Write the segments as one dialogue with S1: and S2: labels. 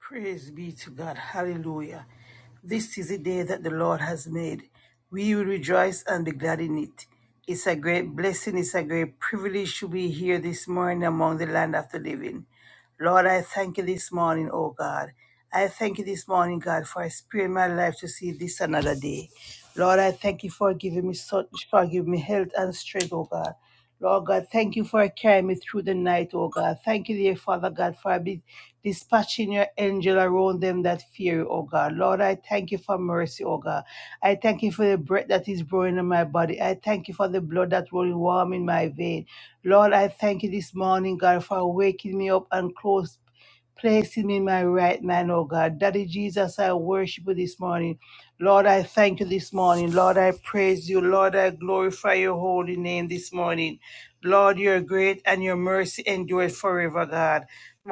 S1: Praise be to God. Hallelujah. This is a day that the Lord has made. We will rejoice and be glad in it. It's a great blessing. It's a great privilege to be here this morning among the land of the living. Lord, I thank you this morning, oh God. I thank you this morning, God, for sparing my life to see this another day. Lord, I thank you for giving me such, for giving me health and strength, oh God. Lord God, thank you for carrying me through the night, oh God. Thank you, dear Father God, for be- dispatching your angel around them that fear you, oh God. Lord, I thank you for mercy, oh God. I thank you for the breath that is growing in my body. I thank you for the blood that running warm in my vein. Lord, I thank you this morning, God, for waking me up and close placing me in my right mind, oh God. Daddy Jesus, I worship you this morning. Lord, I thank you this morning. Lord, I praise you. Lord, I glorify your holy name this morning. Lord, you're great and your mercy endures forever, God.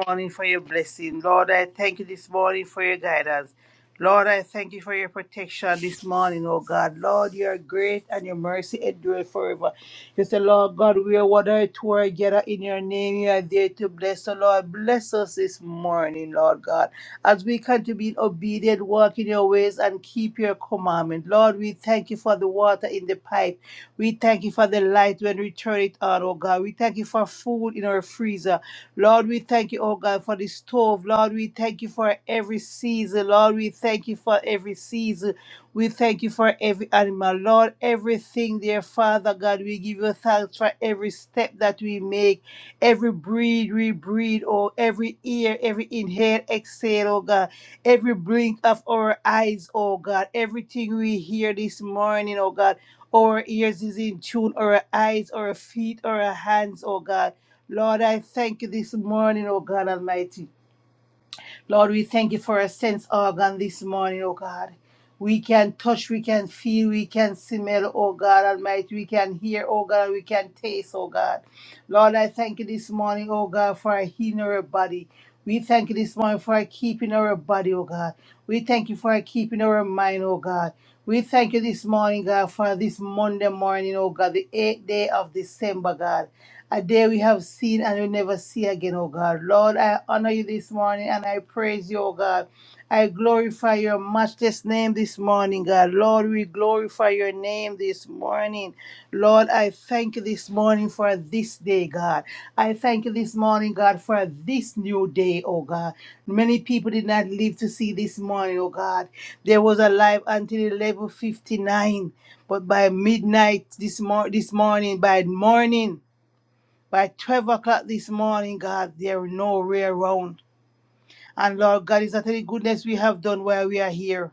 S1: Morning for your blessing. Lord, I thank you this morning for your guidance. Lord, I thank you for your protection this morning, oh God. Lord, you are great and your mercy endures forever. You say, Lord God, we are whether two are gathered in your name, you are there to bless the Lord. Bless us this morning, Lord God, as we come to be obedient, walk in your ways, and keep your commandment. Lord, we thank you for the water in the pipe. We thank you for the light when we turn it on, oh God. We thank you for food in our freezer. Lord, we thank you, oh God, for the stove. Lord, we thank you for every season. Lord, we thank you for every season. We thank you for every animal, Lord, everything, dear Father God. We give you thanks for every step that we make, every breathe we breathe, oh, every ear, every inhale, exhale, oh God, every blink of our eyes, oh God, everything we hear this morning, oh God. Our ears is in tune, our eyes, our feet, our hands, oh God. Lord, I thank you this morning, oh God Almighty. Lord, we thank you for a sense organ this morning, oh God. We can touch, we can feel, we can smell, oh God Almighty. We can hear, oh God, we can taste, oh God. Lord, I thank you this morning, oh God, for healing our body. We thank you this morning for keeping our body, oh God. We thank you for keeping our mind, oh God. We thank you this morning, God, for this Monday morning, oh God, the eighth day of December, God a day we have seen and we never see again, oh God. Lord, I honor you this morning and I praise you, oh God. I glorify your matchless name this morning, God. Lord, we glorify your name this morning. Lord, I thank you this morning for this day, God. I thank you this morning, God, for this new day, oh God. Many people did not live to see this morning, oh God. There was alive life until 11:59, but by midnight this mor- this morning, by morning. By 12 o'clock this morning, God, there's no way around. And Lord God, it's not any goodness we have done while we are here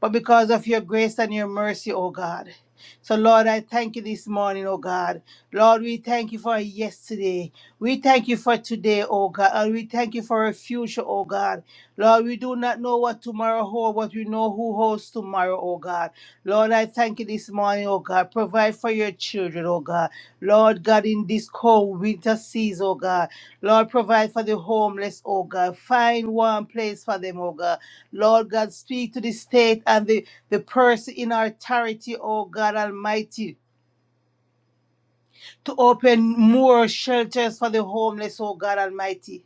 S1: but because of your grace and your mercy, oh God. So, Lord, I thank you this morning, oh God. Lord, we thank you for yesterday. We thank you for today, oh God. And we thank you for a future, oh God. Lord, we do not know what tomorrow holds, but we know who holds tomorrow, oh God. Lord, I thank you this morning, oh God. Provide for your children, oh God. Lord God, in this cold winter season, oh God. Lord, provide for the homeless, oh God. Find one place for them, oh God. Lord God, speak to the state and the, the person in authority, oh God Almighty, to open more shelters for the homeless, oh God Almighty.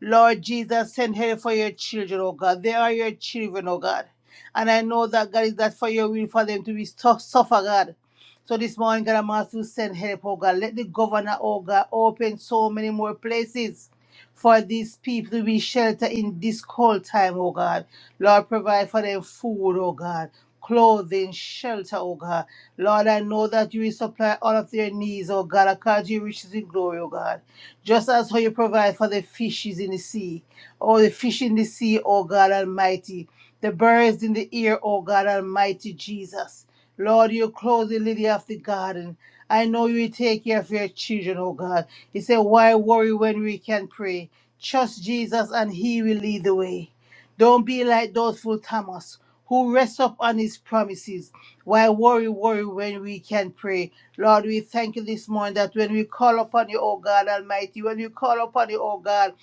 S1: Lord Jesus, send help for your children, oh God. They are your children, oh God. And I know that God is that for your will for them to be su- suffer, God. So this morning, God, I'm asking you to send help, oh God. Let the governor, oh God, open so many more places for these people to be sheltered in this cold time, oh God. Lord, provide for them food, oh God. Clothing, shelter, oh God. Lord, I know that you will supply all of their needs, oh God, according to your riches in glory, oh God. Just as how you provide for the fishes in the sea, oh, the fish in the sea, oh God Almighty, the birds in the air, oh God Almighty Jesus. Lord, you clothe the lily of the garden. I know you will take care of your children, oh God. You say, why worry when we can pray? Trust Jesus and he will lead the way. Don't be like those fool Thomas who rests up on his promises. Why worry, worry when we can pray? Lord, we thank you this morning that when we call upon you, O God Almighty, when we call upon you, O God,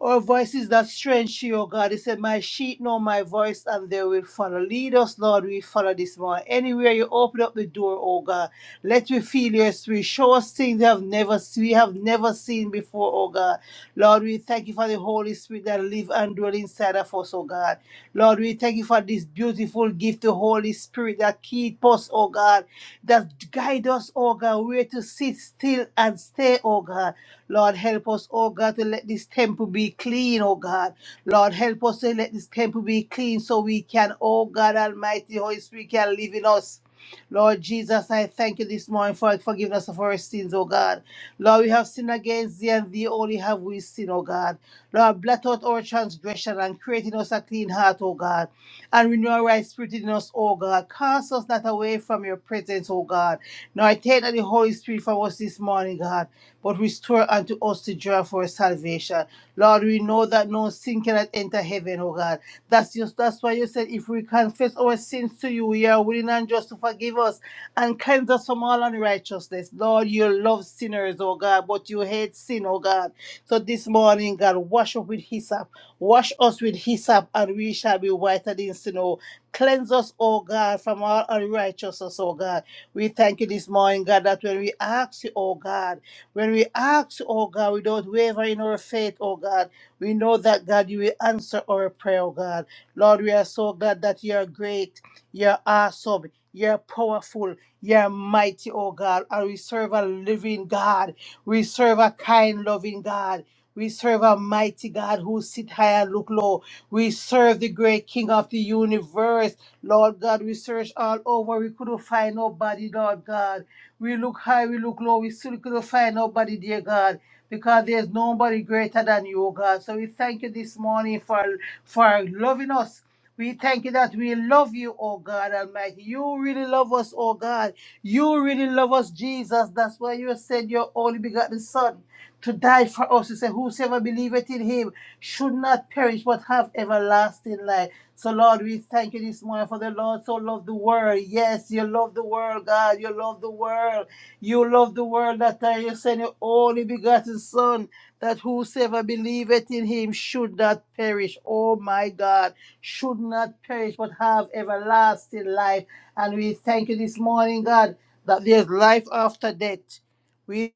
S1: our voice is that strange to you, O God. He said, My sheep know my voice and they will follow. Lead us, Lord, we follow this morning. Anywhere you open up the door, O God, let we feel your spirit. Show us things we have never we have never seen before, O God. Lord, we thank you for the Holy Spirit that live and dwell inside of us, O God. Lord, we thank you for this beautiful gift, the Holy Spirit that keep us, O God, that guide us, O God, where to sit still and stay, O God. Lord, help us, oh God, to let this temple be clean, oh God. Lord, help us to let this temple be clean so we can, oh God Almighty, Holy Spirit can live in us. Lord Jesus, I thank you this morning for forgiving us of our sins, oh God. Lord, we have sinned against thee, and thee only have we sinned, oh God. Lord, blot out our transgression and create in us a clean heart, oh God and renew a right spirit in us, O God. Cast us not away from your presence, O God. Nor take not the Holy Spirit from us this morning, God, but restore unto us the joy for salvation. Lord, we know that no sin cannot enter heaven, O God. That's just that's why you said if we confess our sins to you, you are willing and just to forgive us and cleanse us from all unrighteousness. Lord, you love sinners, O God, but you hate sin, O God. So this morning, God, wash up with hyssop. Wash us with hyssop, and we shall be whiter than snow. Cleanse us, O God, from all unrighteousness, O God. We thank you this morning, God, that when we ask you, O God, when we ask you, O God, we don't waver in our faith, O God. We know that, God, you will answer our prayer, O God. Lord, we are so glad that you are great. You are awesome. You're powerful. You're mighty, oh God. And we serve a living God. We serve a kind, loving God. We serve a mighty God who sit high and look low. We serve the great King of the universe. Lord God, we searched all over. We couldn't find nobody, Lord God. We look high, we look low. We still couldn't find nobody, dear God, because there's nobody greater than you, oh God. So we thank you this morning for, for loving us. We thank you that we love you, oh God Almighty. You really love us, oh God. You really love us, Jesus. That's why you said your only begotten Son to die for us. You say, Whosoever believeth in him should not perish but have everlasting life. So, Lord, we thank you this morning for the Lord so loved the world. Yes, you love the world, God. You love the world. You love the world that uh, you sent your only begotten Son that whosoever believeth in him should not perish. Oh my God, should not perish, but have everlasting life. And we thank you this morning, God, that there's life after death. We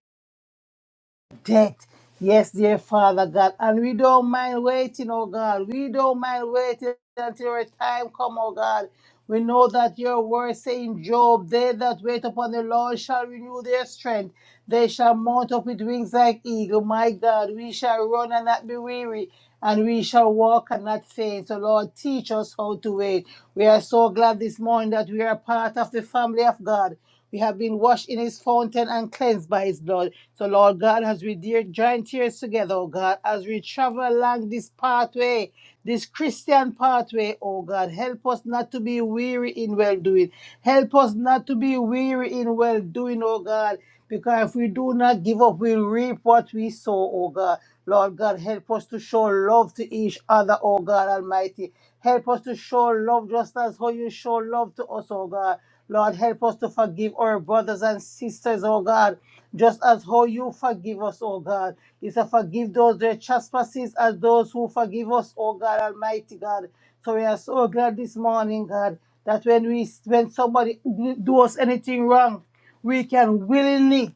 S1: debt. Yes, dear Father God. And we don't mind waiting, oh God. We don't mind waiting until your time come, oh God. We know that your word say in Job, they that wait upon the Lord shall renew their strength. They shall mount up with wings like eagle. My God, we shall run and not be weary, and we shall walk and not faint. So Lord, teach us how to wait. We are so glad this morning that we are part of the family of God. We have been washed in his fountain and cleansed by his blood. So, Lord God, as we dear join tears together, oh God, as we travel along this pathway, this Christian pathway, oh God, help us not to be weary in well doing. Help us not to be weary in well doing, oh God. Because if we do not give up, we reap what we sow, oh God. Lord God, help us to show love to each other, oh God Almighty. Help us to show love just as how you show love to us, oh God. Lord, help us to forgive our brothers and sisters, oh God, just as how you forgive us, oh God. It's to forgive those their trespasses as those who forgive us, oh God Almighty God. So we are so glad this morning, God, that when we when somebody do us anything wrong, we can willingly.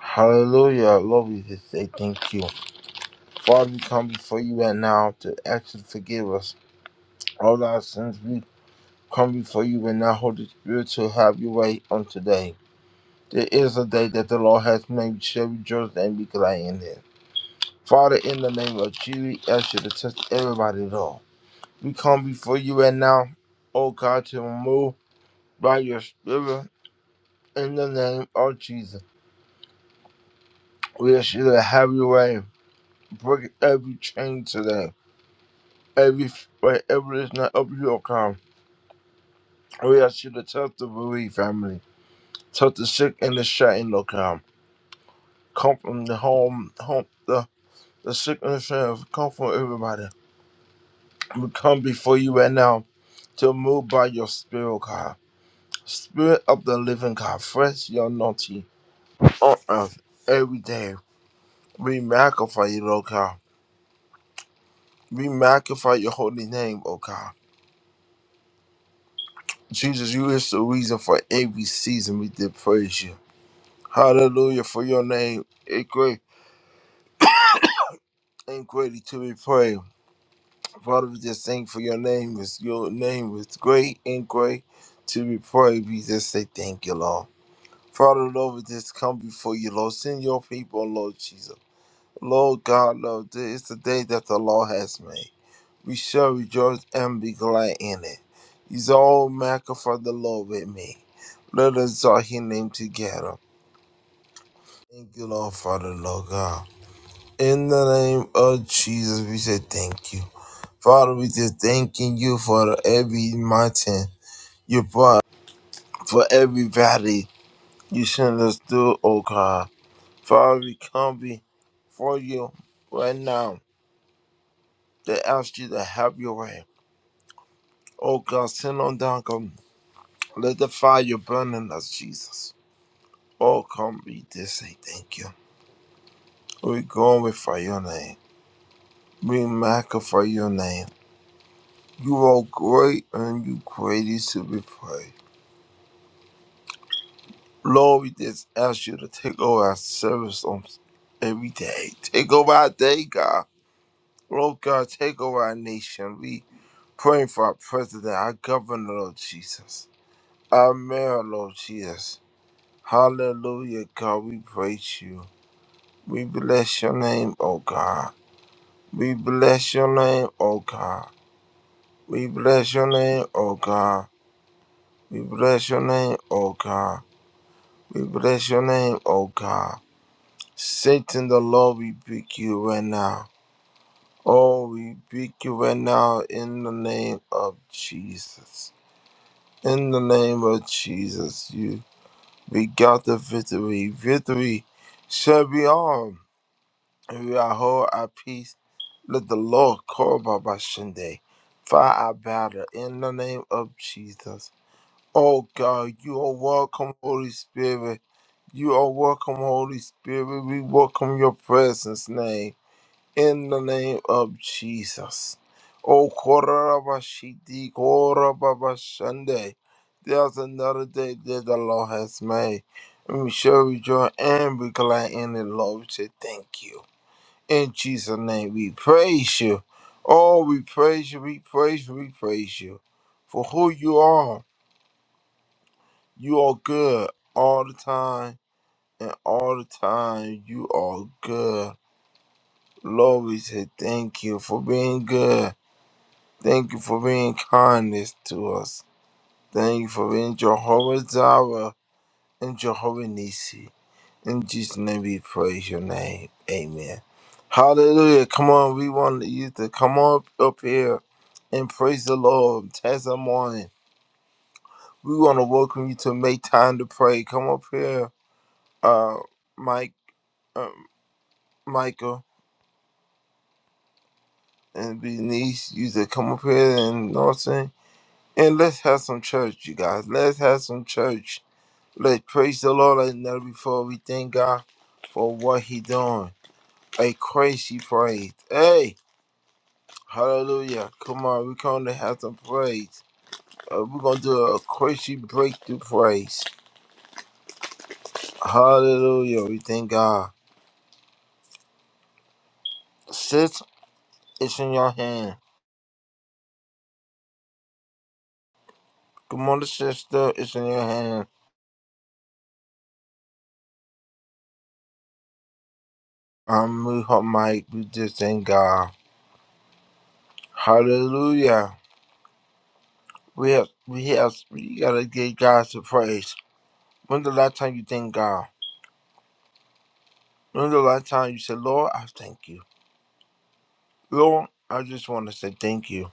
S2: Hallelujah. Lord, we just say thank you. Father, we come before you right now to ask you to forgive us all our sins. We come before you right now, Holy Spirit, to have your way on today. There is a day that the Lord has made. We shall rejoice and be glad in it. Father, in the name of Jesus, we ask you to touch everybody, Lord. We come before you right now, oh God, to move by your Spirit in the name of Jesus. We ask you to have your way. Break every chain today. Every wherever it's not up, you will come. We ask you to touch the bereaved family, touch the sick and the shut-in come. from the home, home the the sick and the shut-in. from everybody. We come before you right now to move by your spirit, God. Spirit of the living God, fresh your naughty on earth every day. We magnify you, Lord God. We magnify your holy name, O God. Jesus, you is the reason for every season we did praise you. Hallelujah for your name. It great and greatly to be praised. Father, we just thank you for your name. is your name is great and great to be praised. We just say thank you, Lord. Father, Lord, we just come before you, Lord. Send your people, Lord Jesus. Lord God, Lord, this is the day that the Lord has made. We shall rejoice and be glad in it. He's all magnify the Lord with me. Let us exalt his name together. Thank you, Lord, Father, Lord God. In the name of Jesus, we say thank you. Father, we just thanking you for every mountain you brought, for every valley you sent us through, oh God. Father, we come before you right now to ask you to have your way. Oh God, send on down, come. Let the fire burn in us, Jesus. Oh, come, we just say thank you. We go with for your name. We magnify your name. You are great and you greatly to be praised. Lord, we just ask you to take over our service on every day. Take over our day, God. Lord God, take over our nation. We praying for our president, our governor, Lord Jesus. Our mayor, Lord Jesus. Hallelujah, God, we praise you. We bless your name, oh God. We bless your name, oh God. We bless your name, oh God. We bless your name, oh God. We bless your name, oh God. Satan, the Lord, we pick you right now. Oh, we pick you right now in the name of Jesus. In the name of Jesus, you we got the victory. Victory shall be ours. And we are whole our peace. Let the Lord call by Sunday. Fight our battle in the name of Jesus. Oh God, you are welcome, Holy Spirit. You are welcome, Holy Spirit. We welcome your presence, name, in the name of Jesus. Oh, Korabashidi, Korababashande. There's another day that the Lord has made. And we shall rejoice and be glad in it, Lord. We say thank you. In Jesus' name, we praise you. Oh, we praise you, we praise you, we praise you for who you are you are good all the time, and all the time you are good. Lord, we say thank you for being good. Thank you for being kindness to us. Thank you for being Jehovah Jireh and Jehovah Nissi. In Jesus' name we praise your name. Amen. Hallelujah. Come on, we want you to come up up here and praise the Lord. Tesla morning. We want to welcome you to make time to pray. Come up here, uh, Mike. um, Michael and Benice, you to come up here and you know what I'm saying? And let's have some church, you guys. Let's have some church. Let's praise the Lord like never before. We thank God for what He doing. A crazy praise. Hey, hallelujah. Come on, we're going to have some praise. Uh, we're going to do a crazy breakthrough praise. Hallelujah. We thank God. Sis, it's in your hand. Come on, sister, it's in your hand. I'm we hot Mike. We just thank God. Hallelujah. We have we have we gotta give God some praise. When's the last time you thank God? When's the last time you said, Lord, I thank you. Lord, I just wanna say thank you.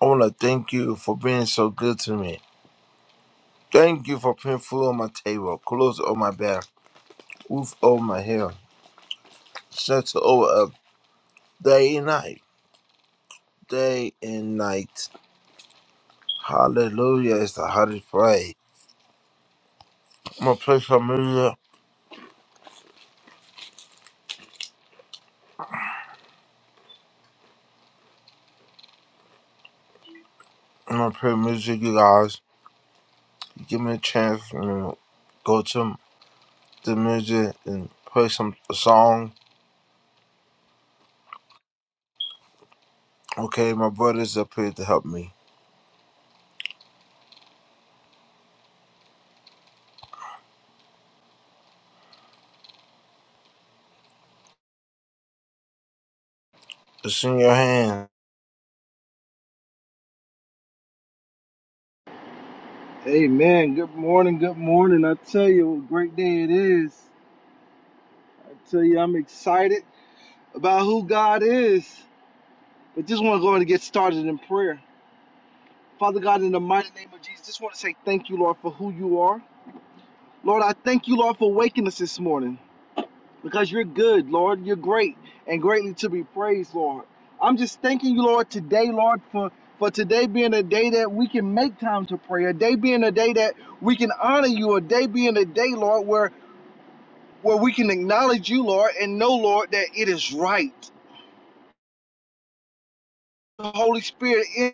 S2: I wanna thank you for being so good to me. Thank you for putting food on my table, clothes on my back, roof over my head, shelter over us day and night. Day and night. Hallelujah. It's the hardest praise. I'm gonna play some music. I'm gonna play music, you guys. Give me a chance. i go to the music and play some a song. Okay, my brother's up here to help me. It's in your hands.
S3: Amen. Good morning. Good morning. I tell you what a great day it is. I tell you I'm excited about who God is. But just want to go ahead and get started in prayer. Father God, in the mighty name of Jesus, just want to say thank you, Lord, for who you are. Lord, I thank you, Lord, for waking us this morning because you're good, Lord. You're great and greatly to be praised, Lord. I'm just thanking you, Lord, today, Lord, for for today being a day that we can make time to pray, a day being a day that we can honor you, a day being a day, Lord, where where we can acknowledge you, Lord, and know, Lord, that it is right. The Holy Spirit is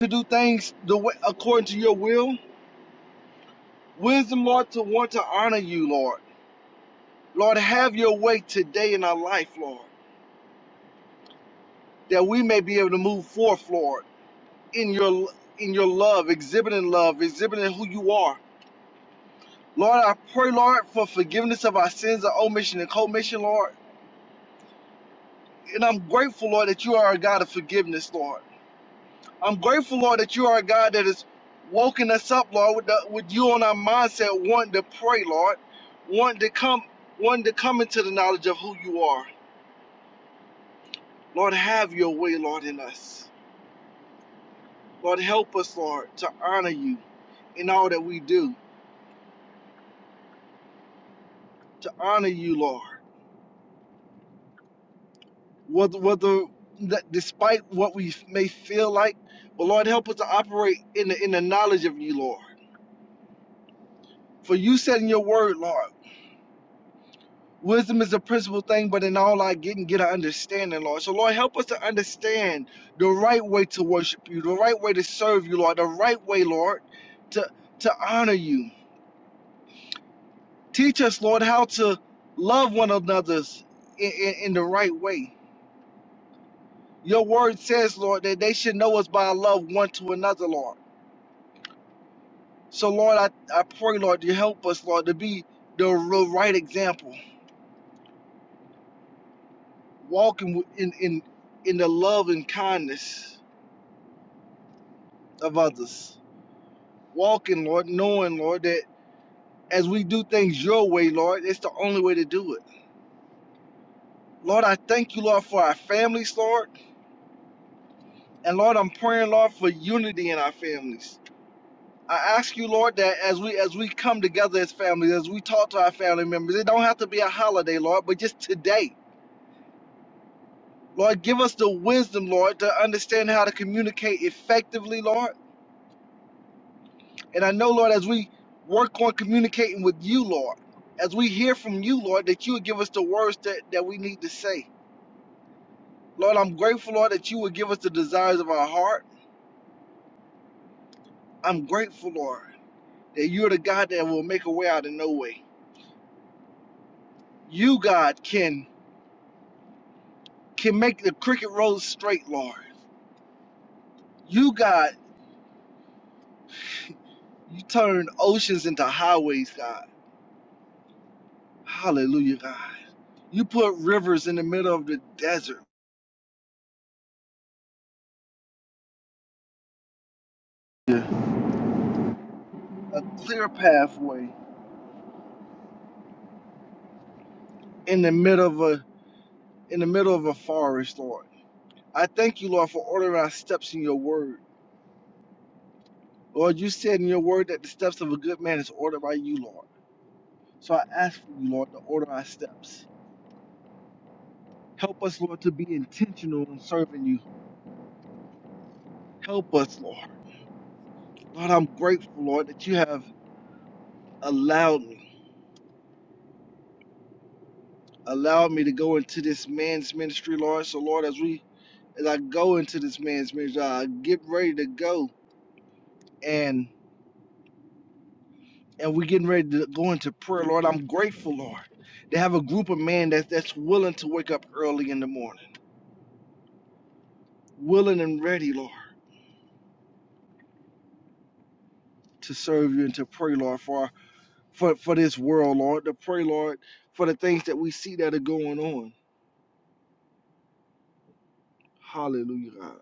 S3: to do things the way, according to your will. Wisdom, Lord, to want to honor you, Lord. Lord, have your way today in our life, Lord, that we may be able to move forth, Lord, in your in your love, exhibiting love, exhibiting who you are. Lord, I pray, Lord, for forgiveness of our sins of omission and commission, Lord. And I'm grateful, Lord, that you are a God of forgiveness, Lord. I'm grateful, Lord, that you are a God that is woken us up, Lord, with, the, with you on our mindset, wanting to pray, Lord, wanting to come, wanting to come into the knowledge of who you are. Lord, have your way, Lord, in us. Lord, help us, Lord, to honor you in all that we do, to honor you, Lord, whether, whether that despite what we may feel like, but Lord, help us to operate in the, in the knowledge of you, Lord. For you said in your word, Lord. Wisdom is a principal thing, but in all I get and get an understanding, Lord. So, Lord, help us to understand the right way to worship you, the right way to serve you, Lord, the right way, Lord, to to honor you. Teach us, Lord, how to love one another in, in, in the right way. Your word says, Lord, that they should know us by our love one to another, Lord. So, Lord, I, I pray, Lord, you help us, Lord, to be the, the right example, walking in, in, in the love and kindness of others. walking, Lord, knowing, Lord, that as we do things your way, Lord, it's the only way to do it. Lord, I thank you, Lord, for our families, Lord. And Lord, I'm praying, Lord, for unity in our families. I ask you, Lord, that as we as we come together as families, as we talk to our family members, it don't have to be a holiday, Lord, but just today. Lord, give us the wisdom, Lord, to understand how to communicate effectively, Lord. And I know, Lord, as we work on communicating with you, Lord, as we hear from you, Lord, that you would give us the words that, that we need to say. Lord, I'm grateful, Lord, that you would give us the desires of our heart. I'm grateful, Lord, that you're the God that will make a way out of no way. You, God, can can make the crooked roads straight, Lord. You, God, you turn oceans into highways, God. Hallelujah, God. You put rivers in the middle of the desert, a clear pathway in the middle of a in the middle of a forest, Lord. I thank you, Lord, for ordering our steps in your word. Lord, you said in your word that the steps of a good man is ordered by you, Lord. So I ask for you, Lord, to order our steps. Help us, Lord, to be intentional in serving you. Help us, Lord. Lord, I'm grateful, Lord, that you have allowed me, allowed me to go into this man's ministry, Lord. So, Lord, as we as I go into this man's ministry, I get ready to go. and and we're getting ready to go into prayer, Lord. I'm grateful, Lord, to have a group of men that, that's willing to wake up early in the morning, willing and ready, Lord, to serve you and to pray, Lord, for for, for this world, Lord, to pray, Lord, for the things that we see that are going on. Hallelujah, God.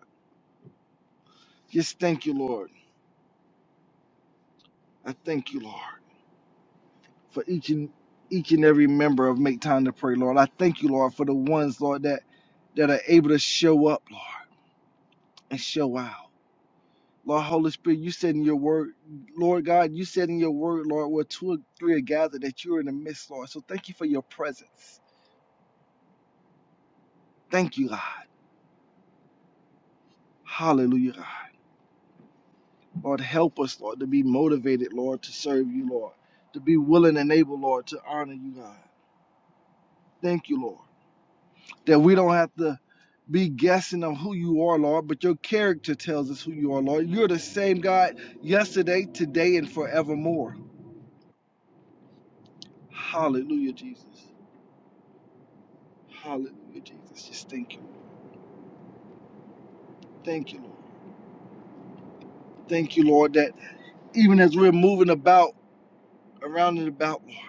S3: Just thank you, Lord. I thank you, Lord, for each and each and every member of Make Time to Pray, Lord. I thank you, Lord, for the ones, Lord, that that are able to show up, Lord, and show out. Lord Holy Spirit, you said in your word, Lord God, you said in your word, Lord, where two or three are gathered, that you're in the midst, Lord. So thank you for your presence. Thank you, God. Hallelujah, God. Lord, help us, Lord, to be motivated, Lord, to serve you, Lord, to be willing and able, Lord, to honor you, God. Thank you, Lord, that we don't have to be guessing of who you are, Lord, but your character tells us who you are, Lord. You're the same God yesterday, today, and forevermore. Hallelujah, Jesus. Hallelujah, Jesus. Just thank you. Thank you, Lord. Thank you, Lord, that even as we're moving about, around and about, Lord,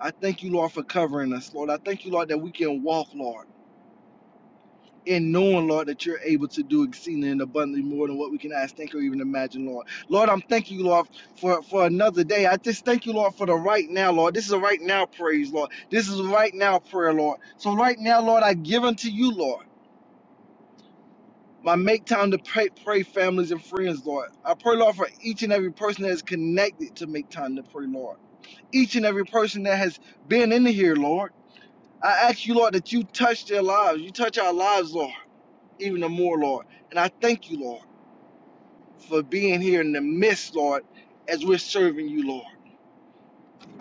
S3: I thank you, Lord, for covering us, Lord. I thank you, Lord, that we can walk, Lord, in knowing, Lord, that you're able to do exceeding and abundantly more than what we can ask, think, or even imagine, Lord. Lord, I'm thanking you, Lord, for, for another day. I just thank you, Lord, for the right now, Lord. This is a right now praise, Lord. This is a right now prayer, Lord. So right now, Lord, I give unto you, Lord. My make time to pray, pray families and friends, Lord. I pray, Lord, for each and every person that is connected to make time to pray, Lord. Each and every person that has been in here, Lord. I ask you, Lord, that you touch their lives. You touch our lives, Lord, even the more, Lord. And I thank you, Lord, for being here in the midst, Lord, as we're serving you, Lord.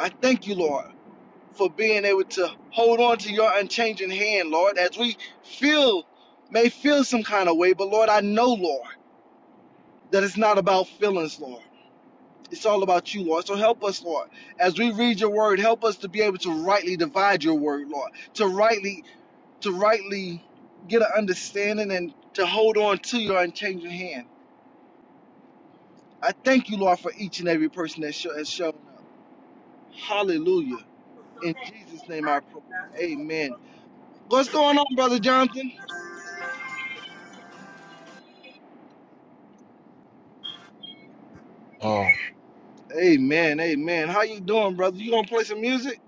S3: I thank you, Lord, for being able to hold on to your unchanging hand, Lord, as we feel, may feel some kind of way, but Lord, I know, Lord, that it's not about feelings, Lord. It's all about you, Lord. So help us, Lord. As we read your word, help us to be able to rightly divide your word, Lord. To rightly, to rightly get an understanding and to hold on to your unchanging hand. I thank you, Lord, for each and every person that has shown up. Hallelujah. In Jesus' name I pray. Amen. What's going on, Brother Jonathan? Amen, amen. How you doing, brother? You gonna play some music?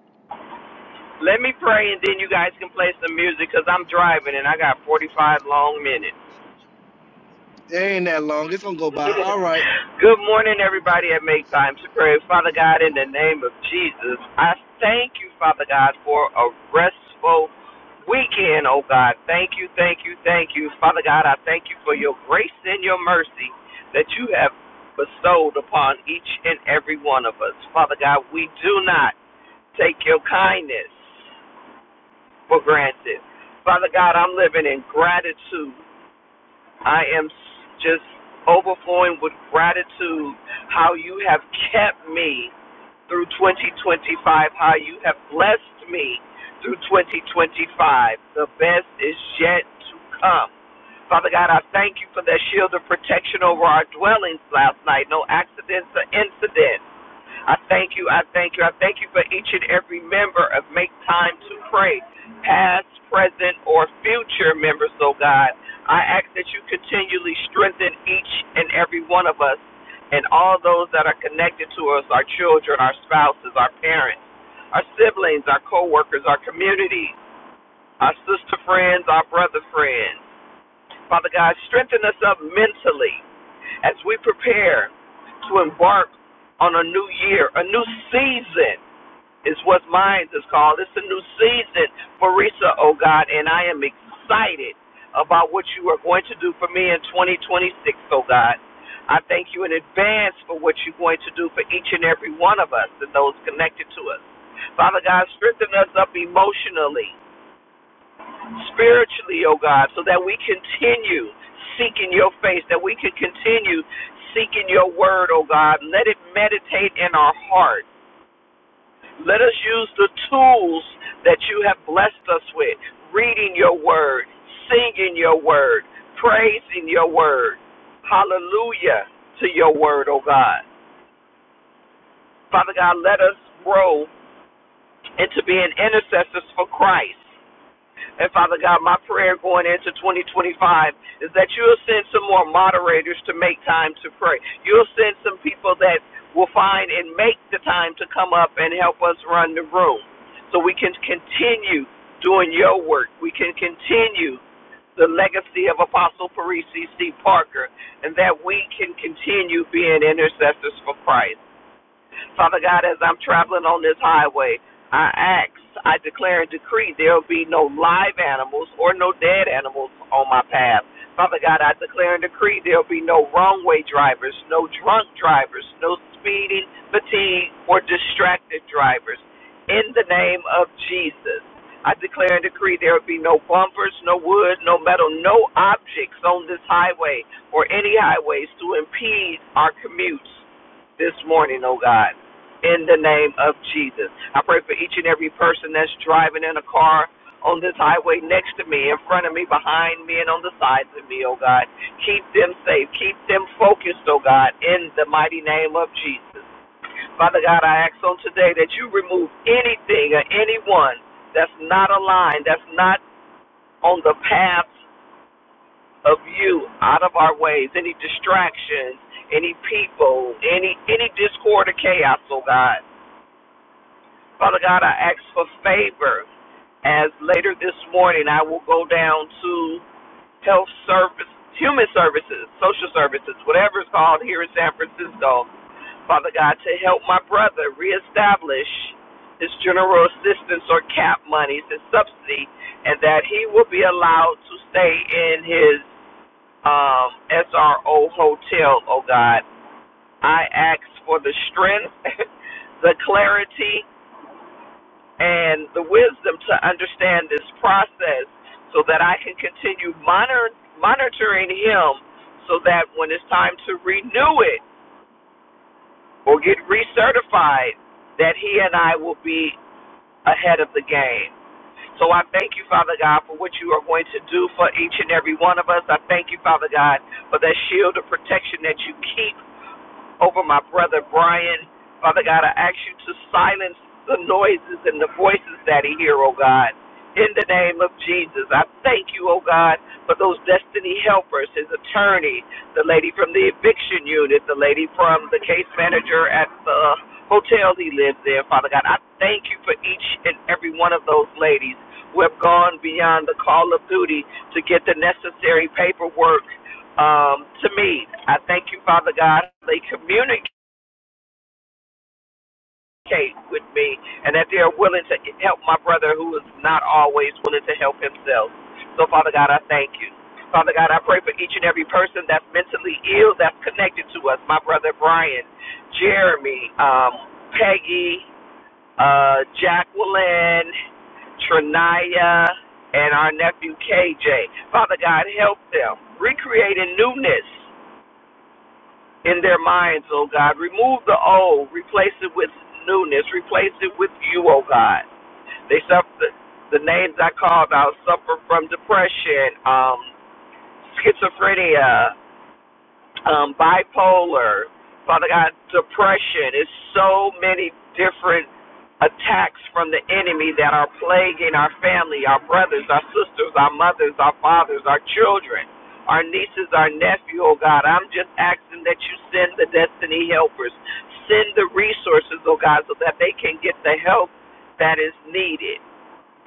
S4: Let me pray and then you guys can play some music, because 'cause I'm driving and I got 45 long minutes.
S3: It ain't that long. It's gonna go by. All right.
S4: Good morning, everybody at Make Time to Pray. Father God, in the name of Jesus, I thank you, Father God, for a restful weekend, oh God. Thank you, thank you, thank you. Father God, I thank you for your grace and your mercy that you have bestowed upon each and every one of us. Father God, we do not take your kindness for granted. Father God, I'm living in gratitude. I am just overflowing with gratitude how you have kept me through 2025, how you have blessed me through 2025. The best is yet to come. Father God, I thank you for that shield of protection over our dwellings last night. No accidents or incidents. I thank you. I thank you. I thank you for each and every member of Make Time to Pray, past, present, or future members, oh God. I ask that you continually strengthen each and every one of us and all those that are connected to us our children, our spouses, our parents, our siblings, our co workers, our community, our sister friends, our brother friends. Father God, strengthen us up mentally as we prepare to embark on a new year, a new season is what mine is called. It's a new season for Risa, oh God, and I am excited about what you are going to do for me in 2026, oh God. I thank you in advance for what you're going to do for each and every one of us and those connected to us. Father God, strengthen us up emotionally spiritually, oh God, so that we continue seeking your face, that we can continue seeking your word, oh God. Let it meditate in our heart. Let us use the tools that you have blessed us with reading your word, singing your word, praising your word. Hallelujah to your word, oh God. Father God, let us grow into being intercessors for Christ. And Father God, my prayer going into 2025 is that you'll send some more moderators to make time to pray. You'll send some people that will find and make the time to come up and help us run the room so we can continue doing your work. We can continue the legacy of Apostle Parisi C. Parker and that we can continue being intercessors for Christ. Father God, as I'm traveling on this highway, I ask, I declare and decree there will be no live animals or no dead animals on my path. Father God, I declare and decree there will be no wrong way drivers, no drunk drivers, no speeding, fatigued, or distracted drivers. In the name of Jesus. I declare and decree there will be no bumpers, no wood, no metal, no objects on this highway or any highways to impede our commutes this morning, oh God, in the name of Jesus. I pray for each and every person that's driving in a car on this highway next to me, in front of me, behind me, and on the sides of me, oh God. Keep them safe. Keep them focused, oh God, in the mighty name of Jesus. Father God, I ask on today that you remove anything or anyone that's not aligned, that's not on the path of you out of our ways, any distractions, any people, any any discord or chaos, oh God. Father God, I ask for favor as later this morning I will go down to health service, human services, social services, whatever it's called here in San Francisco. Father God, to help my brother reestablish his general assistance or cap monies, his subsidy, and that he will be allowed to stay in his um, SRO Hotel, oh God. I ask for the strength, the clarity, and the wisdom to understand this process so that I can continue monitor, monitoring Him so that when it's time to renew it or get recertified, that He and I will be ahead of the game. So I thank you, Father God, for what you are going to do for each and every one of us. I thank you, Father God, for that shield of protection that you keep over my brother Brian. Father God, I ask you to silence the noises and the voices that he hear, oh God. In the name of Jesus, I thank you, oh God, for those destiny helpers, his attorney, the lady from the eviction unit, the lady from the case manager at the hotel he lives in. Father God, I thank you for each and every one of those ladies who have gone beyond the call of duty to get the necessary paperwork um, to me. I thank you, Father God. They communicate with me and that they are willing to help my brother who is not always willing to help himself. So, Father God, I thank you. Father God, I pray for each and every person that's mentally ill that's connected to us. My brother Brian, Jeremy, um, Peggy, uh, Jacqueline, Trinaya, and our nephew KJ. Father God, help them. recreate Recreating newness in their minds, oh God. Remove the old, replace it with newness, replace it with you, oh God. They suffer the, names I called out suffer from depression, um, schizophrenia, um, bipolar, Father God, depression. It's so many different attacks from the enemy that are plaguing our family, our brothers, our sisters, our mothers, our fathers, our children, our nieces, our nephew, oh God. I'm just asking that you send the destiny helpers, send the resources, oh God, so that they can get the help that is needed.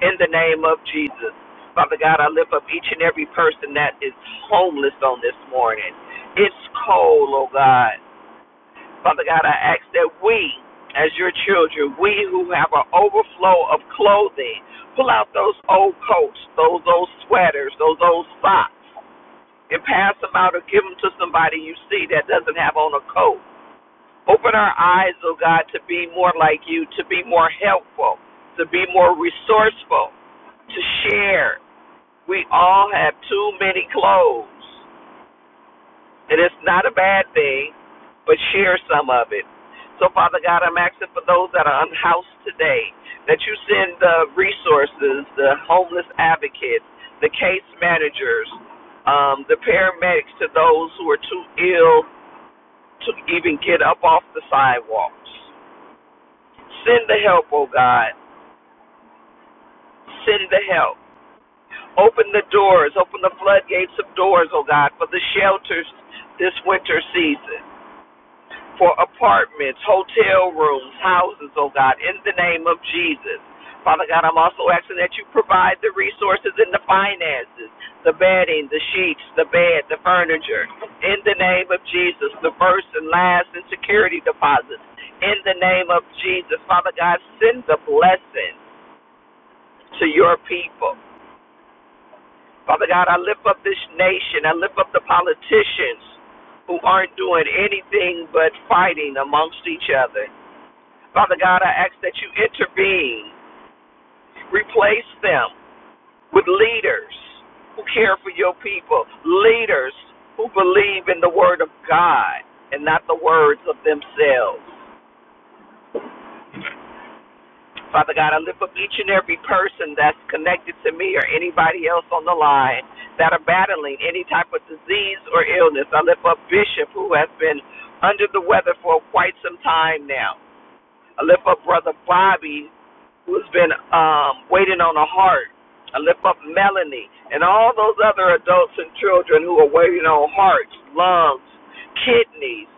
S4: In the name of Jesus. Father God, I lift up each and every person that is homeless on this morning. It's cold, oh God. Father God, I ask that we, as your children, we who have an overflow of clothing, pull out those old coats, those old sweaters, those old socks, and pass them out or give them to somebody you see that doesn't have on a coat. Open our eyes, oh God, to be more like you, to be more helpful, to be more resourceful, to share. We all have too many clothes, and it's not a bad thing, but share some of it. So, Father God, I'm asking for those that are unhoused today that you send the resources, the homeless advocates, the case managers, um, the paramedics to those who are too ill to even get up off the sidewalks Send the help, oh God. Send the help. Open the doors, open the floodgates of doors, oh God, for the shelters this winter season, for apartments, hotel rooms, houses, oh God, in the name of Jesus. Father God, I'm also asking that you provide the resources and the finances, the bedding, the sheets, the bed, the furniture, in the name of Jesus, the first and last and security deposits, in the name of Jesus. Father God, send the blessing. to your people. Father God, I lift up this nation. I lift up the politicians who aren't doing anything but fighting amongst each other. Father God, I ask that you intervene, replace them with leaders who care for your people, leaders who believe in the word of God and not the words of themselves. Father God, I lift up each and every person that's connected to me or anybody else on the line that are battling any type of disease or illness. I lift up Bishop, who has been under the weather for quite some time now. I lift up Brother Bobby, who's been um, waiting on a heart. I lift up Melanie and all those other adults and children who are waiting on hearts, lungs, kidneys,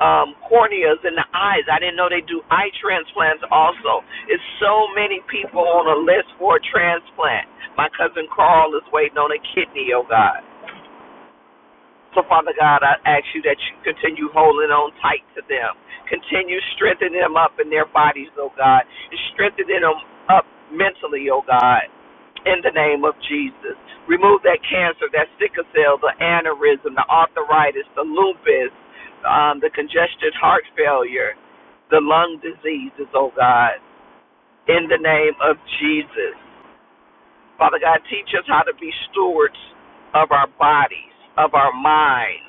S4: um, corneas in the eyes. I didn't know they do eye transplants also. It's so many people on a list for a transplant. My cousin Carl is waiting on a kidney, oh God. So, Father God, I ask you that you continue holding on tight to them. Continue strengthening them up in their bodies, oh God. And strengthening them up mentally, oh God. In the name of Jesus. Remove that cancer, that sickle cell, the aneurysm, the arthritis, the lupus, um, the congested heart failure, the lung diseases, oh God. In the name of Jesus. Father God, teach us how to be stewards of our bodies, of our minds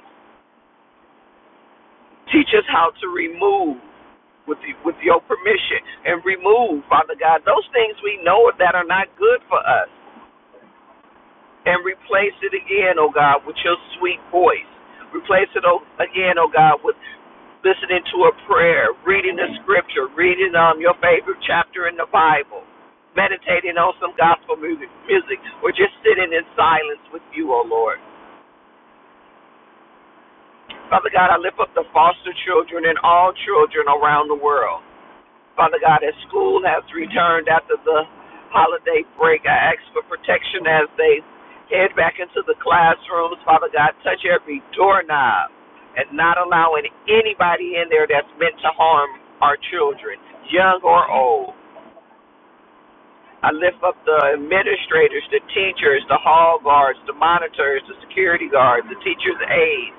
S4: Teach us how to remove with the, with your permission and remove, Father God, those things we know that are not good for us and replace it again, oh God, with your sweet voice. Replace it oh, again, oh God, with listening to a prayer, reading the scripture, reading um your favorite chapter in the Bible, meditating on some gospel music, music, or just sitting in silence with you, oh Lord. Father God, I lift up the foster children and all children around the world. Father God, as school has returned after the holiday break, I ask for protection as they head back into the classrooms. Father God, touch every doorknob and not allowing anybody in there that's meant to harm our children, young or old. I lift up the administrators, the teachers, the hall guards, the monitors, the security guards, the teachers' aides.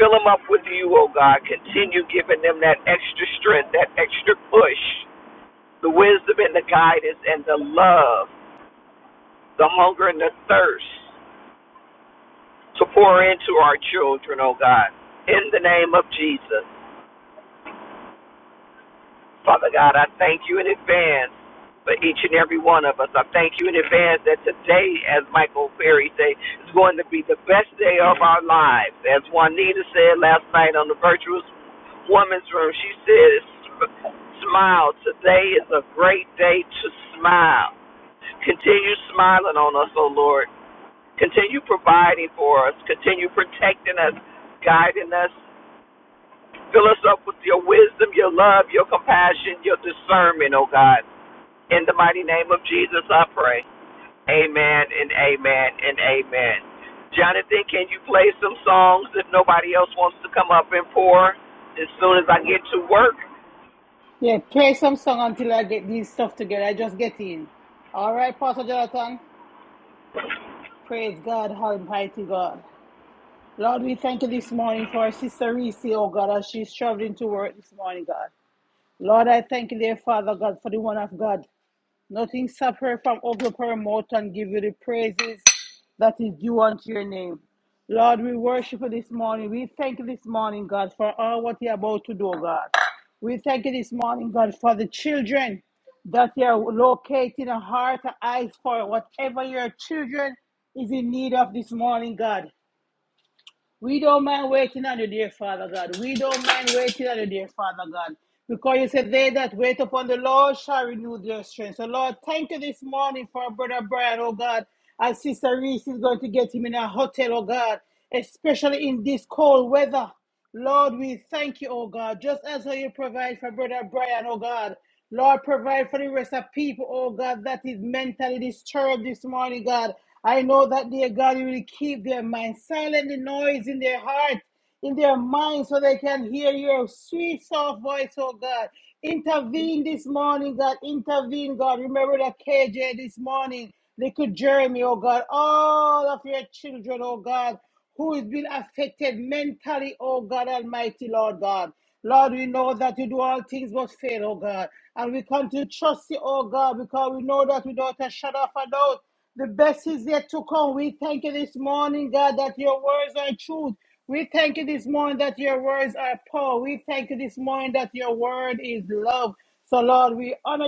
S4: Fill them up with you, oh God. Continue giving them that extra strength, that extra push the wisdom and the guidance and the love, the hunger and the thirst to pour into our children, oh God, in the name of Jesus. Father God, I thank you in advance for each and every one of us. I thank you in advance that today, as Michael Perry said, is going to be the best day of our lives. As Juanita said last night on the Virtuous woman's room, she said, smile. Today is a great day to smile. Continue smiling on us, O Lord. Continue providing for us. Continue protecting us, guiding us. Fill us up with your wisdom, your love, your compassion, your discernment, oh God. In the mighty name of Jesus, I pray. Amen and amen and amen. Jonathan, can you play some songs if nobody else wants to come up and pour? As soon as I get to work,
S1: Yeah, play some song until I get these stuff together. I just get in. All right, Pastor Jonathan. Praise God, Almighty God. Lord, we thank you this morning for our sister Reese, oh God, as she's traveling to work this morning, God. Lord, I thank you, dear Father God, for the one of God. Nothing separate from open up our mouth and give you the praises that is due unto your name. Lord, we worship you this morning. We thank you this morning, God, for all what you're about to do, God. We thank you this morning, God, for the children that you're locating a heart and eyes for whatever your children is in need of this morning, God. We don't mind waiting on you, dear Father God. We don't mind waiting on you, dear Father God. Because you said, They that wait upon the Lord shall renew their strength. So, Lord, thank you this morning for brother Brian, oh God. As Sister Reese is going to get him in a hotel, oh God, especially in this cold weather. Lord, we thank you, oh God, just as how you provide for brother Brian, oh God. Lord, provide for the rest of people, oh God, that is mentally disturbed this morning, God. I know that, dear God, you will keep their mind silent, the noise in their heart, in their mind, so they can hear your sweet, soft voice, oh God. Intervene this morning, God. Intervene, God. Remember that KJ this morning, little Jeremy, oh God. All of your children, oh God, who has been affected mentally, oh God Almighty, Lord God. Lord, we know that you do all things but fail, oh God. And we come to trust you, oh God, because we know that without a shadow of a doubt, the best is yet to come. We thank you this morning, God, that your words are truth. We thank you this morning that your words are power. We thank you this morning that your word is love. So, Lord, we honor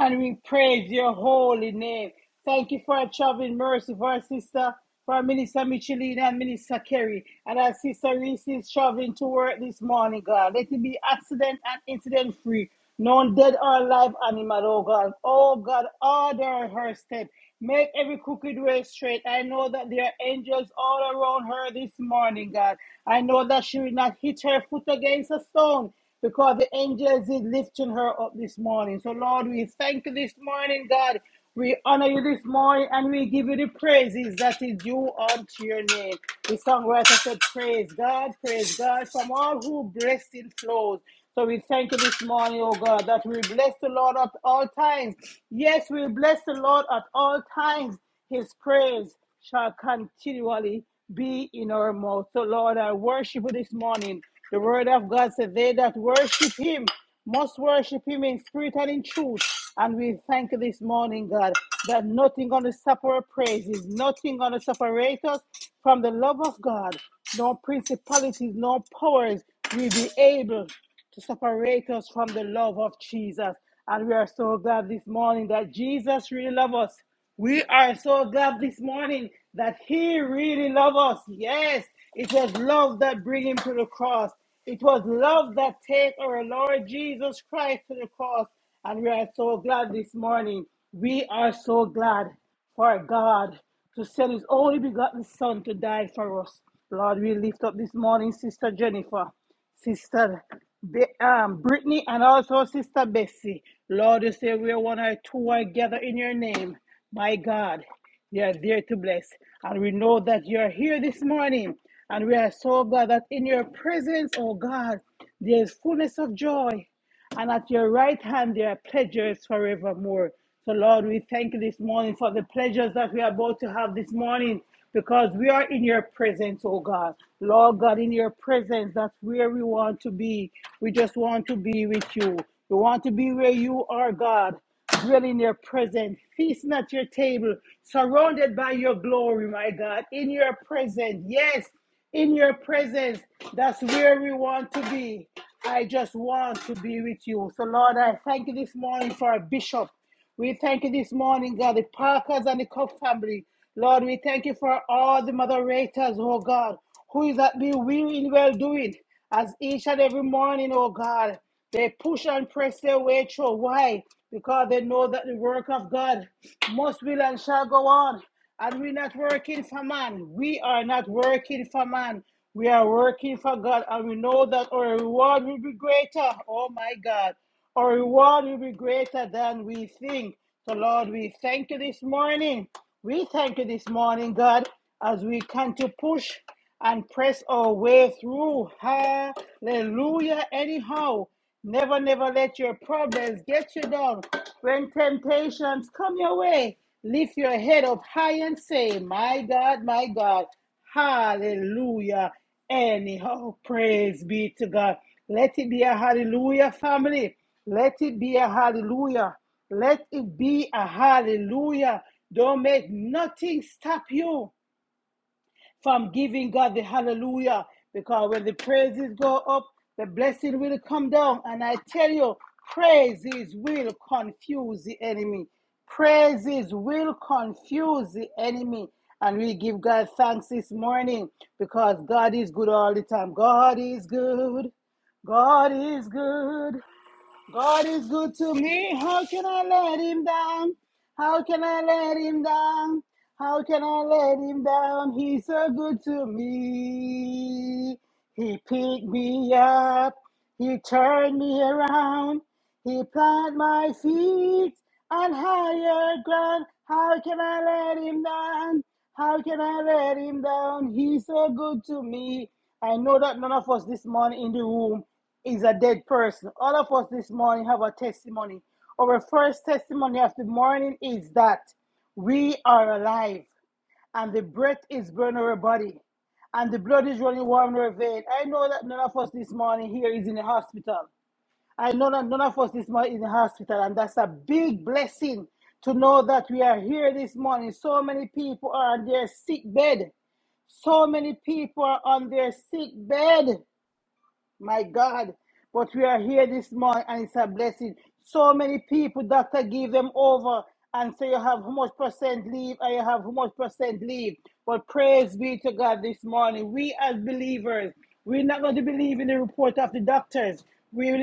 S1: and we praise your holy name. Thank you for our traveling mercy for our sister, for our minister Micheline and minister Kerry, and our sister Reese is traveling to work this morning, God. Let it be accident and incident free, none dead or alive animal, oh God. Oh God, order her step. Make every crooked way straight. I know that there are angels all around her this morning, God. I know that she will not hit her foot against a stone because the angels is lifting her up this morning. So, Lord, we thank you this morning, God. We honor you this morning and we give you the praises that is due unto your name. The songwriter said, Praise God, praise God, from all who blessing flows. So we thank you this morning, oh God, that we bless the Lord at all times. Yes, we bless the Lord at all times. His praise shall continually be in our mouth. So, Lord, I worship you this morning. The word of God said, They that worship him must worship him in spirit and in truth. And we thank you this morning, God, that nothing going to separate our praises, nothing going to separate us from the love of God, no principalities, no powers will be able to separate us from the love of Jesus. And we are so glad this morning that Jesus really loves us. We are so glad this morning that He really loves us. Yes, it was love that brought Him to the cross. It was love that take our Lord Jesus Christ to the cross. And we are so glad this morning. We are so glad for God to send His only begotten Son to die for us. Lord, we lift up this morning, Sister Jennifer. Sister Be- um, Brittany and also Sister Bessie. Lord, you say where one or two are gathered in your name. My God, you are there to bless. And we know that you are here this morning. And we are so glad that in your presence, oh God, there is fullness of joy. And at your right hand, there are pleasures forevermore. So, Lord, we thank you this morning for the pleasures that we are about to have this morning because we are in your presence, oh God. Lord God, in your presence, that's where we want to be. We just want to be with you. We want to be where you are, God. Dwell in your presence, feasting at your table, surrounded by your glory, my God. In your presence, yes, in your presence, that's where we want to be. I just want to be with you. So, Lord, I thank you this morning for our bishop. We thank you this morning, God, the Parkers and the Cook family. Lord, we thank you for all the moderators, oh God, who is at the will in well doing, as each and every morning, oh God, they push and press their way through. Why? Because they know that the work of God must will and shall go on. And we're not working for man. We are not working for man. We are working for God. And we know that our reward will be greater. Oh my God. Our reward will be greater than we think. So, Lord, we thank you this morning. We thank you this morning, God, as we can to push and press our way through. Hallelujah. Anyhow. Never, never let your problems get you down. When temptations come your way, lift your head up high and say, My God, my God, hallelujah. Anyhow, praise be to God. Let it be a hallelujah, family. Let it be a hallelujah. Let it be a hallelujah. Don't make nothing stop you from giving God the hallelujah. Because when the praises go up, the blessing will come down. And I tell you, praises will confuse the enemy. Praises will confuse the enemy. And we give God thanks this morning because God is good all the time. God is good. God is good. God is good to me. How can I let him down? How can I let him down? How can I let him down? He's so good to me. He picked me up. He turned me around. He planted my feet on higher ground. How can I let him down? How can I let him down? He's so good to me. I know that none of us this morning in the room is a dead person. All of us this morning have a testimony. Our first testimony of the morning is that we are alive and the breath is burning our body and the blood is running warm in our vein. I know that none of us this morning here is in the hospital. I know that none of us this morning is in the hospital, and that's a big blessing to know that we are here this morning. So many people are on their sick bed. So many people are on their sick bed. My God, but we are here this morning and it's a blessing. So many people, doctor, give them over and say you have how much percent leave and you have how much percent leave. But praise be to God this morning. We as believers, we're not going to believe in the report of the doctors. We will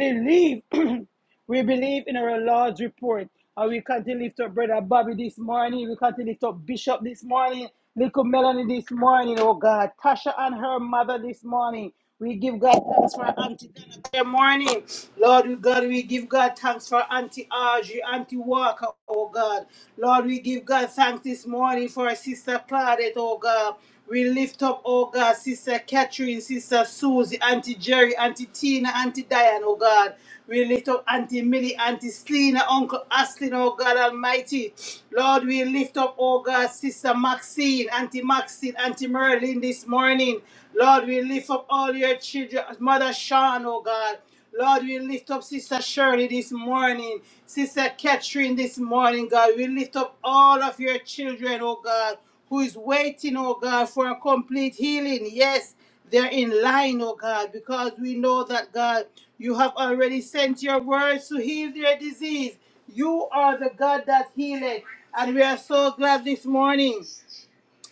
S1: believe We believe in our Lord's report. And we can to lift up Brother Bobby this morning. We can to lift up Bishop this morning. Little Melanie this morning, oh God. Tasha and her mother this morning. We give God thanks for Auntie Donna. Good morning. Lord we- God, we give God thanks for Auntie Audrey, Auntie Walker, oh God. Lord, we give God thanks this morning for our sister Claudette, oh God. We lift up, oh God, Sister Catherine, Sister Susie, Auntie Jerry, Auntie Tina, Auntie Diane, oh God. We lift up Auntie Millie, Auntie Selena, Uncle Aslin, oh God Almighty. Lord, we lift up, oh God, Sister Maxine, Auntie Maxine, Auntie Merlin this morning. Lord, we lift up all your children, Mother Sean, oh God. Lord, we lift up Sister Shirley this morning, Sister Catherine this morning, God. We lift up all of your children, oh God, who is waiting, oh God, for a complete healing. Yes, they're in line, oh God, because we know that, God, you have already sent your words to heal their disease. You are the God that healeth. And we are so glad this morning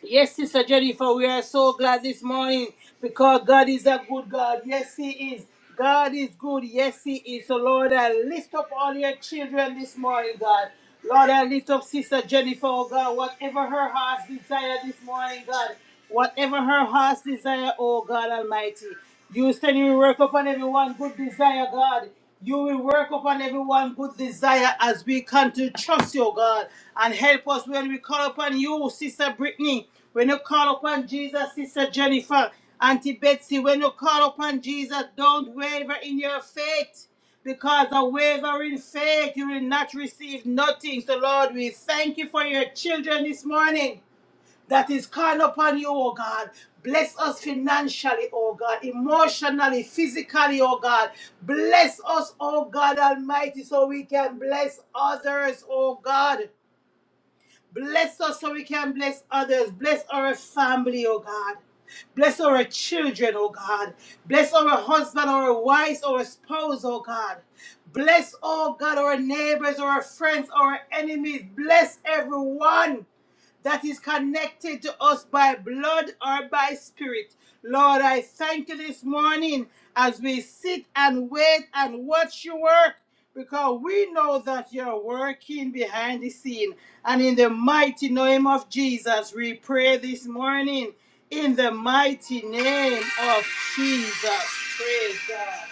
S1: Yes, Sister Jennifer, we are so glad this morning because God is a good God. Yes, He is. God is good. Yes, He is. So, Lord, I lift up all your children this morning, God. Lord, I lift up Sister Jennifer, oh God, whatever her heart's desire this morning, God. Whatever her heart's desire, oh God Almighty. You said you will work upon everyone good desire, God. You will work upon everyone good desire as we come to trust you, God. And help us when we call upon you, Sister Brittany. When you call upon Jesus, Sister Jennifer. Auntie Betsy, when you call upon Jesus, don't waver in your faith. Because a wavering faith, you will not receive nothing. So, Lord, we thank you for your children this morning that is calling upon you, oh God. Bless us financially, oh God, emotionally, physically, oh God. Bless us, oh God Almighty, so we can bless others, oh God. Bless us so we can bless others. Bless our family, oh God. Bless our children, oh God. Bless our husband, our wives, our spouse, oh God. Bless, oh God, our neighbors, our friends, our enemies. Bless everyone that is connected to us by blood or by spirit. Lord, I thank you this morning as we sit and wait and watch you work because we know that you're working behind the scene. And in the mighty name of Jesus, we pray this morning in the mighty name of Jesus. Praise God.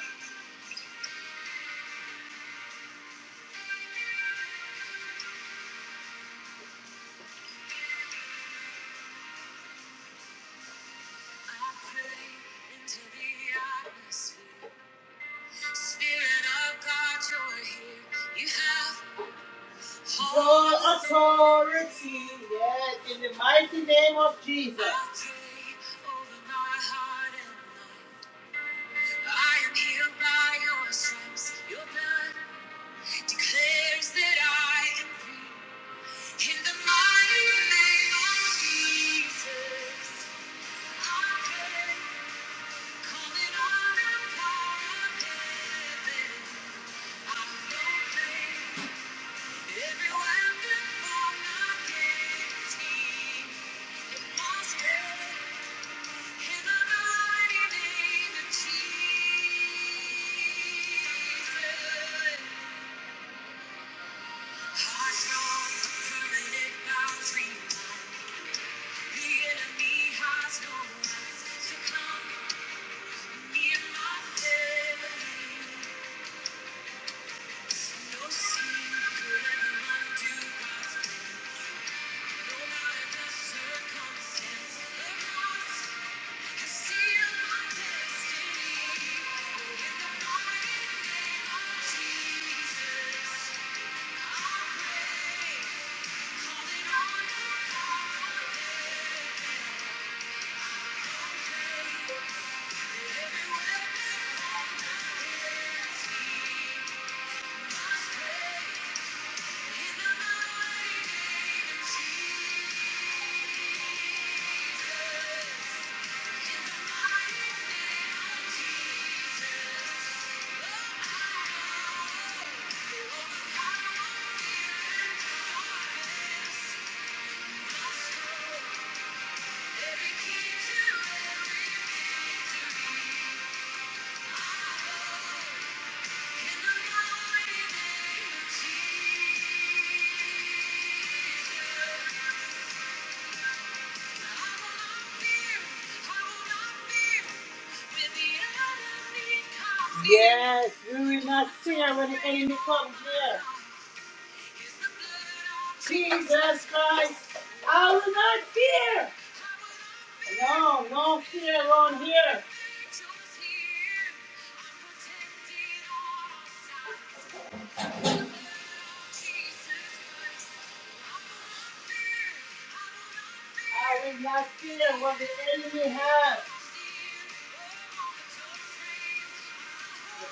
S1: Spirit of God, you're here. You have all authority. Yes, in the mighty name of Jesus. I am healed by your stripes. Your blood declares that I am free. In the mighty name of Jesus, I pray, calling on the power of heaven. I'm no Every weapon formed against me it must fail. In the mighty name of Jesus. Hearts strong, permanent vows reborn. The enemy has no rights to come near my family. No sin could ever undo God's Thank you. Yes, we will not fear when the enemy comes here. Jesus Christ, I will not fear. No, no fear around here. I will not fear what the enemy has.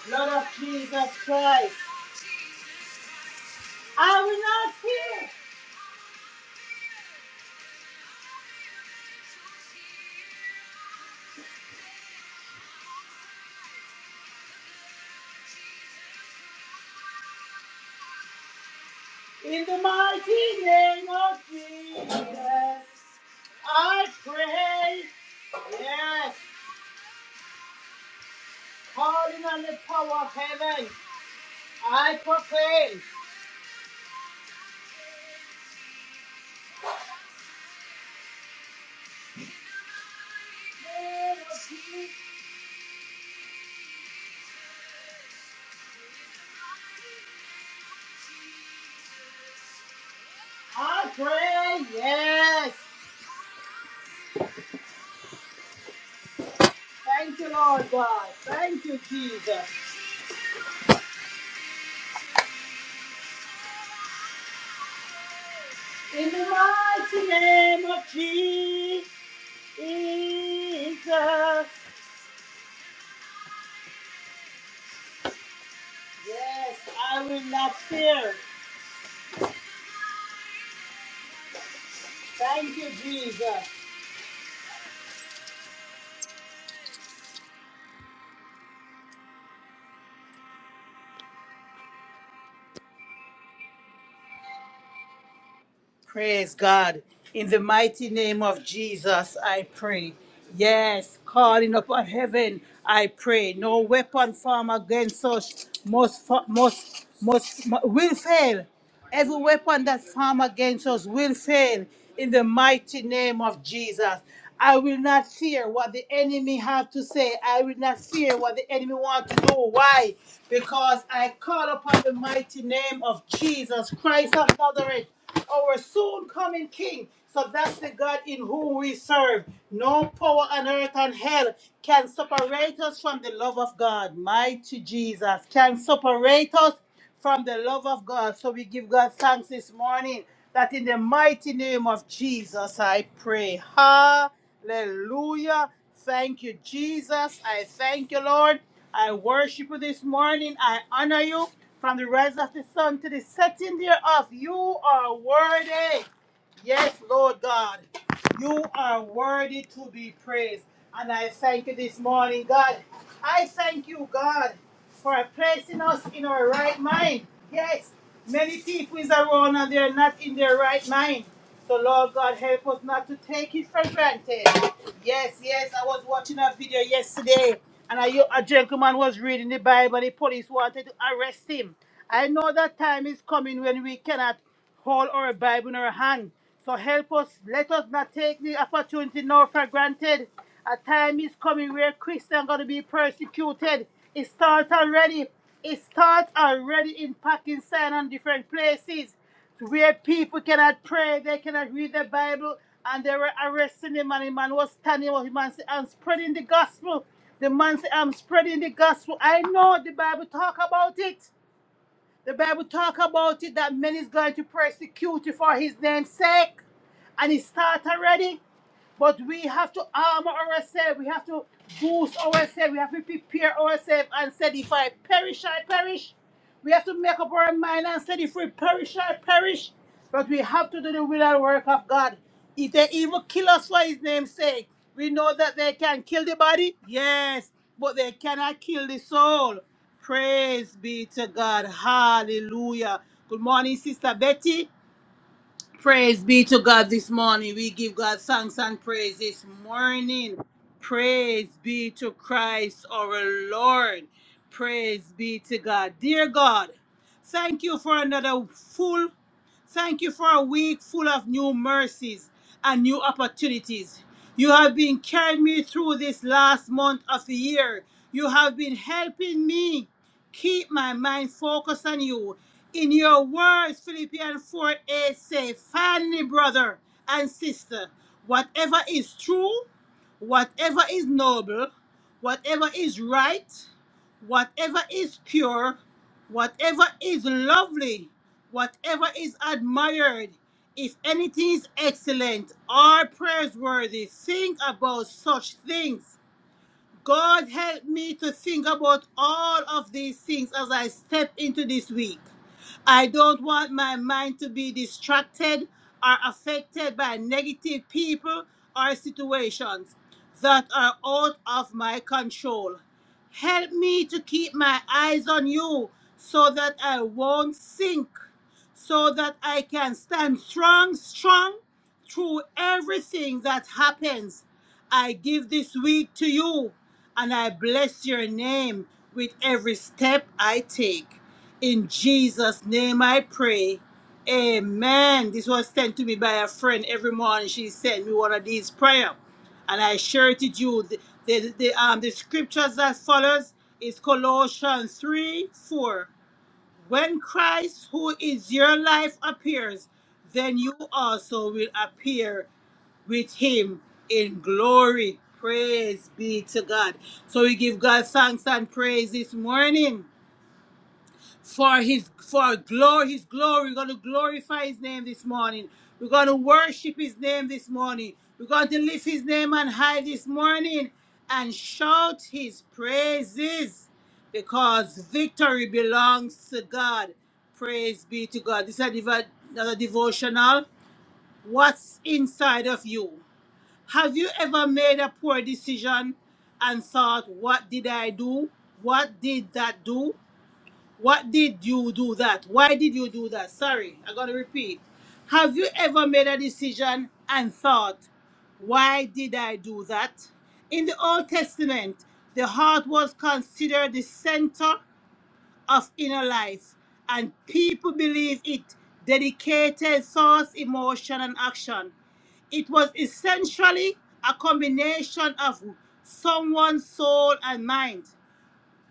S1: Blood of Jesus Christ. I will not fear. In the mighty name of Jesus, I pray. Yes, calling on the power of heaven, I proclaim. I pray, yes. Thank you, Lord God. Thank you, Jesus. In the mighty name of Jesus, yes, I will not fear. Thank you, Jesus. Praise God. In the mighty name of Jesus, I pray. Yes, calling upon heaven, I pray. No weapon formed against us must, fa- must, must, mu- will fail. Every weapon that formed against us will fail. In the mighty name of Jesus, I will not fear what the enemy have to say. I will not fear what the enemy want to do. Why? Because I call upon the mighty name of Jesus Christ of Nazareth our soon coming King. So that's the God in whom we serve. No power on earth and hell can separate us from the love of God. Mighty Jesus can separate us from the love of God. So we give God thanks this morning that in the mighty name of Jesus I pray. Hallelujah. Thank you, Jesus. I thank you, Lord. I worship you this morning. I honor you. From the rise of the sun to the setting thereof, you are worthy. Yes, Lord God, you are worthy to be praised. And I thank you this morning, God. I thank you, God, for placing us in our right mind. Yes, many people is around and they are not in their right mind. So, Lord God, help us not to take it for granted. Yes, yes, I was watching a video yesterday, and a, yo- a gentleman was reading the Bible, and the police wanted to arrest him. I know that time is coming when we cannot hold our Bible in our hand. So help us, let us not take the opportunity nor for granted. A time is coming where Christians are going to be persecuted. It starts already. It starts already in Pakistan and different places where people cannot pray, they cannot read the Bible, and they were arresting the man. The man was standing up. The man said, I'm spreading the gospel. The man said, I'm spreading the gospel. I know the Bible talk about it. The Bible talk about it that men is going to persecute you for his name's sake. And it start already. But we have to armor ourselves. We have to boost ourselves. We have to prepare ourselves and said, if I perish, I perish. We have to make up our mind and said, if we perish, I perish. But we have to do the will and work of God. If they even kill us for his name's sake, we know that they can kill the body, yes, but they cannot kill the soul. Praise be to God. Hallelujah. Good morning, Sister Betty. Praise be to God this morning. We give God thanks and praise this morning. Praise be to Christ our Lord. Praise be to God. Dear God, thank you for another full Thank you for a week full of new mercies and new opportunities. You have been carrying me through this last month of the year. You have been helping me. Keep my mind focused on you. In your words, Philippians 4 8 say, Finally, brother and sister, whatever is true, whatever is noble, whatever is right, whatever is pure, whatever is lovely, whatever is admired, if anything is excellent or praiseworthy, think about such things. God help me to think about all of these things as I step into this week. I don't want my mind to be distracted or affected by negative people or situations that are out of my control. Help me to keep my eyes on you so that I won't sink, so that I can stand strong, strong through everything that happens, I give this week to you and I bless your name with every step I take. In Jesus' name I pray. Amen. This was sent to me by a friend every morning. She sent me one of these prayers, and I shared it with you. The, the, the, um, the scriptures that follows is Colossians 3, 4. When Christ, who is your life, appears, then you also will appear with him in glory. Praise be to God. So we give God thanks and praise this morning for his for glory his glory we're going to glorify his name this morning we're going to worship his name this morning we're going to lift his name on high this morning and shout his praises because victory belongs to god praise be to god this is a devo- another devotional what's inside of you have you ever made a poor decision and thought what did i do what did that do what did you do that? Why did you do that? Sorry, I'm going to repeat. Have you ever made a decision and thought, why did I do that? In the Old Testament, the heart was considered the center of inner life, and people believed it dedicated thoughts, emotion, and action. It was essentially a combination of someone's soul and mind.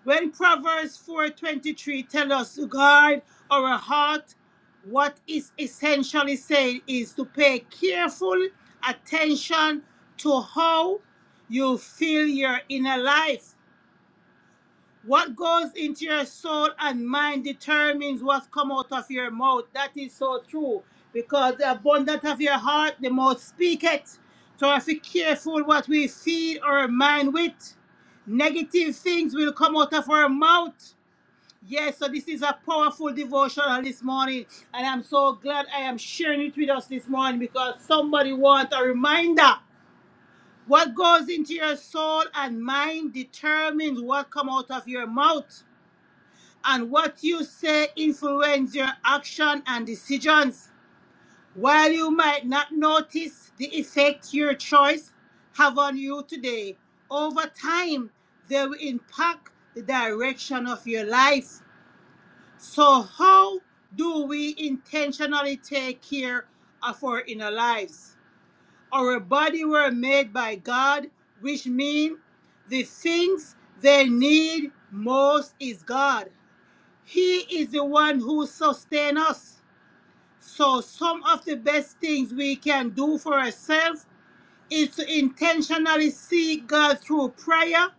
S1: When Proverbs 4:23 tells us to guard our heart, what is essentially saying is to pay careful attention to how you fill your inner life. What goes into your soul and mind determines what comes out of your mouth. That is so true. Because the abundance of your heart, the mouth speak it. So have to be careful what we feed our mind with. Negative things will come out of our mouth. Yes, so this is a powerful devotional this morning, and I'm so glad I am sharing it with us this morning because somebody wants a reminder. What goes into your soul and mind determines what comes out of your mouth, and what you say influences your action and decisions. While you might not notice the effect your choice have on you today, over time they will impact the direction of your life. So, how do we intentionally take care of our inner lives? Our body were made by God, which means the things they need most is God. He is the one who sustains us. So, some of the best things we can do for ourselves is to intentionally seek God through prayer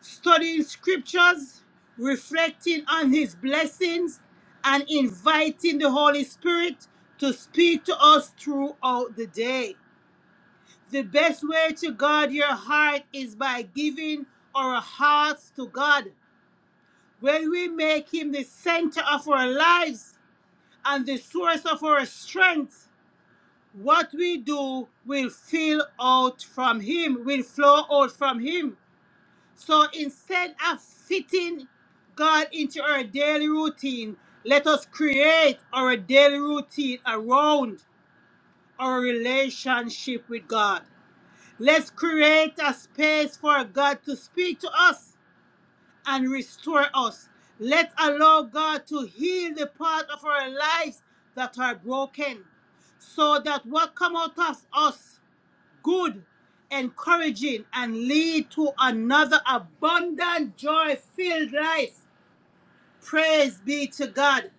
S1: studying scriptures, reflecting on his blessings, and inviting the Holy Spirit to speak to us throughout the day. The best way to guard your heart is by giving our hearts to God. When we make him the center of our lives and the source of our strength, what we do will fill out from him, will flow out from him. So instead of fitting God into our daily routine, let us create our daily routine around our relationship with God. Let's create a space for God to speak to us and restore us. Let's allow God to heal the part of our lives that are broken so that what come out of us good, encouraging, and lead to another abundant, joy filled life. Praise be to God.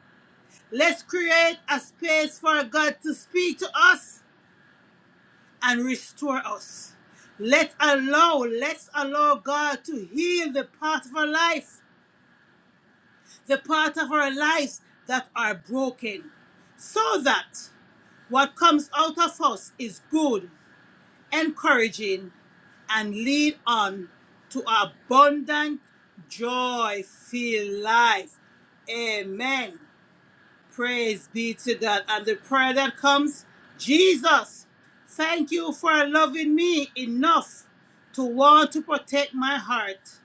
S1: Let's create a space for God to speak to us and restore us. Let's allow, let's allow God to heal the part of our life, the part of our lives that are broken, so that what comes out of us is good, encouraging, and lead on to abundant, joy filled life. Amen. Praise be to God. And the prayer that comes Jesus, thank you for loving me enough to want to protect my heart.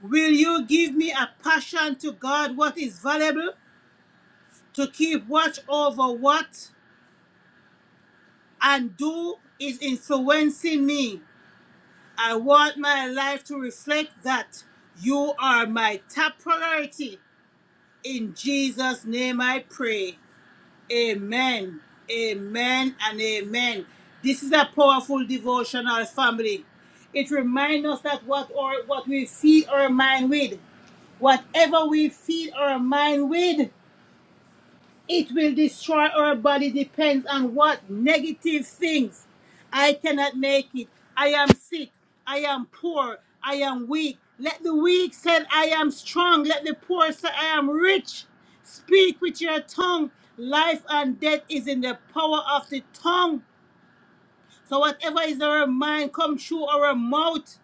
S1: Will you give me a passion to guard what is valuable, to keep watch over what and do is influencing me? I want my life to reflect that you are my top priority. In Jesus' name I pray. Amen. Amen and amen. This is a powerful devotional family. It reminds us that what or what we feed our mind with, whatever we feed our mind with. It will destroy our body, depends on what negative things. I cannot make it. I am sick. I am poor. I am weak. Let the weak say, I am strong. Let the poor say, I am rich. Speak with your tongue. Life and death is in the power of the tongue. So whatever is in our mind come through our mouth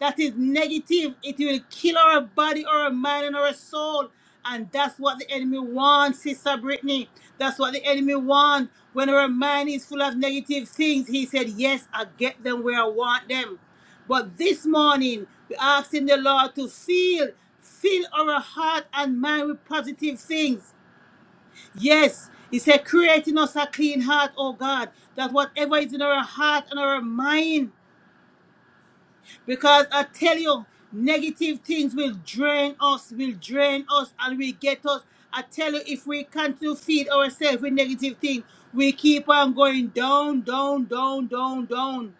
S1: that is negative, it will kill our body, our mind, and our soul. And that's what the enemy wants, Sister Brittany. That's what the enemy wants. When our mind is full of negative things, he said, Yes, I get them where I want them. But this morning, we're asking the Lord to fill, fill our heart and mind with positive things Yes, he said, create in us a clean heart, oh God, that whatever is in our heart and our mind, because I tell you, negative things will drain us, will drain us, and will get us. I tell you, if we continue to feed ourselves with negative things, we keep on going down, down, down, down, down.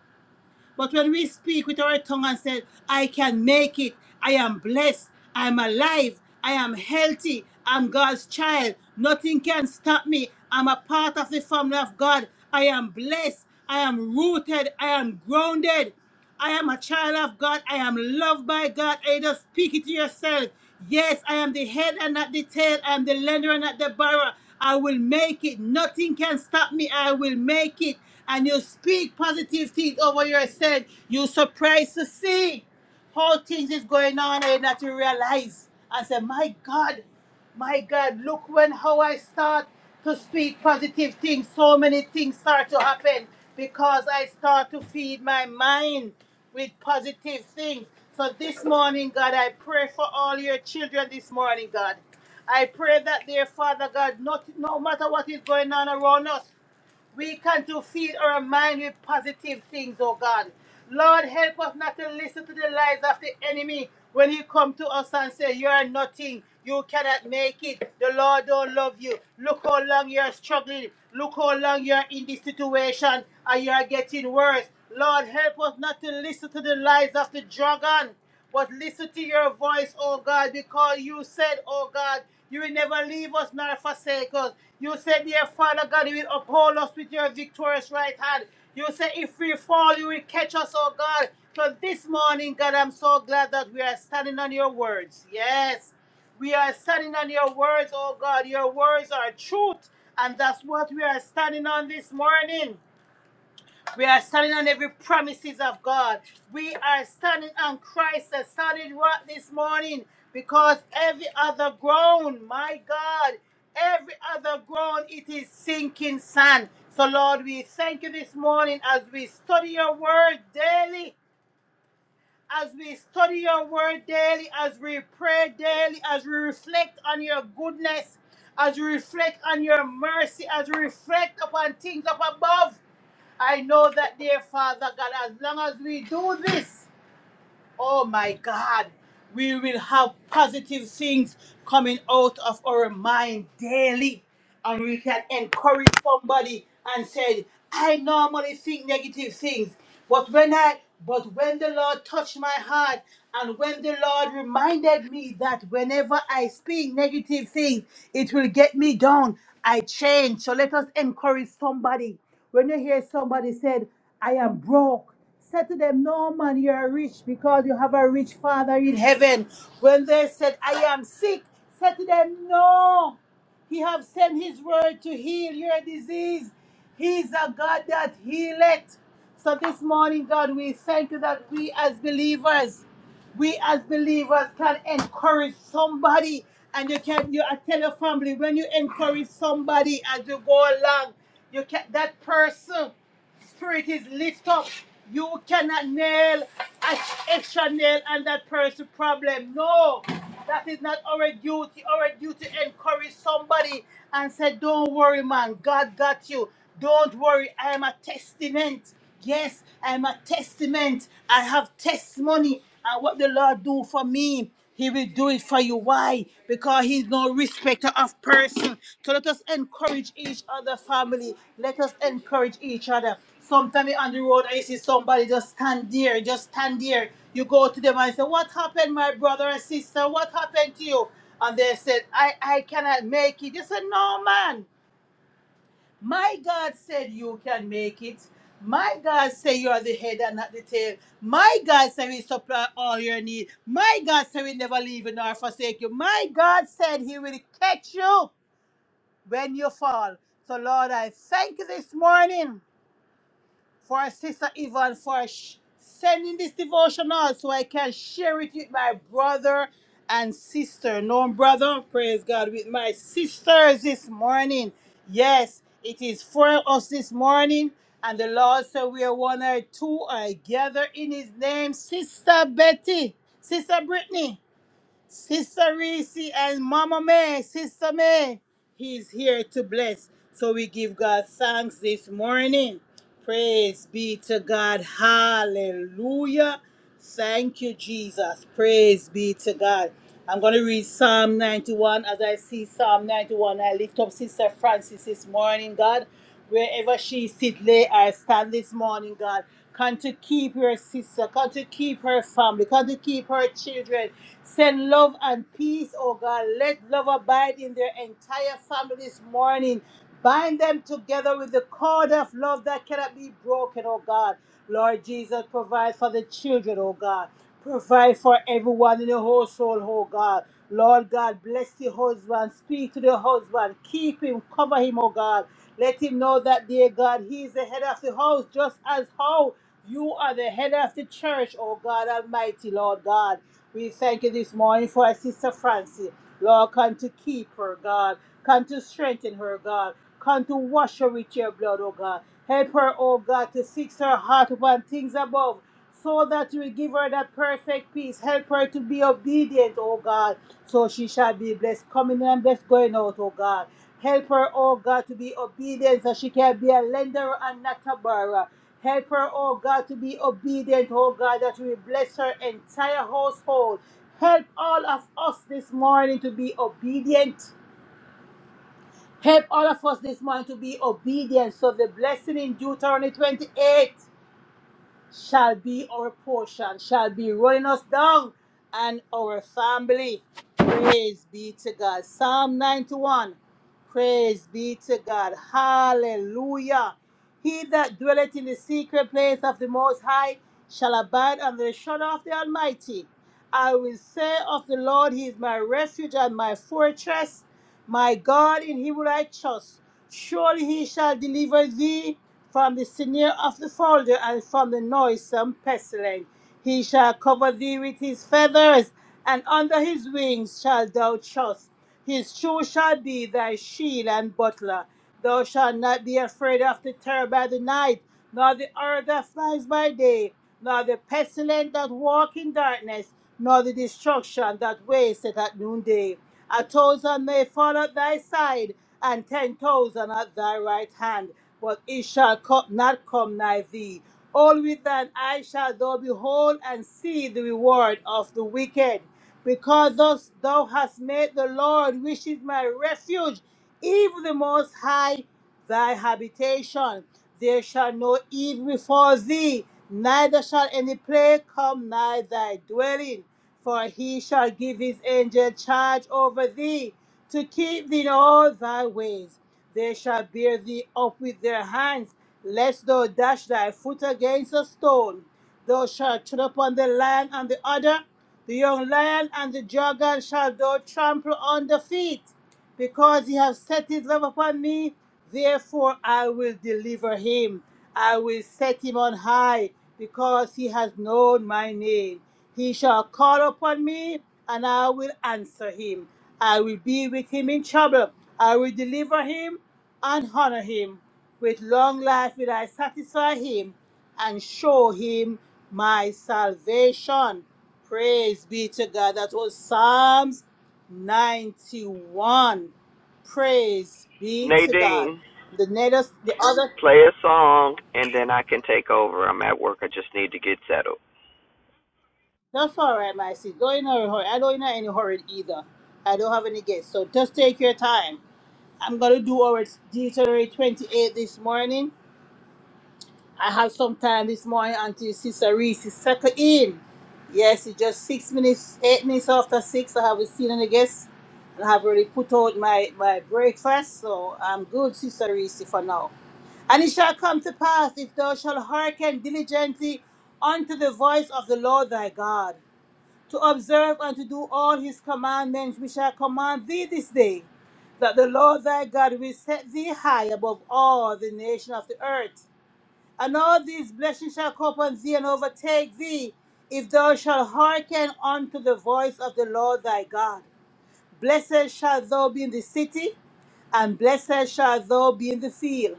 S1: But when we speak with our tongue and say, I can make it, I am blessed, I am alive, I am healthy, I'm God's child, nothing can stop me, I'm a part of the family of God, I am blessed, I am rooted, I am grounded. I am a child of God. I am loved by God. I just speak it to yourself. Yes, I am the head and not the tail. I am the lender and not the borrower. I will make it. Nothing can stop me. I will make it. And you speak positive things over yourself. you surprised to see how things is going on and that you realize. I said, my God. My God, look when how I start to speak positive things. So many things start to happen because I start to feed my mind with positive things. So this morning, God, I pray for all your children this morning, God. I pray that their Father God, not no matter what is going on around us. We can to feed our mind with positive things, oh God. Lord, help us not to listen to the lies of the enemy when he come to us and say, you are nothing. You cannot make it. The Lord don't love you. Look how long you're struggling. Look how long you're in this situation and you're getting worse. Lord, help us not to listen to the lies of the dragon. But listen to your voice, oh God, because you said, oh God, you will never leave us nor forsake us. You said, dear Father God, you will uphold us with your victorious right hand. You said, if we fall, you will catch us, oh God. So this morning, God, I'm so glad that we are standing on your words. Yes, we are standing on your words, oh God. Your words are truth, and that's what we are standing on this morning. We are standing on every promises of God. We are standing on Christ, the solid rock this morning, because every other ground, my God, every other ground, it is sinking sand. So, Lord, we thank you this morning as we study your word daily, as we study your word daily, as we pray daily, as we reflect on your goodness, as we reflect on your mercy, as we reflect upon things up above. I know that, dear Father God, as long as we do this, oh my God, we will have positive things coming out of our mind daily and we can encourage somebody and say, I normally think negative things, but when I but when the Lord touched my heart and when the Lord reminded me that whenever I speak negative things, it will get me down. I change. So let us encourage somebody. When you hear somebody said, I am broke, said to them, No man, you are rich because you have a rich father in heaven. When they said, I am sick, said to them, No. He have sent his word to heal your disease. He's a God that healeth. So this morning, God, we thank you that we as believers, we as believers can encourage somebody. And you can you I tell your family when you encourage somebody as you go along, you can that person. Spirit is lift up. You cannot nail an extra nail on that person's problem. No, that is not our duty. Our duty encourage somebody and say, Don't worry, man. God got you. Don't worry. I am a testament. Yes, I'm a testament. I have testimony. And what the Lord do for me, He will do it for you. Why? Because He's no respecter of person. So let us encourage each other, family. Let us encourage each other. Sometimes on the road, I see somebody just stand there, just stand there. You go to them and say, What happened, my brother and sister? What happened to you? And they said, I, I cannot make it. You said, No, man. My God said you can make it. My God said you are the head and not the tail. My God said we supply all your need. My God said He never leave you nor forsake you. My God said he will catch you when you fall. So Lord, I thank you this morning for Sister Yvonne for sh- sending this devotional so I can share it with my brother and sister. No, brother, praise God, with my sisters this morning. Yes, it is for us this morning. And the Lord said, We are one or two are gathered in His name. Sister Betty, Sister Brittany. Sister Reese and Mama May, Sister May, He's here to bless. So we give God thanks this morning. Praise be to God. Hallelujah. Thank you, Jesus. Praise be to God. I'm going to read Psalm 91 as I see Psalm 91. I lift up Sister Francis this morning, God wherever she sit, lay or stand this morning, God. Come to keep her sister, come to keep her family, come to keep her children. Send love and peace, oh God. Let love abide in their entire family this morning. Bind them together with the cord of love that cannot be broken, oh God. Lord Jesus, provide for the children, oh God. Provide for everyone in the household, oh God. Lord God, bless the husband. Speak to the husband. Keep him. Cover him, oh God. Let him know that, dear God, he is the head of the house, just as how you are the head of the church, oh God Almighty, Lord God. We thank you this morning for our sister Francie. Lord, come to keep her, God. Come to strengthen her, God. Come to wash her with your blood, oh God. Help her, oh God, to fix her heart upon things above so that you will give her that perfect peace. Help her to be obedient, oh God. So she shall be blessed coming in and blessed going out, oh God. Help her, oh God, to be obedient so she can be a lender and not a borrower. Help her, oh God, to be obedient, oh God, that we bless her entire household. Help all of us this morning to be obedient. Help all of us this morning to be obedient. So the blessing in Deuteronomy 28 shall be our portion, shall be running us down and our family. Praise be to God. Psalm 91. Praise be to God. Hallelujah. He that dwelleth in the secret place of the Most High shall abide under the shadow of the Almighty. I will say of the Lord, He is my refuge and my fortress, my God, in Him will I trust. Surely He shall deliver thee from the snare of the folder and from the noisome pestilence. He shall cover thee with His feathers, and under His wings shalt thou trust. His shoe shall be thy shield and butler. Thou shalt not be afraid of the terror by the night, nor the arrow that flies by day, nor the pestilence that walk in darkness nor the destruction that wasteth at noonday. A thousand may fall at thy side, and ten thousand at thy right hand, but it shall co- not come nigh thee. All with thine eye shall thou behold and see the reward of the wicked. Because thus thou hast made the Lord, which is my refuge, even the Most High, thy habitation. There shall no evil befall thee, neither shall any plague come nigh thy dwelling. For he shall give his angel charge over thee, to keep thee in all thy ways. They shall bear thee up with their hands, lest thou dash thy foot against a stone. Thou shalt tread upon the lion and the adder, the young lion and the dragon shall thou trample under feet because he has set his love upon me, therefore I will deliver him. I will set him on high, because he has known my name. He shall call upon me, and I will answer him. I will be with him in trouble. I will deliver him and honor him. With long life will I satisfy him and show him my salvation. Praise be to God. That was Psalms 91. Praise be to God.
S4: Nadine,
S1: The next, the other,
S4: play a song and then I can take over. I'm at work. I just need to get settled.
S1: that's all right, my sis. Don't in a hurry. I don't in any hurry either. I don't have any guests. So just take your time. I'm going to do our Deuteronomy 28 this morning. I have some time this morning until Sister Reese settle in. Yes, it's just six minutes, eight minutes after six. I haven't seen any guests. And I have already put out my, my breakfast, so I'm good, Sister Reese, for now. And it shall come to pass, if thou shalt hearken diligently unto the voice of the Lord thy God, to observe and to do all his commandments which I command thee this day, that the Lord thy God will set thee high above all the nation of the earth and all these blessings shall come upon thee and overtake thee, if thou shalt hearken unto the voice of the Lord thy God. Blessed shalt thou be in the city, and blessed shalt thou be in the field.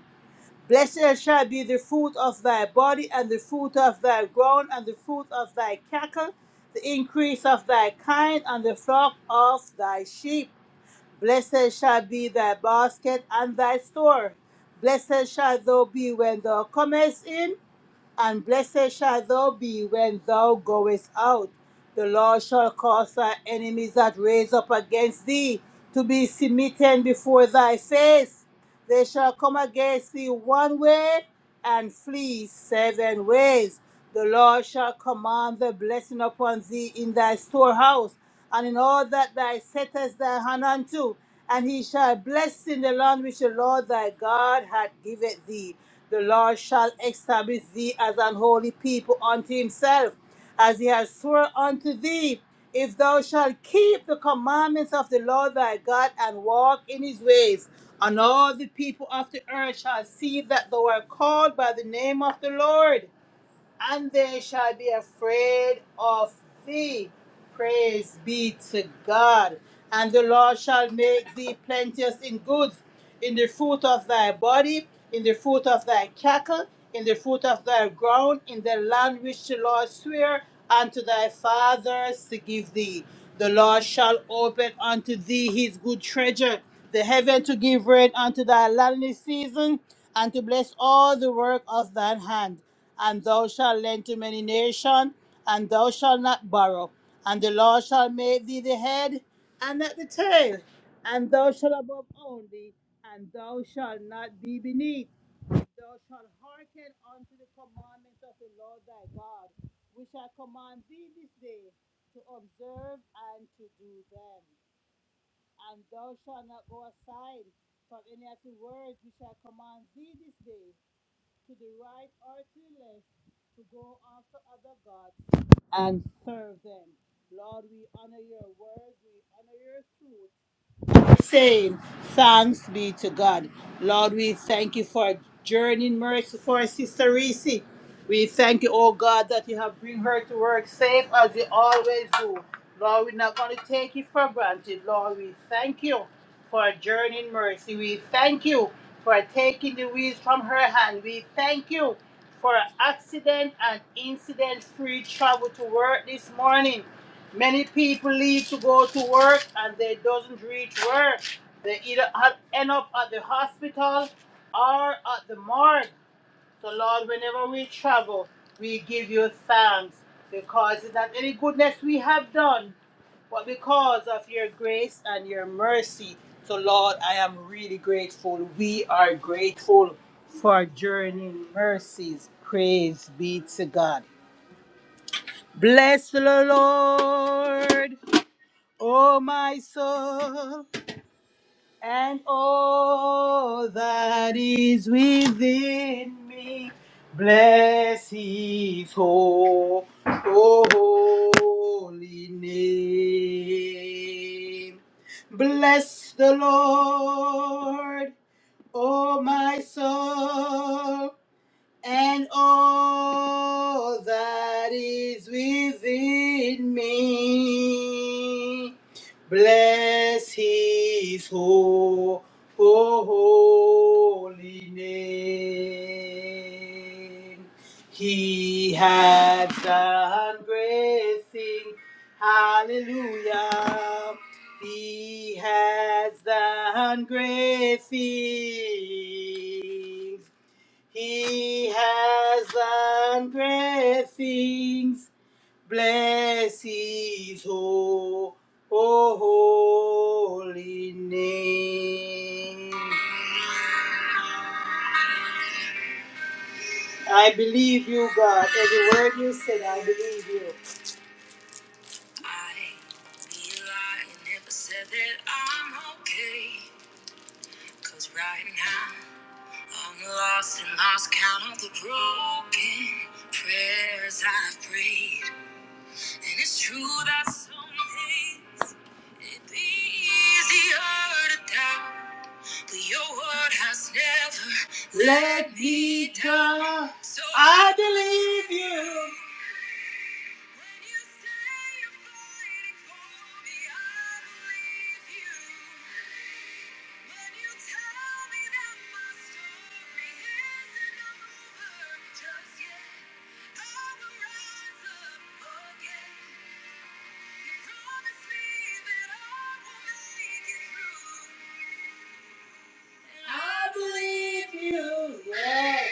S1: Blessed shall be the fruit of thy body, and the fruit of thy ground, and the fruit of thy cattle, the increase of thy kind, and the flock of thy sheep. Blessed shall be thy basket and thy store. Blessed shall thou be when thou comest in, and blessed shall thou be when thou goest out. The Lord shall cause thy enemies that raise up against thee to be smitten before thy face. They shall come against thee one way and flee seven ways. The Lord shall command the blessing upon thee in thy storehouse, and in all that thou settest thy hand unto, and he shall bless in the land which the Lord thy God hath given thee. The Lord shall establish thee as an holy people unto himself, as he has sworn unto thee. If thou shalt keep the commandments of the Lord thy God and walk in his ways, and all the people of the earth shall see that thou art called by the name of the Lord and they shall be afraid of thee. Praise be to God. And the Lord shall make thee plenteous in goods, in the fruit of thy body, in the fruit of thy cattle, in the fruit of thy ground, in the land which the Lord sware unto thy fathers to give thee. The Lord shall open unto thee his good treasure, the heaven to give rain unto thy land in his season, and to bless all the work of thine hand and thou shalt lend to many nations, and thou shalt not borrow. And the Lord shall make thee the head and not the tail, and thou shalt above only, and thou shalt not be beneath. Thou shalt hearken unto the commandments of the Lord thy God, which I command thee this day to observe and to do them. And thou shalt not go aside from any of the words which I command thee this day, to the right or to the left to go after other gods and serve them. Lord, we honor your word, we honor your truth, saying, Thanks be to God. Lord, we thank you for journeying mercy for Sister Reese. We thank you, oh God, that you have bring her to work safe as you always do. Lord, we're not going to take it for granted. Lord, we thank you for journeying mercy. We thank you for taking the wheels from her hand. We thank you for accident and incident free travel to work this morning. Many people leave to go to work and they doesn't reach work. They either end up at the hospital or at the morgue. So Lord, whenever we travel, we give you thanks because it's not any goodness we have done, but because of your grace and your mercy. So Lord, I am really grateful. We are grateful for journeying mercies. Praise be to God. Bless the Lord. O my soul, and all that is within me, bless his whole, holy name. Bless the Lord, O my soul and all that is within me. Bless his whole, holy name. He has done great things. Hallelujah. He has done great things. He has done great things. Bless his ho- oh, holy name. I believe you, God. Every word you said, I believe you. I be lying if I said that I'm okay. Cause right now, I'm lost and lost count of the broken prayers I've prayed. And it's true that some days it'd be easier to doubt. But your word has never let me down. I believe you. I believe you. Yeah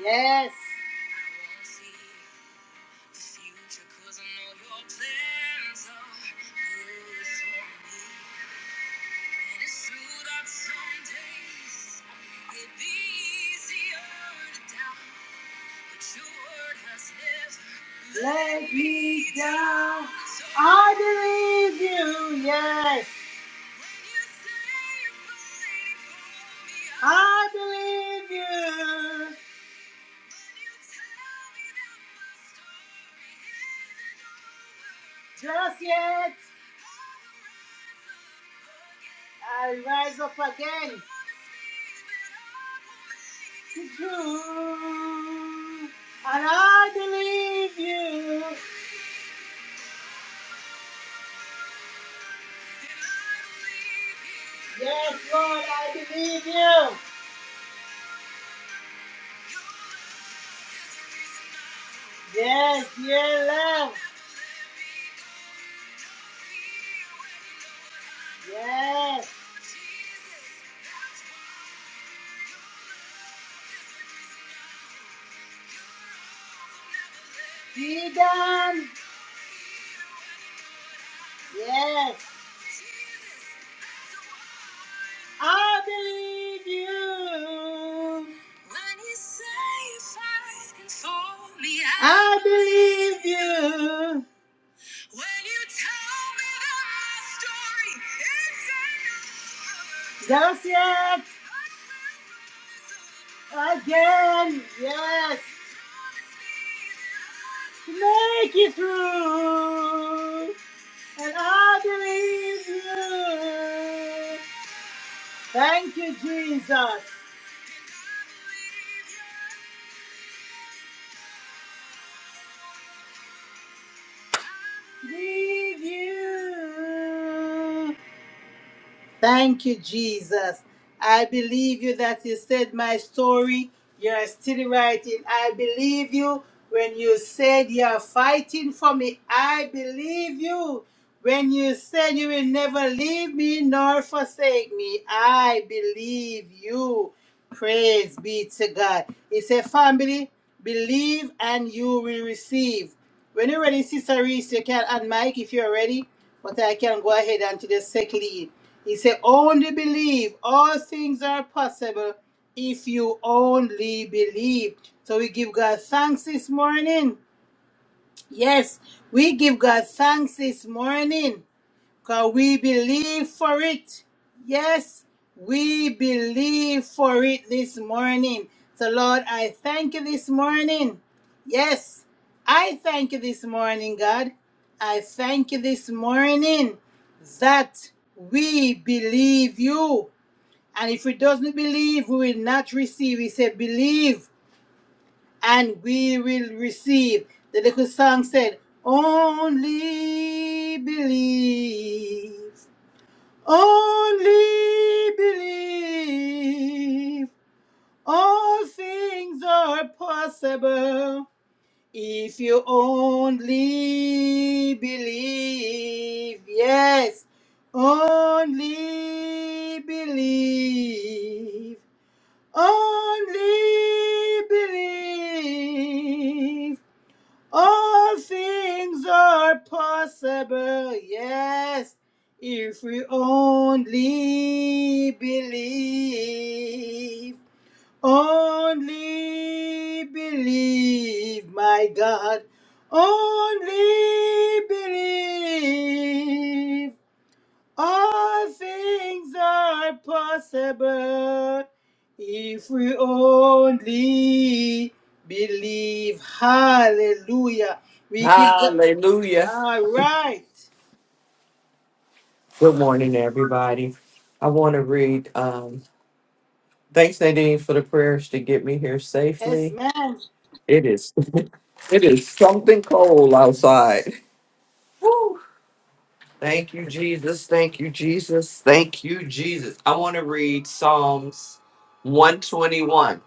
S1: yes, let me down. So I believe you, yes. I believe you. Just yet, I rise up again to do, and I believe you. Yes, Lord, I believe you. Yes, yeah, love. Yes. Freedom. Yes. I believe you. When you say you fight for me, I, I believe you. Yes, yes. Again, yes. Make it through, and I believe you. Thank you, Jesus. Leave you. Thank you, Jesus. I believe you that you said my story. You're still writing. I believe you when you said you're fighting for me. I believe you when you said you will never leave me nor forsake me. I believe you. Praise be to God. It's a family. Believe and you will receive. When you're ready, Sister Reese, you can add Mike if you're ready, but I can go ahead and to the sick lead. He said, only believe. All things are possible if you only believe. So we give God thanks this morning. Yes, we give God thanks this morning because we believe for it. Yes, we believe for it this morning. So, Lord, I thank you this morning. Yes, I thank you this morning, God. I thank you this morning that we believe you. And if we doesn't believe, we will not receive. He said, believe and we will receive. The little song said, only believe. Only believe all things are possible if you only believe. Yes, only believe. Only believe. All things are possible, yes, if we only believe. Only believe, my God. Only believe. All things are possible if we only believe. Hallelujah. We give God.
S4: Hallelujah.
S1: All right.
S4: Good morning, everybody. I want to read, um, thanks, Nadine, for the prayers to get me here safely.
S1: Yes, man.
S4: It is. It is something cold outside. Woo. Thank you, Jesus. Thank you, Jesus. Thank you, Jesus. I want to read Psalms 121.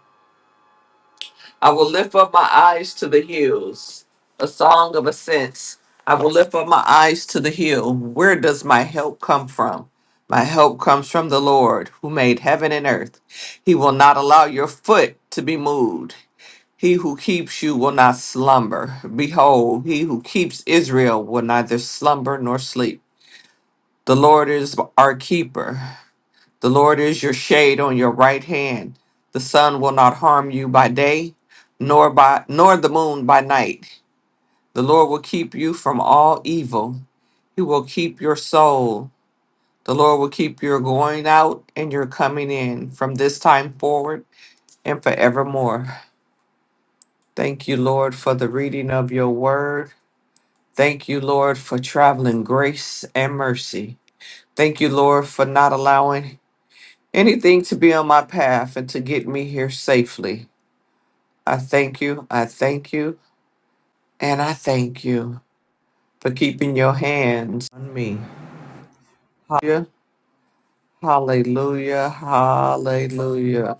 S4: I will lift up my eyes to the hills, a song of ascents. I will lift up my eyes to the hill. Where does my help come from? My help comes from the Lord who made heaven and earth. He will not allow your foot to be moved. He who keeps you will not slumber. Behold, he who keeps Israel will neither slumber nor sleep. The Lord is our keeper. The Lord is your shade on your right hand. The sun will not harm you by day, nor by nor the moon by night. The Lord will keep you from all evil. He will keep your soul. The Lord will keep your going out and your coming in from this time forward and forevermore. Thank you, Lord, for the reading of your word. Thank you, Lord, for traveling grace and mercy. Thank you, Lord, for not allowing anything to be on my path and to get me here safely. I thank you, I thank you, and I thank you for keeping your hands on me. Hallelujah, hallelujah, hallelujah.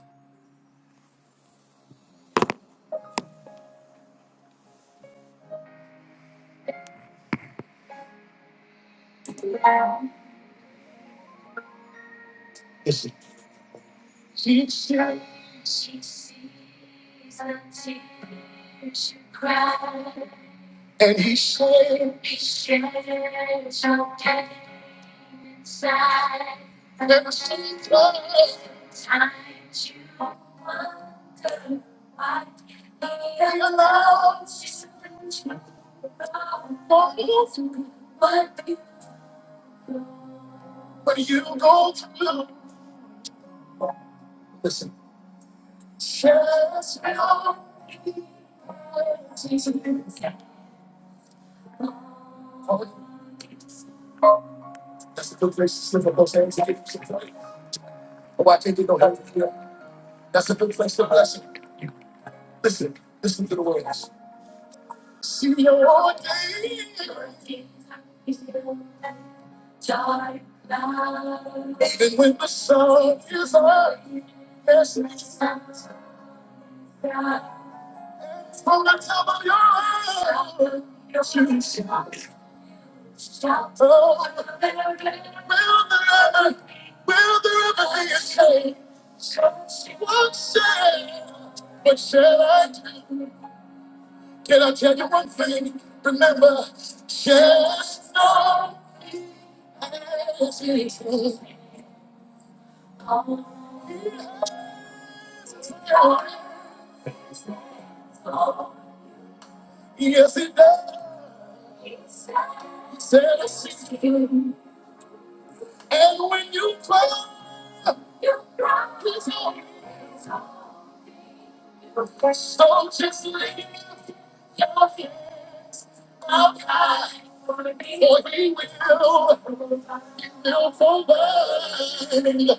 S4: inside. Looking for time to wonder why the love is what you go. what you go through. Just know it's that's a good place to slip up those hands and give some praise. Oh, I can't get no help from you. That's a good place to bless you. Listen, listen to the words. Even when the sun is up, there's no sense. From the top of your head, yes, you shall. Oh, will there ever will there ever be a change? What shall, what shall I do? Can I tell you one thing? Remember, just know as it is. Yes, it does. He Said I see you. And when you cry, your cry is on. So just lift your hands up high, for He will. He will provide.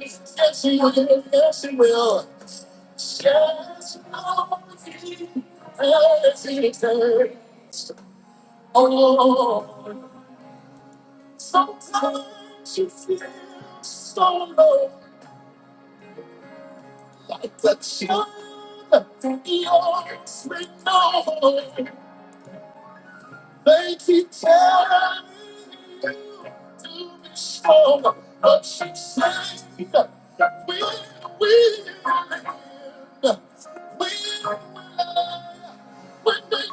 S4: Yes, He will. Yes, He will. Just know as He turns. Oh, sometimes you feel so low, like the child that the arms with no hope. They keep telling you to be strong, but she said, we will, we will, we will, when they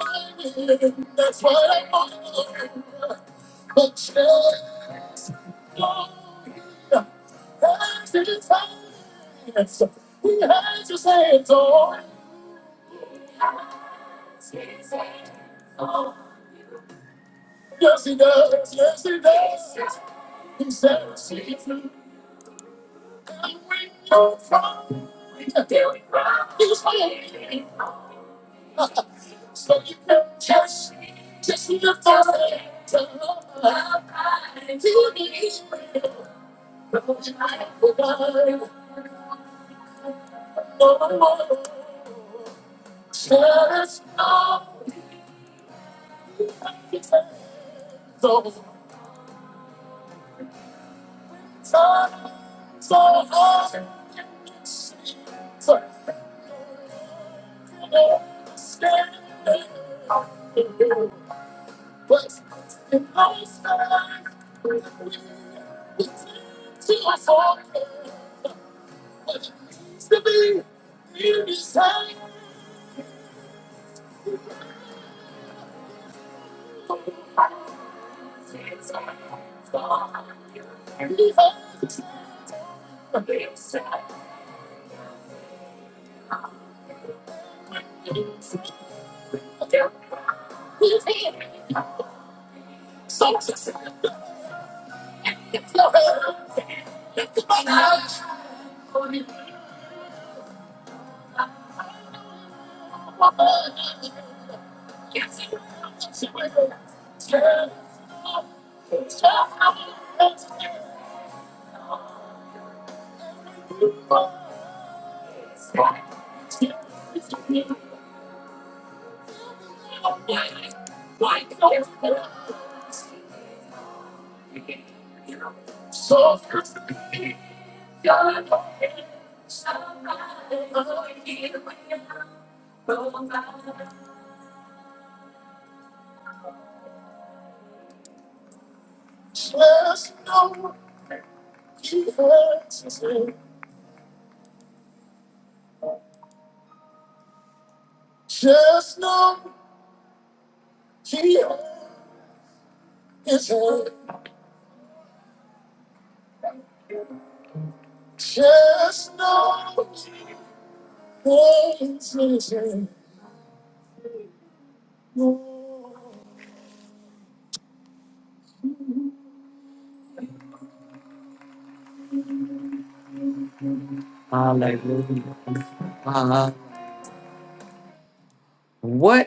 S4: win. That's why I'm on the she Has his hands, he has his hands on. Yes, he does. Yes, he does. He said, "See through." So you can just, just lift up to Lord, to be But in my side, it's to my What it means to be here you. Since I saw you, and the others, the big side, when you see So Just know he hurts. Just know he hurts. What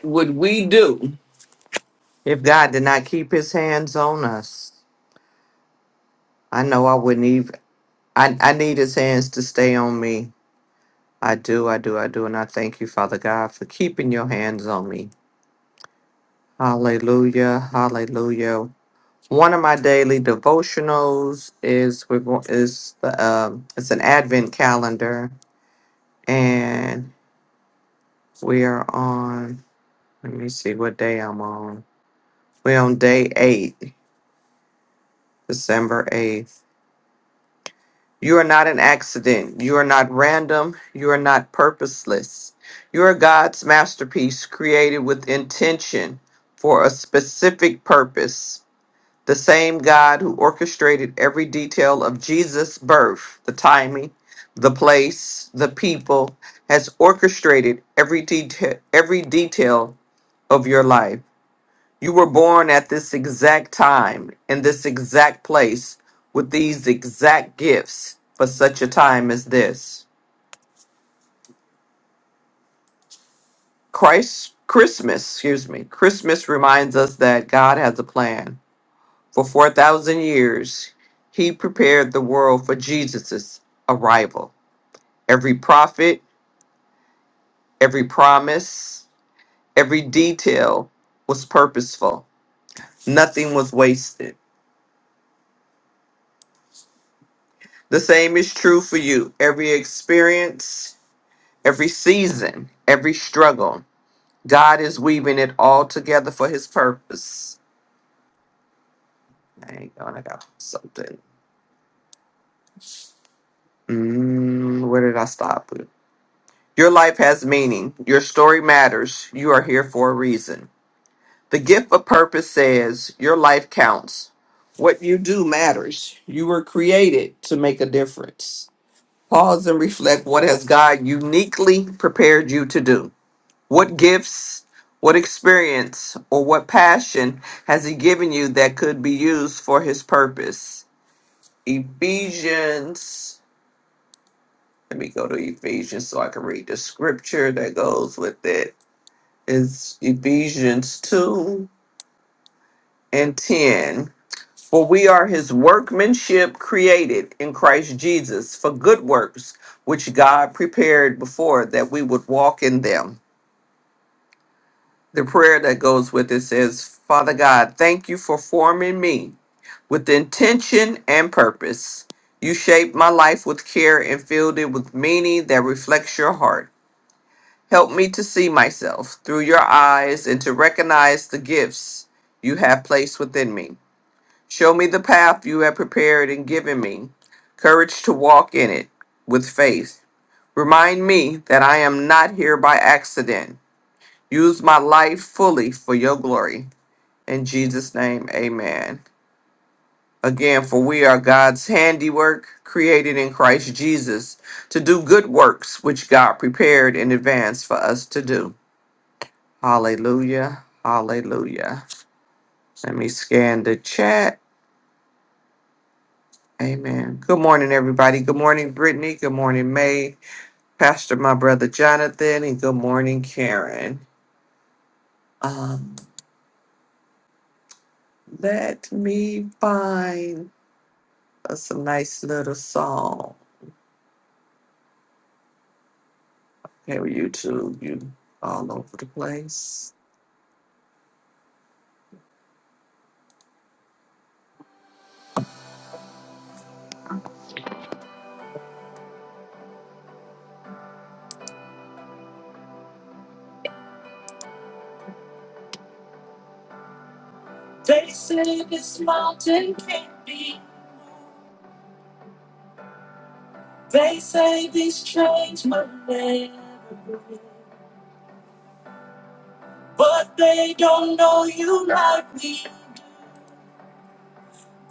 S4: would we do if God did not keep his hands on us? I know I wouldn't even, I, I need his hands to stay on me. I do, I do, I do. And I thank you, Father God, for keeping your hands on me. Hallelujah, hallelujah. One of my daily devotionals is we're going is the um it's an advent calendar and we are on Let me see what day I'm on. We're on day eight, December 8th. You are not an accident. You are not random. You are not purposeless. You are God's masterpiece created with intention for a specific purpose. The same God who orchestrated every detail of Jesus' birth, the timing, the place, the people, has orchestrated every detail, every detail of your life. You were born at this exact time, in this exact place, with these exact gifts for such a time as this. Christ, Christmas, excuse me, Christmas reminds us that God has a plan. For 4,000 years, He prepared the world for Jesus' arrival. Every prophet, every promise, every detail was purposeful, nothing was wasted. The same is true for you. Every experience, every season, every struggle. God is weaving it all together for his purpose. Hang on, I got something. Mm, where did I stop? Your life has meaning. Your story matters. You are here for a reason. The gift of purpose says your life counts. What you do matters. You were created to make a difference. Pause and reflect what has God uniquely prepared you to do. What gifts, what experience, or what passion has He given you that could be used for His purpose? Ephesians. Let me go to Ephesians so I can read the scripture that goes with it. It's Ephesians 2 and 10. For we are His workmanship created in Christ Jesus for good works, which God prepared before that we would walk in them. The prayer that goes with it says, Father God, thank you for forming me with intention and purpose. You shaped my life with care and filled it with meaning that reflects your heart. Help me to see myself through your eyes and to recognize the gifts you have placed within me. Show me the path you have prepared and given me, courage to walk in it with faith. Remind me that I am not here by accident. Use my life fully for your glory. In Jesus' name, amen. Again, for we are God's handiwork, created in Christ Jesus to do good works which God prepared in advance for us to do. Hallelujah. Hallelujah. Let me scan the chat. Amen. Good morning, everybody. Good morning, Brittany. Good morning, May. Pastor, my brother Jonathan, and good morning, Karen. Um, let me find us a nice little song. Okay, well, you two, you all over the place. They say this mountain can't be. They say these chains will never break. But they don't know you like me.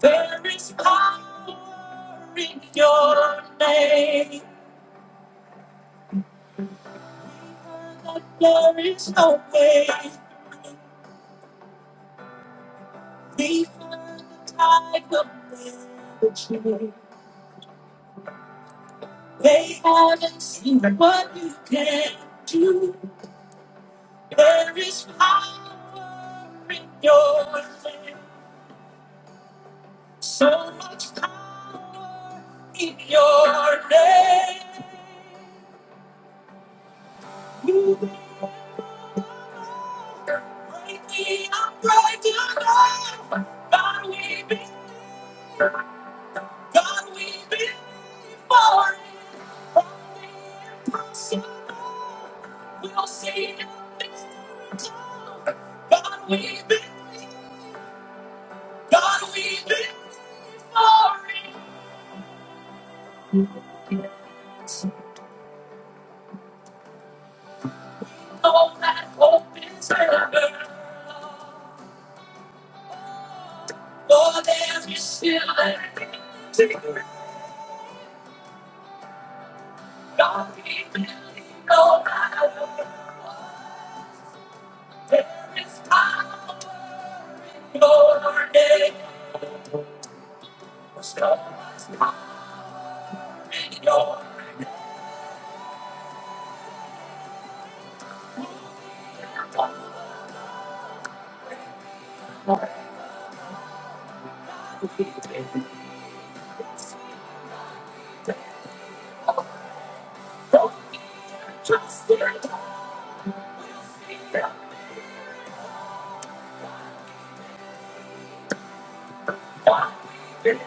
S4: There is power in your name. But there is no way. Before the tide will never change. They haven't seen what you can do. There is power in your name. So much power in your name. You are mighty, I'm right now. God, we be, God, we be for it. From the impossible, we'll see it. God, we be, God, we be for it. all that hope is ever. For there's you still an empty God, we believe no matter. There is power in your name. The storm is not in your power. We believe it's there. Don't be just in time. We'll see that God we believe.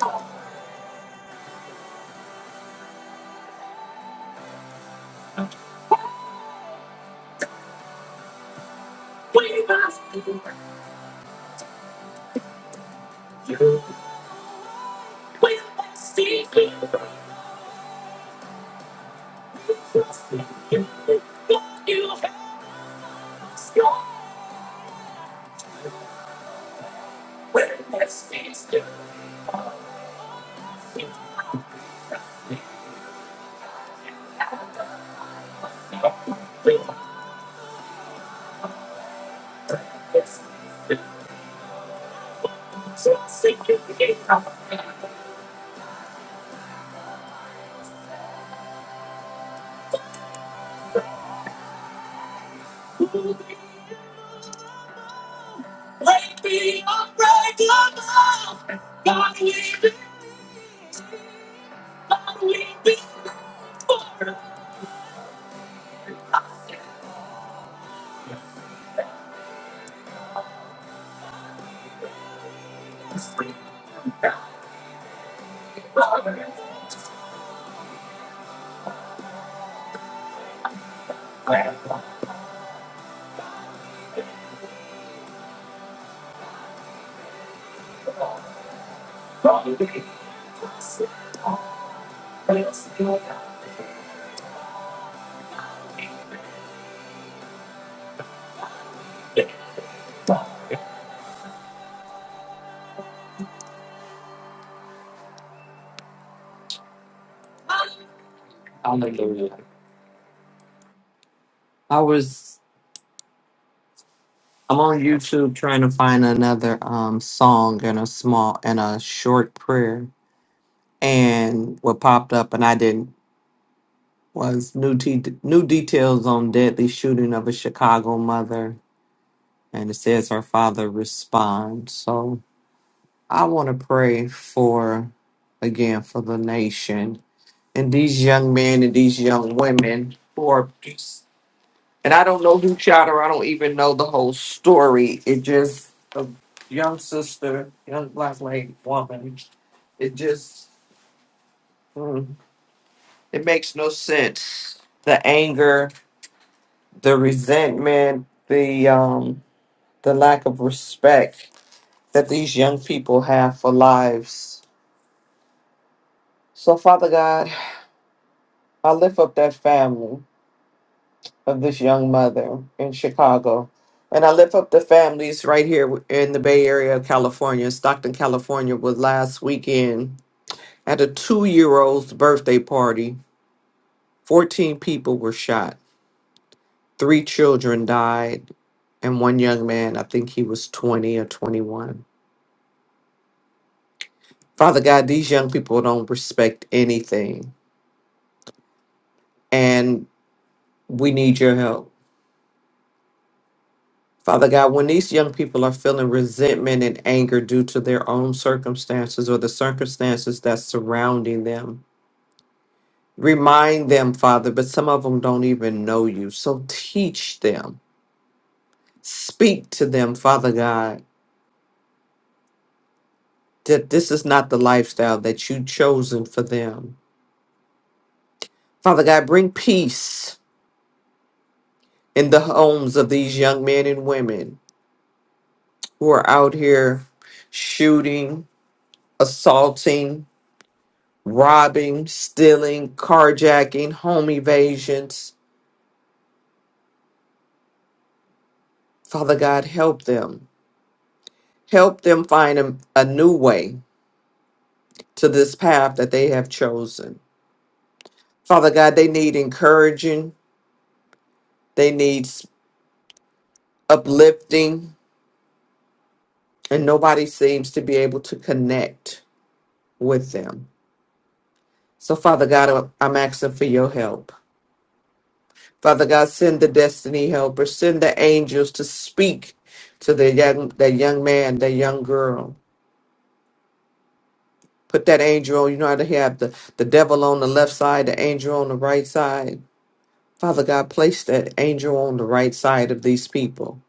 S4: no. We must do it. You will see it. You've got scars where it's been torn. You've got scars where it's been torn. You've got scars where it's been torn. You've got scars where it's been torn. Break me, unbreakable. God we've been, God we've been torn. Hallelujah. I was I'm on YouTube trying to find another um song and a small and a short prayer. And what popped up and I didn't was new t- new details on deadly shooting of a Chicago mother and it says her father responds. So I want to pray for again for the nation and these young men and these young women who are And I don't know who shot her. I don't even know the whole story. It just a young sister, young black lady woman. It just mm, it makes no sense. The anger, the resentment, the um the lack of respect that these young people have for lives. So Father God, I lift up that family. of this young mother in Chicago. And I lift up the families right here in the Bay Area of California. Stockton, California was last weekend at a two year old's birthday party. 14 people were shot, three children died, and one young man, I think he was 20 or 21. Father God, these young people don't respect anything, and we need your help Father God, when these young people are feeling resentment and anger due to their own circumstances or the circumstances that's surrounding them, remind them, Father, but some of them don't even know you. So teach them, speak to them, Father God, that this is not the lifestyle that you've chosen for them. Father God, bring peace in the homes of these young men and women who are out here shooting, assaulting, robbing, stealing, carjacking, home evasions. Father God, help them. Help them find a, a new way to this path that they have chosen. Father God, they need encouraging, they need s- uplifting, and nobody seems to be able to connect with them. So, Father God, uh, I'm asking for your help. Father God, send the destiny helpers, send the angels to speak to the young, that young man, that young girl Put that angel on. You know how to have the, the devil on the left side, the angel on the right side. Father God, place that angel on the right side of these people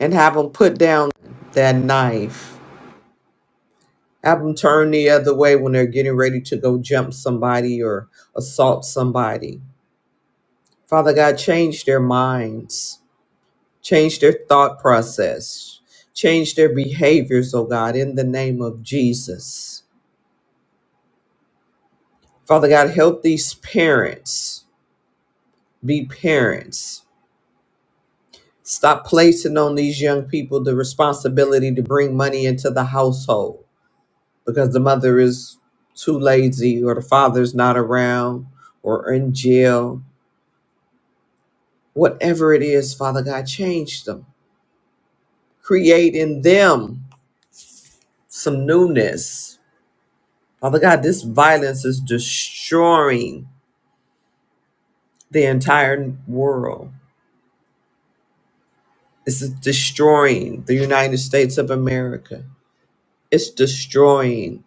S4: and have them put down that knife. Have them turn the other way when they're getting ready to go jump somebody or assault somebody. Father God, change their minds, change their thought process, change their behaviors, oh God, in the name of Jesus. Father God, help these parents be parents Stop placing on these young people the responsibility to bring money into the household because the mother is too lazy or the father's not around or in jail. Whatever it is, Father God, change them. Create in them some newness. Father God, this violence is destroying the entire world. It's destroying the United States of America. It's destroying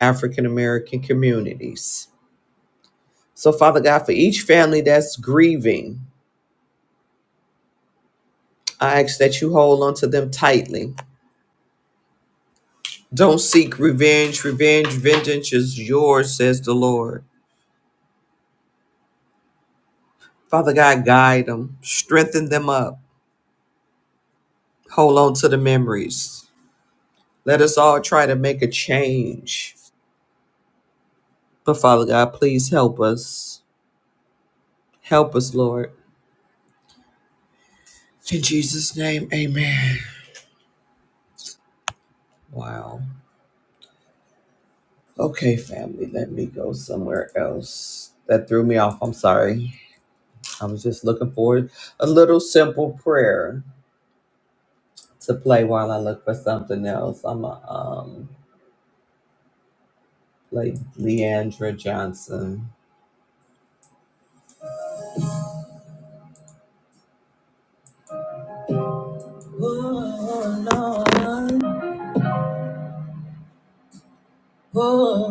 S4: African American communities So, Father God, for each family that's grieving, I ask that you hold on to them tightly. Don't seek revenge. Revenge, vengeance is yours, says the Lord. Father God, guide them, strengthen them up, hold on to the memories. Let us all try to make a change. But, Father God, please help us. Help us, Lord. In Jesus' name, amen. Wow. Okay, family, let me go somewhere else. That threw me off. I'm sorry. I was just looking for a little simple prayer to play while I look for something else. I'm a, um like Leandra Johnson.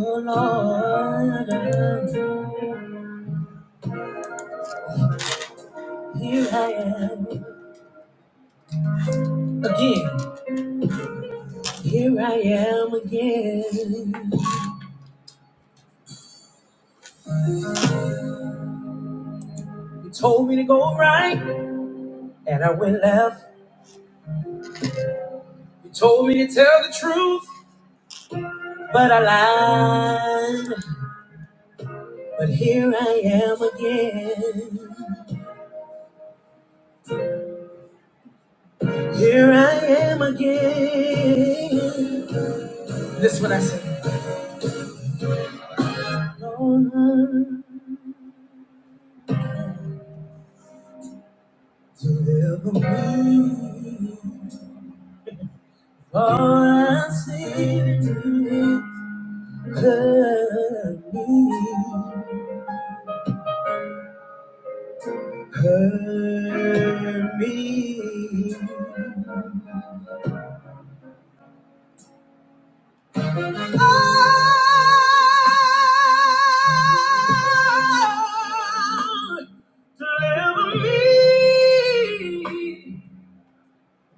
S4: Oh Lord, here I am again. Here I am again. You told me to go right, and I went left. You told me to tell the truth, but I lied. But here I am again. Here I am again. This is what I say. Lord, deliver me. All I see is you. Hurt me, hurt me. Oh, deliver me.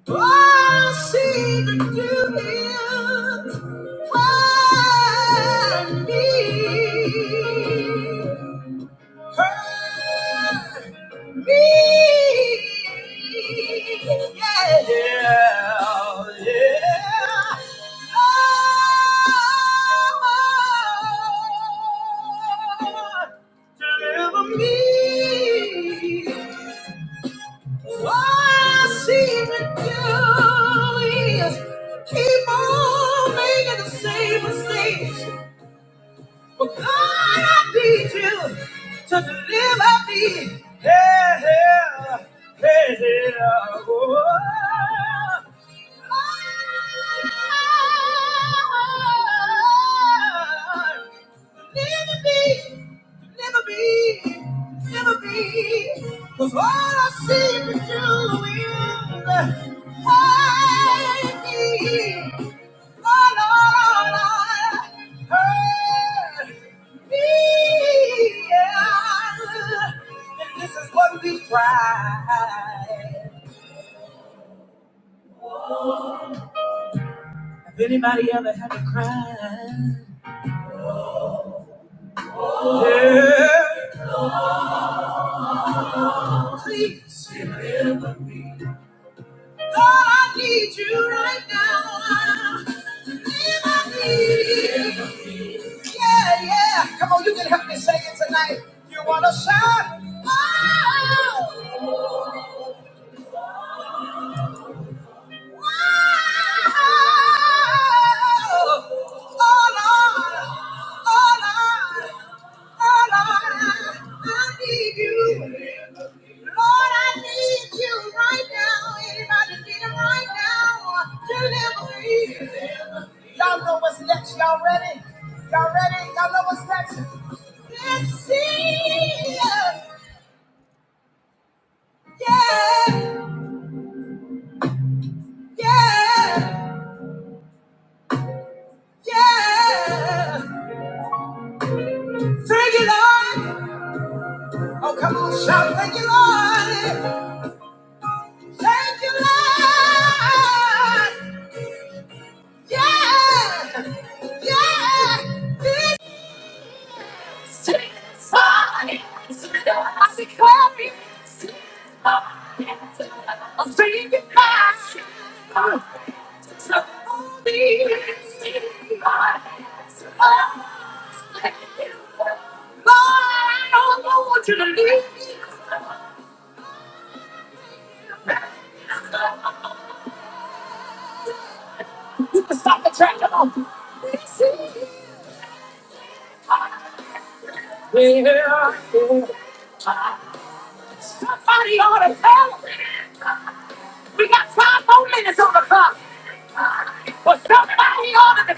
S4: All I see the do is find me, find me, yeah, yeah, yeah. Lord, deliver me. All I see with you is keep on making the same mistakes. But God, I need you to deliver me. Hey, hey, hey, hey, oh. Cause all I see is you will hide me. Oh, Lord, I heard me. yeah. And this is what we cry. Have anybody ever had to cry? Yeah. Please, God, I need you right now. Live I need. Yeah, yeah. Come on, you can help me sing it tonight. You wanna shout? Oh. Y'all know what's next. Y'all ready? Y'all ready? Y'all know what's next? Let's see. Yeah, yeah, yeah. Sing it, Lord. Oh, come on, shout. Thank you, Lord. Thank you, Lord. Yeah. Yeah. This is mine. I declare it. I'll bring it back. So please, my hands up. Lord, I don't want you to leave. me. stop the track. Come on. Yeah. Somebody ought to tell them. We got five more minutes on the clock. But somebody ought to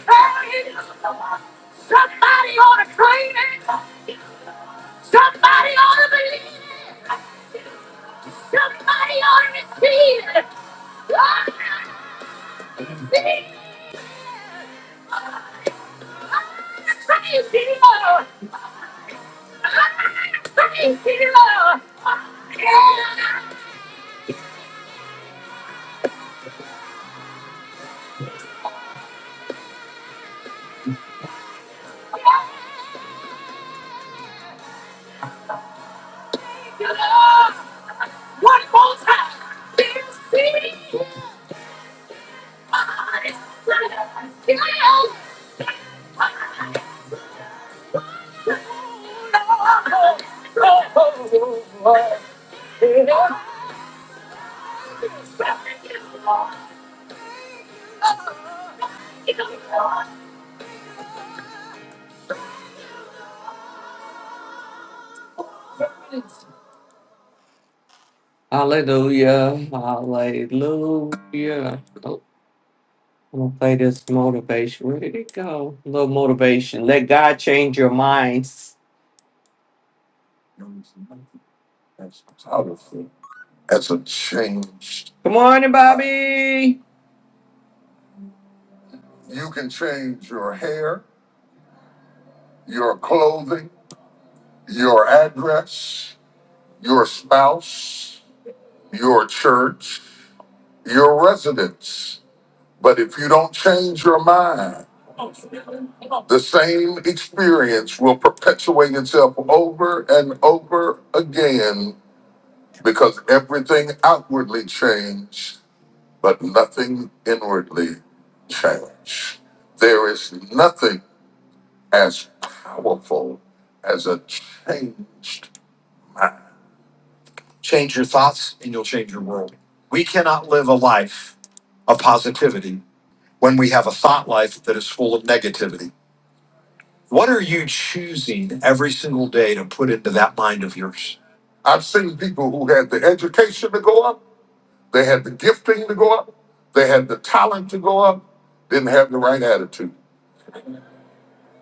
S4: tell us one more time. This city is Yes, Hallelujah, hallelujah. Oh, I'm gonna play this motivation. Where did it go? A little motivation. Let God change your minds. Photography As a change. Good morning, Bobby. you can change your hair, your clothing, your address, your spouse, your church, your residence. But if you don't change your mind, the same experience will perpetuate itself over and over again because everything outwardly changed but nothing inwardly changed. There is nothing as powerful as a changed. Change your thoughts and you'll change your world. We cannot live a life of positivity when we have a thought life that is full of negativity. What are you choosing every single day to put into that mind of yours? I've seen people who had the education to go up, they had the gifting to go up, they had the talent to go up, didn't have the right attitude.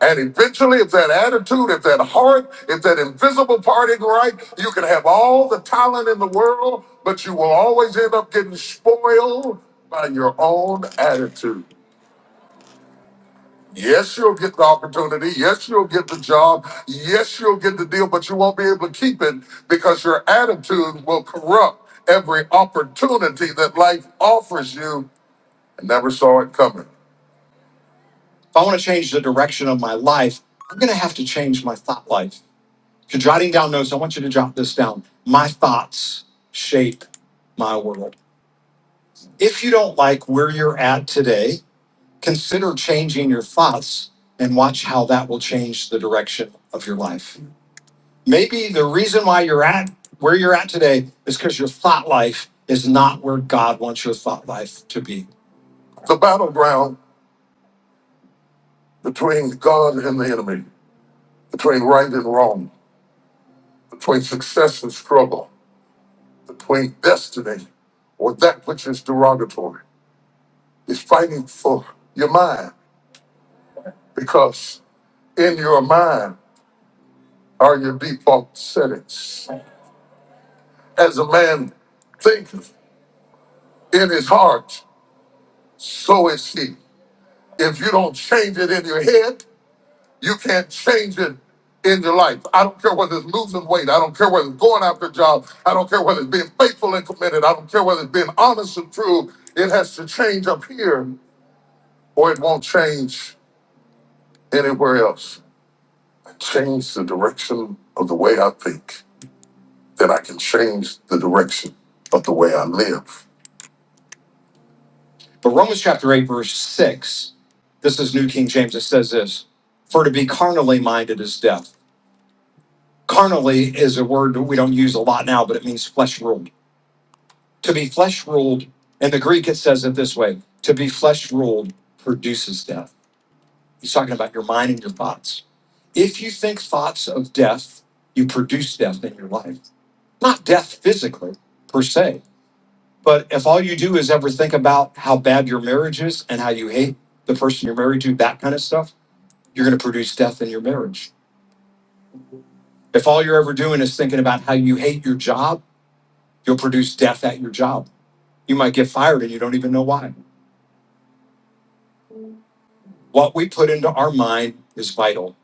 S4: And eventually, if that attitude, if that heart, if that invisible parting right, you can have all the talent in the world, but you will always end up getting spoiled by your own attitude. Yes, you'll get the opportunity. Yes, you'll get the job. Yes, you'll get the deal, but you won't be able to keep it because your attitude will corrupt every opportunity that life offers you and never saw it coming. If I want to change the direction of my life, I'm going to have to change my thought life. If you're jotting down notes, I want you to jot this down. My thoughts shape my world. If you don't like where you're at today, consider changing your thoughts and watch how that will change the direction of your life. Maybe the reason why you're at where you're at today is because your thought life is not where God wants your thought life to be. The battleground between God and the enemy, between right and wrong, between success and struggle. between destiny or that which is derogatory. It's fighting for your mind because in your mind are your default settings. As a man thinketh in his heart, so is he. If you don't change it in your head, you can't change it in your life. I don't care whether it's losing weight. I don't care whether it's going after a job. I don't care whether it's being faithful and committed. I don't care whether it's being honest and true. It has to change up here or it won't change anywhere else. I change the direction of the way I think, then I can change the direction of the way I live. But Romans chapter 8, verse 6, this is New King James, it says this For to be carnally minded is death. Carnally is a word that we don't use a lot now, but it means flesh ruled. To be flesh ruled, in the Greek it says it this way to be flesh ruled produces death. He's talking about your mind and your thoughts. If you think thoughts of death, you produce death in your life not death physically per se, but if all you do is ever think about how bad your marriage is and how you hate the person you're married to, that kind of stuff, you're going to produce death in your marriage. If all you're ever doing is thinking about how you hate your job, you'll produce death at your job. You might get fired and you don't even know why. What we put into our mind is vital.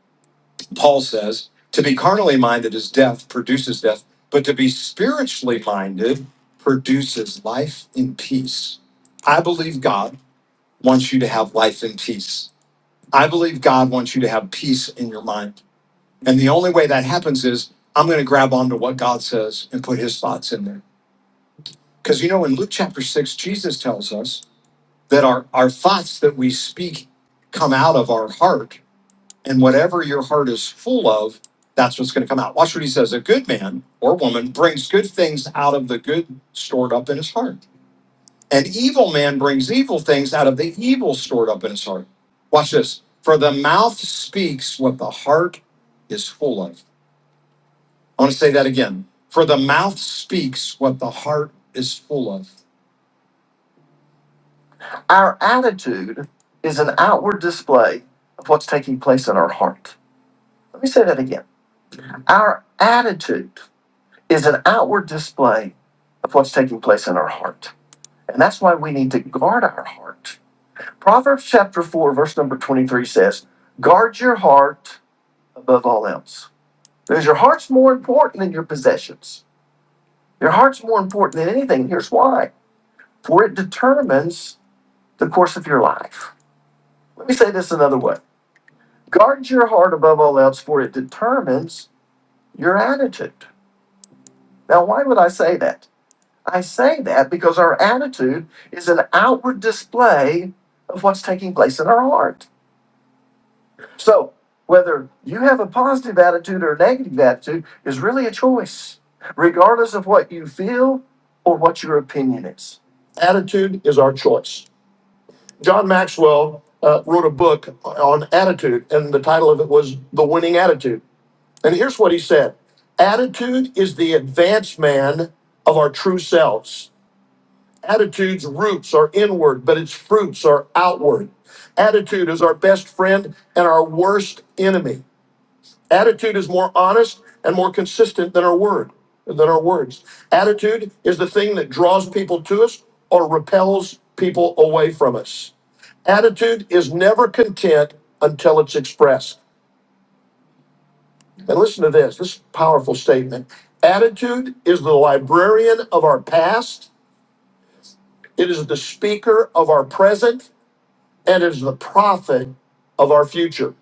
S4: Paul says, to be carnally minded is death, produces death, but to be spiritually minded produces life and peace. I believe God wants you to have life and peace. I believe God wants you to have peace in your mind. And the only way that happens is I'm going to grab onto what God says and put his thoughts in there. Because you know, in Luke chapter 6, Jesus tells us that our, our thoughts that we speak come out of our heart. And whatever your heart is full of, that's what's going to come out. Watch what he says. A good man or woman brings good things out of the good stored up in his heart An evil man brings evil things out of the evil stored up in his heart. Watch this. For the mouth speaks what the heart is full of. I want to say that again. For the mouth speaks what the heart is full of. Our attitude is an outward display of what's taking place in our heart. Let me say that again. Our attitude is an outward display of what's taking place in our heart. And that's why we need to guard our heart Proverbs chapter 4, verse number 23 says, Guard your heart above all else. Because your heart's more important than your possessions. Your heart's more important than anything. Here's why for it determines the course of your life. Let me say this another way Guard your heart above all else, for it determines your attitude. Now, why would I say that? I say that because our attitude is an outward display of what's taking place in our heart. So, whether you have a positive attitude or a negative attitude is really a choice, regardless of what you feel or what your opinion is. Attitude is our choice. John Maxwell uh, wrote a book on attitude, and the title of it was The Winning Attitude. And here's what he said Attitude is the advanced man of our true selves. Attitude's roots are inward, but its fruits are outward. Attitude is our best friend and our worst enemy. Attitude is more honest and more consistent than our word, than our words. Attitude is the thing that draws people to us or repels people away from us. Attitude is never content until it's expressed. And listen to this, this is a powerful statement. Attitude is the librarian of our past, it is the speaker of our present, and it is the prophet of our future.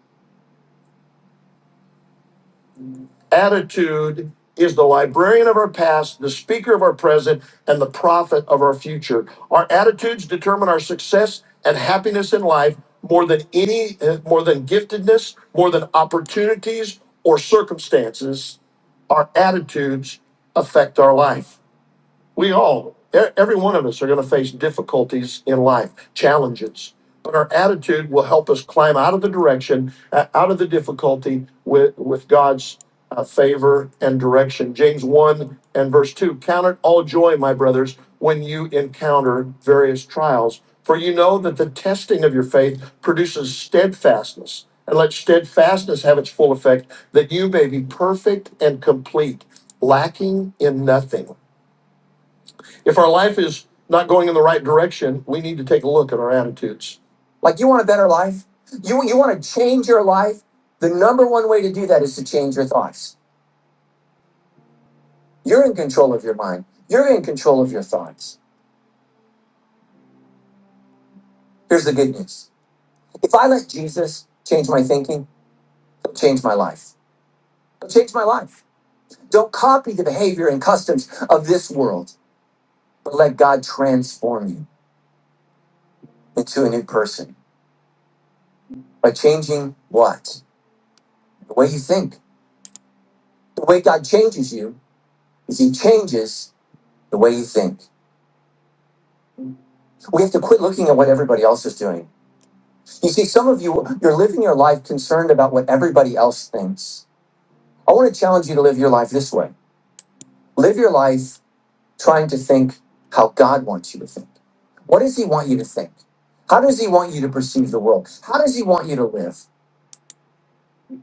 S4: Attitude is the librarian of our past, the speaker of our present, and the prophet of our future. Our attitudes determine our success and happiness in life more than any, uh, more than giftedness, more than opportunities or circumstances. Our attitudes affect our life. We all, e- every one of us, are going to face difficulties in life, challenges. But our attitude will help us climb out of the direction, uh, out of the difficulty with, with God's uh, favor and direction. James 1 and verse 2 Count it all joy, my brothers, when you encounter various trials, for you know that the testing of your faith produces steadfastness. And let steadfastness have its full effect, that you may be perfect and complete, lacking in nothing. If our life is not going in the right direction, we need to take a look at our attitudes. The number to do that is to change your thoughts. You're in control of your mind. You're in control of your thoughts. Here's the good news. If I let Jesus change my thinking, he'll change my life. He'll change my life. Don't copy the behavior and customs of this world, but let God transform you into a new person by changing what? The way you think. The way God changes you is he changes the way you think. We have to quit looking at what everybody else is doing. You see, some of you, you're living your life concerned about what everybody else thinks. I want to challenge you to live your life this way live your life trying to think how God wants you to think. What does He want you to think? How does He want you to perceive the world? How does He want you to live?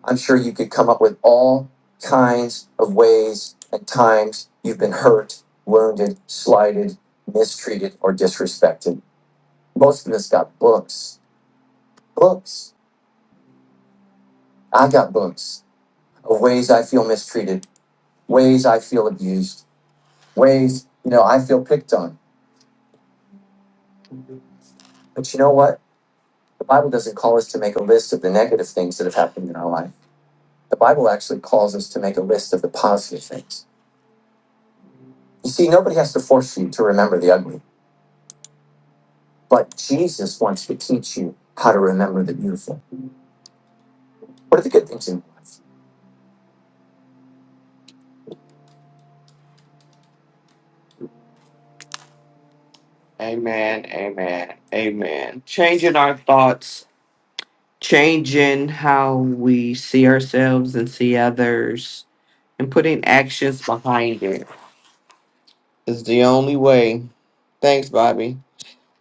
S4: I'm sure you could come up with all kinds of ways and times you've been hurt, wounded, slighted, mistreated, or disrespected. Most of us got books. Books. I've got books of ways I feel mistreated, ways I feel abused, ways, you know, I feel picked on. But you know what? The Bible doesn't call us to make a list of the negative things that have happened in our life. The Bible actually calls us to make a list of the positive things. You see, nobody has to force you to remember the ugly, but Jesus wants to teach you how to remember the beautiful. What are the good things in life? Amen, amen, amen. Changing our thoughts, changing how we see ourselves and see others and putting actions behind it is the only way. Thanks, Bobby.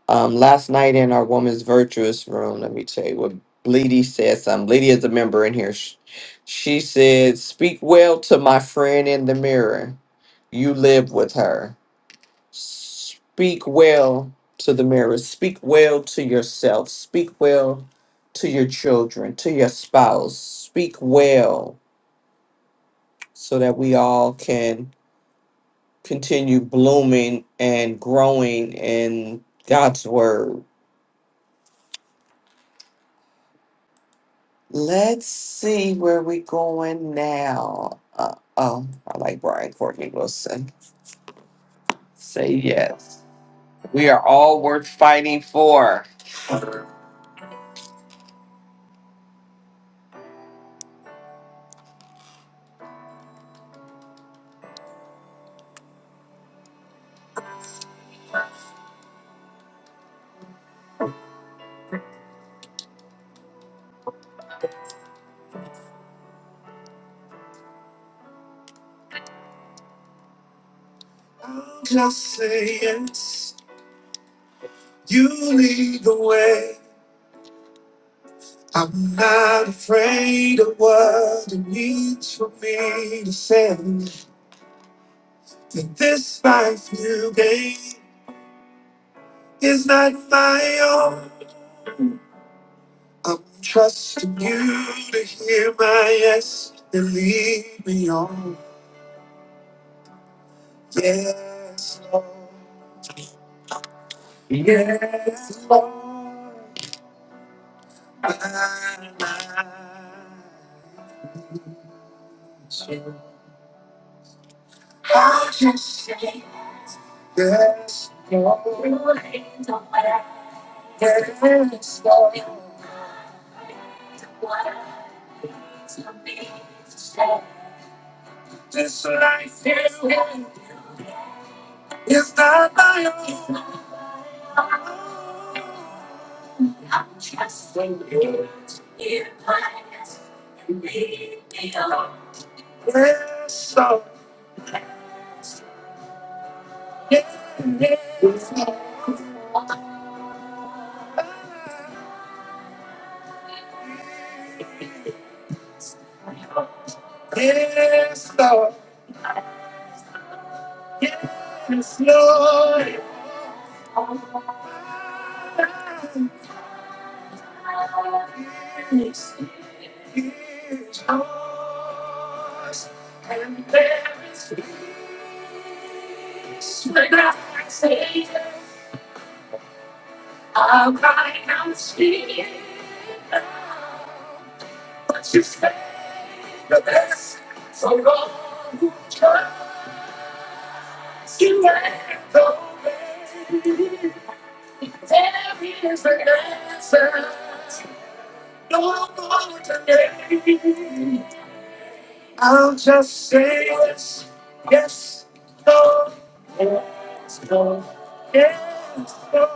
S4: Um, last night in our Woman's Virtuous room, let me tell you what Bleedy said. Something. Bleedy is a member in here. Sh- She said, Speak well to my friend in the mirror. You live with her. Speak well to the mirror. Speak well to yourself. Speak well to your children, to your spouse. Speak well so that we all can continue blooming and growing in God's word. Let's see where we going now. Uh, oh, I like Brian Courtney Wilson. Say yes. We are all worth fighting for. You lead the way. I'm not afraid of what it means for me to say that this life you gave is not my own. I'm trusting you to hear my yes and lead me on. Yes, Lord. Yes, Lord. My life. is yours. Yes, Lord. Yes, Lord. This life is not my own. Yes, Lord. Yes, Lord. Yes, Lord. Yes, Lord. Yes, yes, yours. And there is peace when I say, I'll cry out, speak. But you stay the best for all who try to let go. there is an answer. No more today. I'll just say yes, yes, no, yes, no,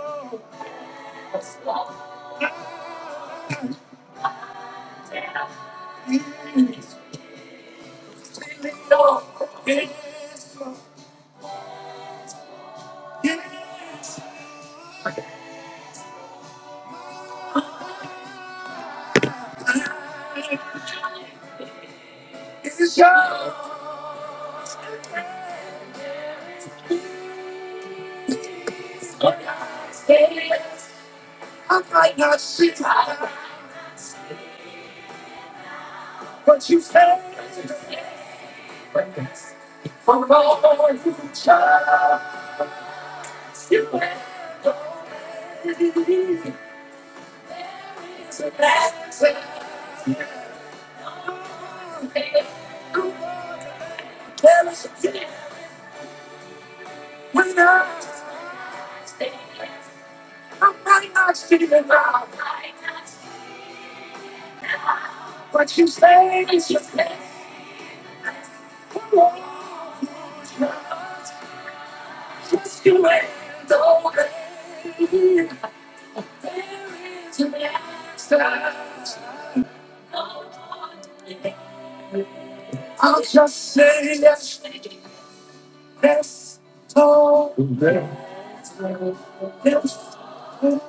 S4: really no, really no. It's your, I might not see it. What you say? From all you child, you have already. So that's it. There is a thing when I I'm might not see the now. What you say is your name. Come on, I'll just say yes, yes, oh, yes, oh,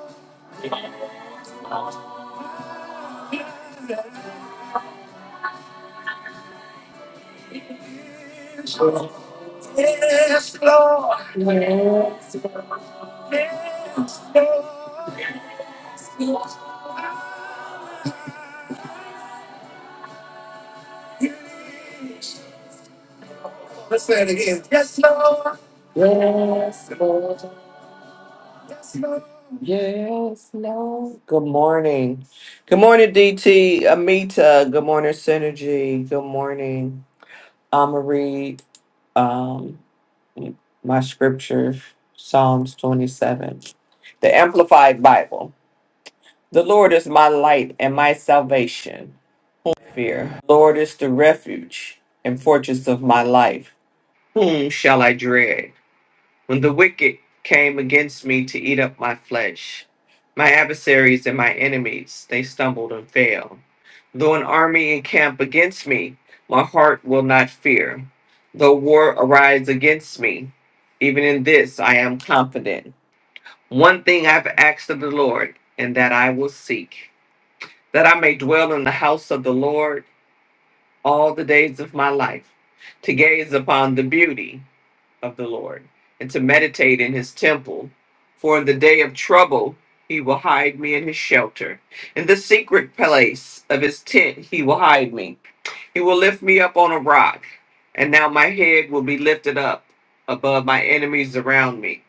S4: yes, Lord, yes, Lord. Let's say it again. Yes, Lord, yes, Lord. Okay. Good morning, DT, Amita. Good morning. when the wicked came against my flesh, my adversaries and my enemies to get me, Lord, and to meditate in his temple. For trouble he will hide me in his shelter. In the secret place of his tent he will hide me. He will lift me up on a rock, and now my head will be lifted up above my enemies around me.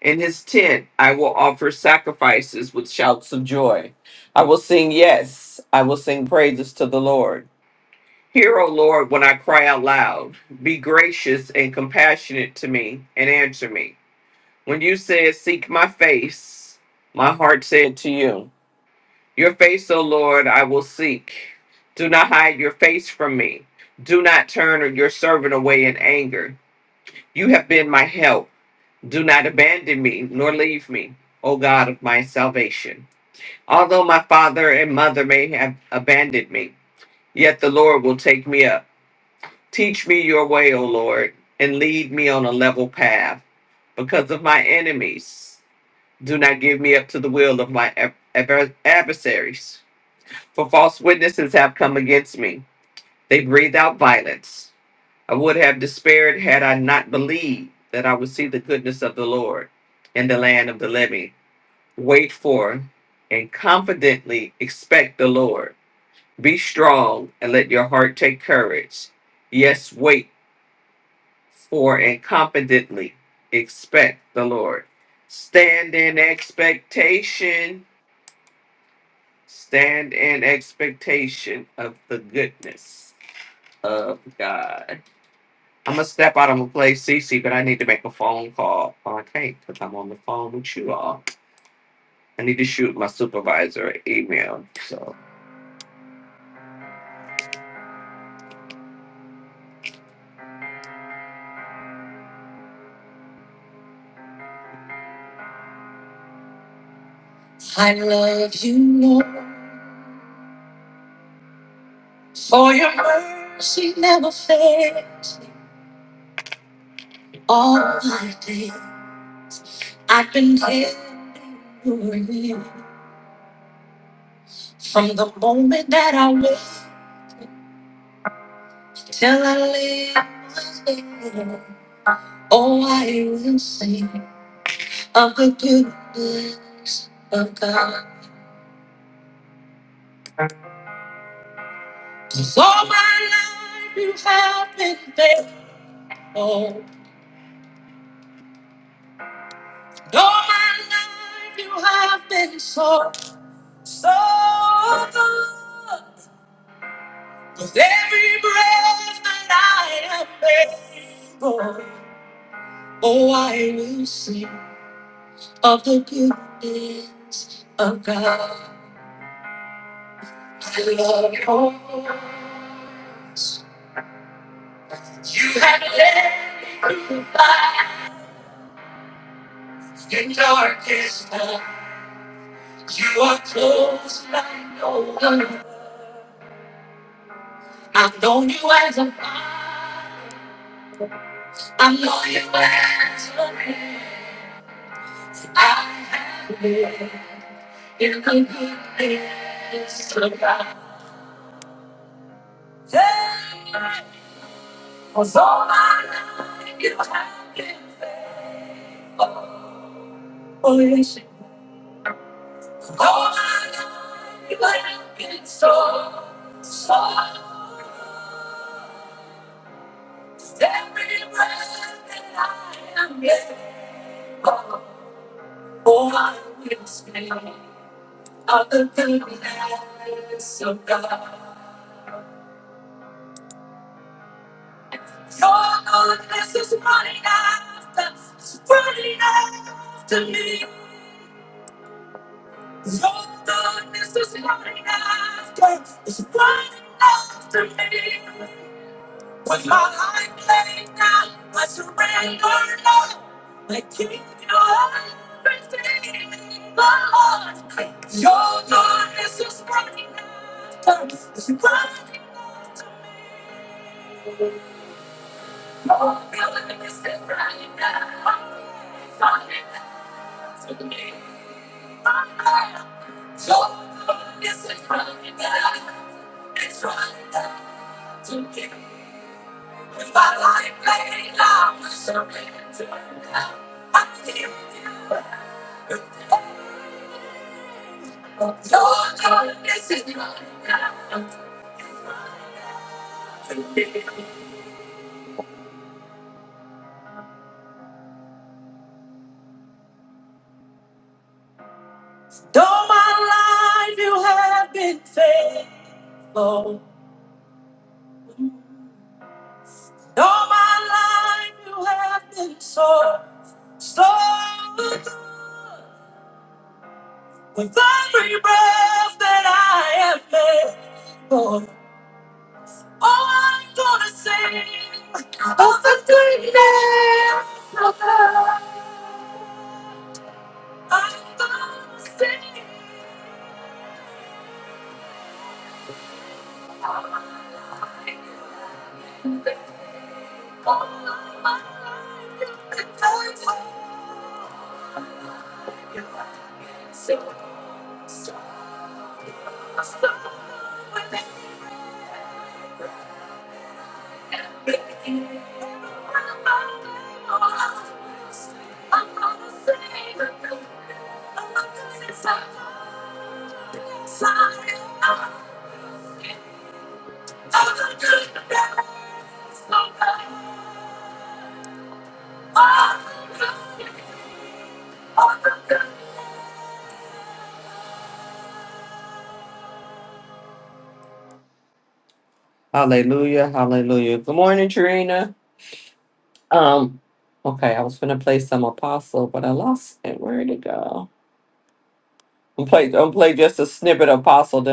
S4: In his tent I will offer sacrifices with shouts of joy. I will sing, yes, I will sing praises to the Lord. Hear, O Lord, when I cry out loud. Be gracious and compassionate to me and answer me. When you said, Seek my face, my heart said, to Your face, O Lord, I will seek. Do not hide your face, turn or turn away in anger. You have been my help. Do not abandon me, nor leave me out of nation. Although, Lord, and lead me on a level path because of my enemies. Do not give me up to the will of my ad- adver- adversaries, for false witnesses have come against me They breathe out violence. I would have despaired had I not believed that I would see the goodness of the Lord in the land of the living. Wait for and confidently expect the Lord. Be strong and let your heart take courage. Yes, wait for and confidently expect the Lord. Stand in expectation. Stand in expectation of the goodness of God. I'm gonna step out. I'm gonna play Cece, but I need to make a phone call. Well, I can't because I'm on the phone with you all. I love you, Lord, for your mercy never fails. me All my days, I've been held in your hand. from the moment that I wake till I lay my head. Oh, I will sing of the goodness of God. 'Cause all my life you have been faithful. All my life you have been so, so good. With every breath that I am able, oh, I will sing of the goodness of God. Lord, oh, you have led me through fire and darkest night. You are close like no other. I've known you as a father. I'm going back to the place I you could be this about. Today Was all my life you have been faithful. Oh, yes, All my life you have been so, so. Every breath that I am able, oh, I will stand. of the goodness of God. Your goodness is running after, it's running after me. Your goodness is running after, it's running after me. With my high plane now, I surrender now. I give you everything, my Lord. Your goodness is running after, it's running Though my life you have been faithful. though my life you have been so, So good with every breath that I have made. Lord, all I'm gonna say of the goodness I'm gonna say all of my life and I'm for you. I'm So, so, so with everything. I'm gonna say, I'm gonna say. Hallelujah. Good morning. Um, okay, I was gonna play some apostle, but I lost it. Where did it go? I'm play I'm play just a snippet of apostle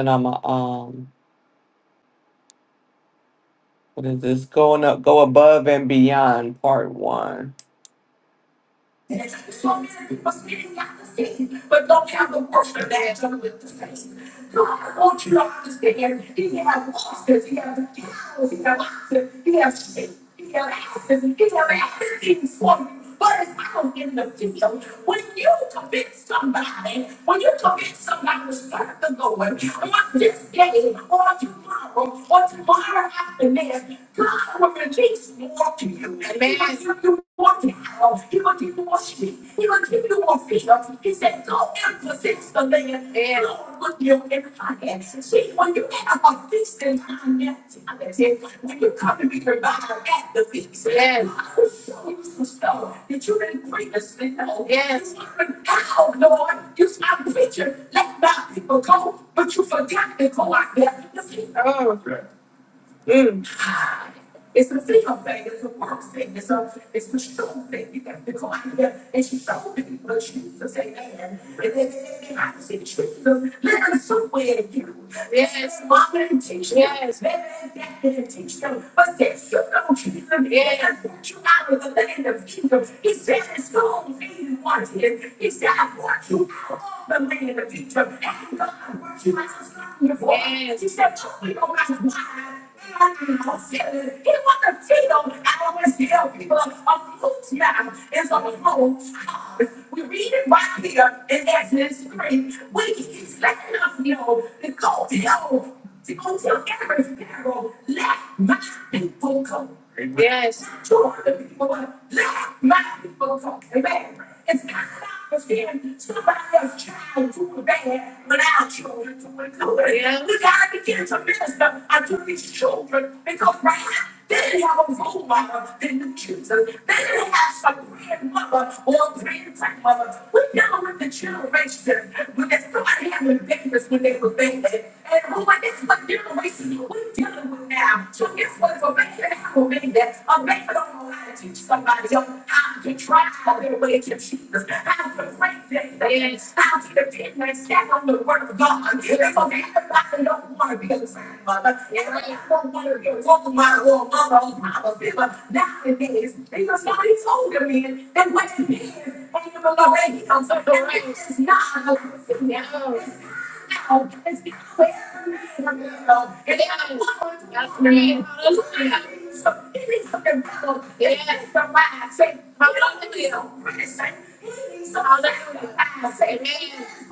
S4: So must be not the same, but don't have the worship that done with the same. No, I want you to understand. He had losses, he has trials, he has losses, he has shame, he has asses, he has asses for you. But it's out in the field. When you convince somebody, when you convince somebody to serve the Lord on this day or tomorrow or tomorrow after this, God will release me. Oh. Mm. It's the female thing, it's the work thing, it's a it's the show thing. You got to go out there and she showed people the shoes to say man. And then they can I see the shoes. So Learn somewhere to you. Yes. Mom didn't teach you. Yes. Man, dad didn't teach you. But there's you know Jesus. Yes. I brought you out of the land of kingdom. He said it's going. and you want it. He said I brought you out of the land of Egypt. And God brought you out of the land of Egypt. Yes. He said, oh, we don't have to lie. He wants to feel how much hell people are close now. It's on hold. We read it right here in Exodus 3. We he's letting us know to go tell, to go tell every Pharaoh, let my people go. Yes. It's kind of understanding somebody else's child doing bad when our children doing good Yeah. We gotta begin to minister unto these children because right now they didn't have a role model that knew Jesus. They didn't have some grandmother or grandmother. We're dealing with the generation when Yeah see We're dealing with now. So guess what? If a man will make that, a man don't know how to teach somebody else how to try their way to Jesus, how to pray their things, how to depend and stand on the word of God. If a man don't want to be a grandmother, if a man don't want to be a role model or a mother or a father figure, nowadays, because somebody's older men, and what it is, and even Lorraine, I'm sorry, it's not a Hallelujah. Hallelujah. Amen.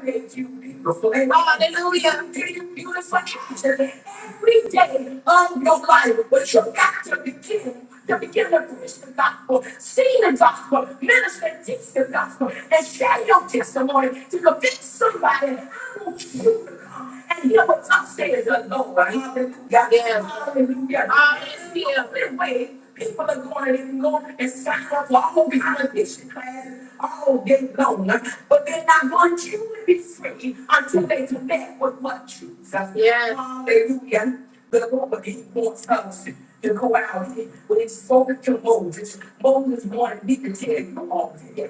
S4: Hallelujah. Beautiful picture every day of your life, but you got to begin to begin to preach the gospel, sing the gospel, minister, and teach the gospel, and share your testimony to convince somebody. I want you. to come and hear what thus says the Lord. Hallelujah. Yes. Hallelujah. Hallelujah. We're waiting. People are going and going and signing up for all kind of mission classes all day long. But they're not going to be free until they connect with what Jesus. Yes. Hallelujah the Lord wants us to go out when he spoke to Moses. Moses wanted me to tell you all this.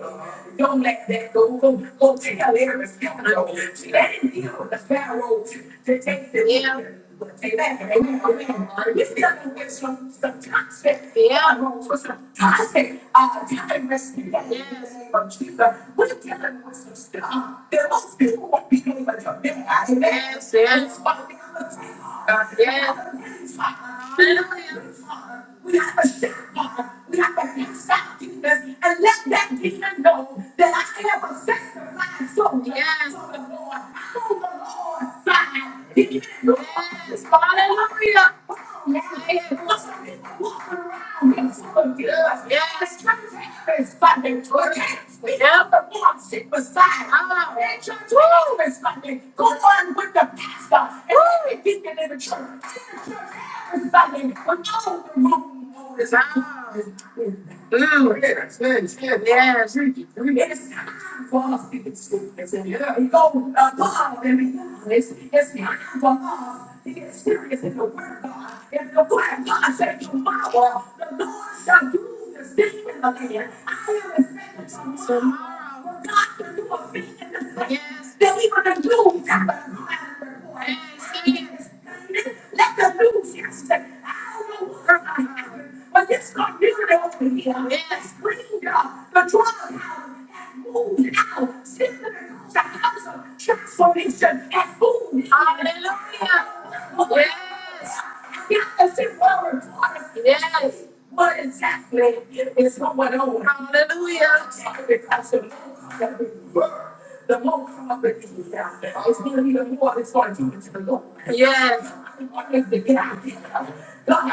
S4: Don't let that go. Go, go tell every scoundrel. Stand here, the Pharaoh, to take the yeah. Amen. Amen. Amen. This is not a some, some toxic. Yeah. For some toxic, uh, tyrants. Yes. But we're telling you some stuff. There must be more people who are being like a Amen. Yes, yes. It's yeah. We have to shut up. We have to cast out demons and let that demon know that I have a sanctified soul. Yes. For the Lord, I know the Lord's side. Demon, yes. Hallelujah. Yes. yes. Mm. Yes, yes, yes. Yes. It's time for us to get school. We go above and beyond. It's time for us to get serious in the word of God. If the word of God said tomorrow, the Lord shall do. this thing in the land. I am expecting tomorrow. For God to do a thing in the land that we want to do. Let the news yesterday. I don't know what happened, but this got music over here. Yes. Screamed uh, the drug house moved out symptoms, the house of transformation and moved. Hallelujah. Yes. Yes, it will report. Yes. What exactly is going on? Hallelujah. Because the more that we were, the more confident It's going to be the more it's going to do to the Lord. Yes. God is the God.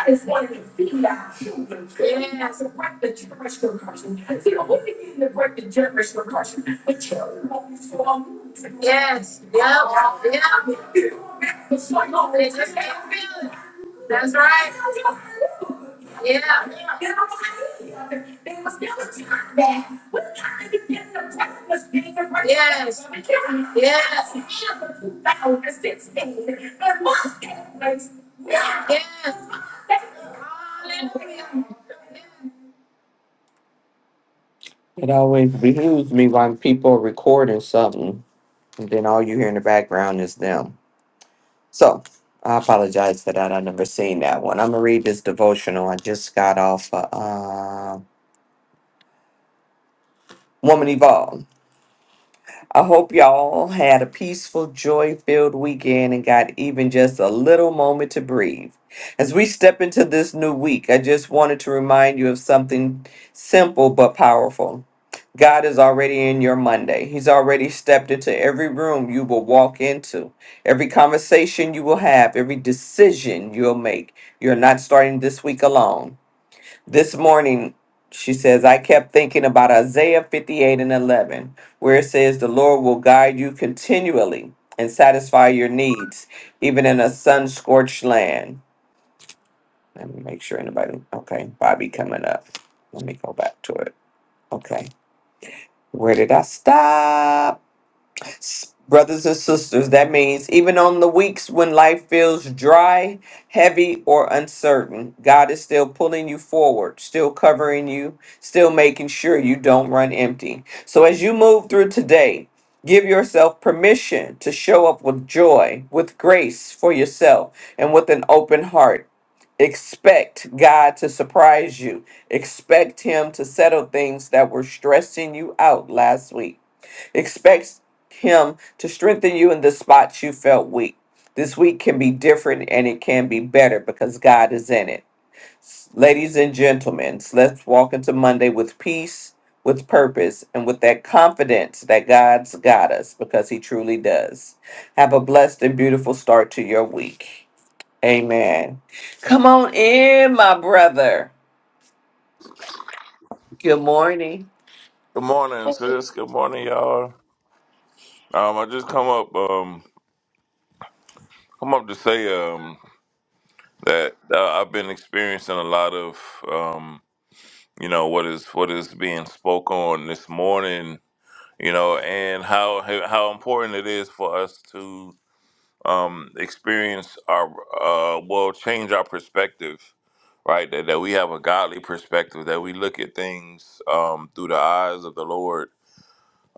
S4: is wanting to feed our children. Yeah, so break the generational curse. See, the only thing to break the generational curse, the children won't be so unmoved. Yes. Yep. Yep. It's like, oh, They just can't feel it. That's right. Yeah. They was never taught that. Yes. Yes. Yes. Yes. Hallelujah. It always behooves me when people are recording something, and then all you hear in the background is them. So I apologize for that. i never seen that one. I'm gonna read this devotional. I just got off uh, uh, Woman Evolved. I hope y'all had a peaceful, joy-filled weekend and got even just a little moment to breathe. As we step into this new week, I just wanted to remind you of something simple but powerful. God is already in your Monday. He's already stepped into every room you will walk into, every conversation you will have, every decision you'll make. You're not starting this week alone. This morning, she says, I kept thinking about Isaiah 58 and 11, where it says, The Lord will guide you continually and satisfy your needs, even in a sun scorched land. Let me make sure anybody, okay, Bobby coming up. Let me go back to it. Okay. Where did I stop? S- Brothers and sisters, that means even on the weeks when life feels dry, heavy, or uncertain, God is still pulling you forward, still covering you, still making sure you don't run empty. So as you move through today, give yourself permission to show up with joy, with grace for yourself, and with an open heart. Expect God to surprise you, expect Him to settle things that were stressing you out last week. Expect Him to strengthen you in the spots you felt weak. This week can be different and it can be better because God is in it. S- Ladies and gentlemen, let's walk into Monday with peace, with purpose, and with that confidence that God's got us because He truly does. Have a blessed and beautiful start to your week. Amen. Come on in, my brother. Good morning.
S5: Good morning, sis. Good morning, y'all. Um, I just come up, um, come up to say um, that uh, I've been experiencing a lot of, um, you know, what is what is being spoken on this morning, you know, and how how important it is for us to um, experience our, uh, well, change our perspective, right? That, that we have a godly perspective, that we look at things um, through the eyes of the Lord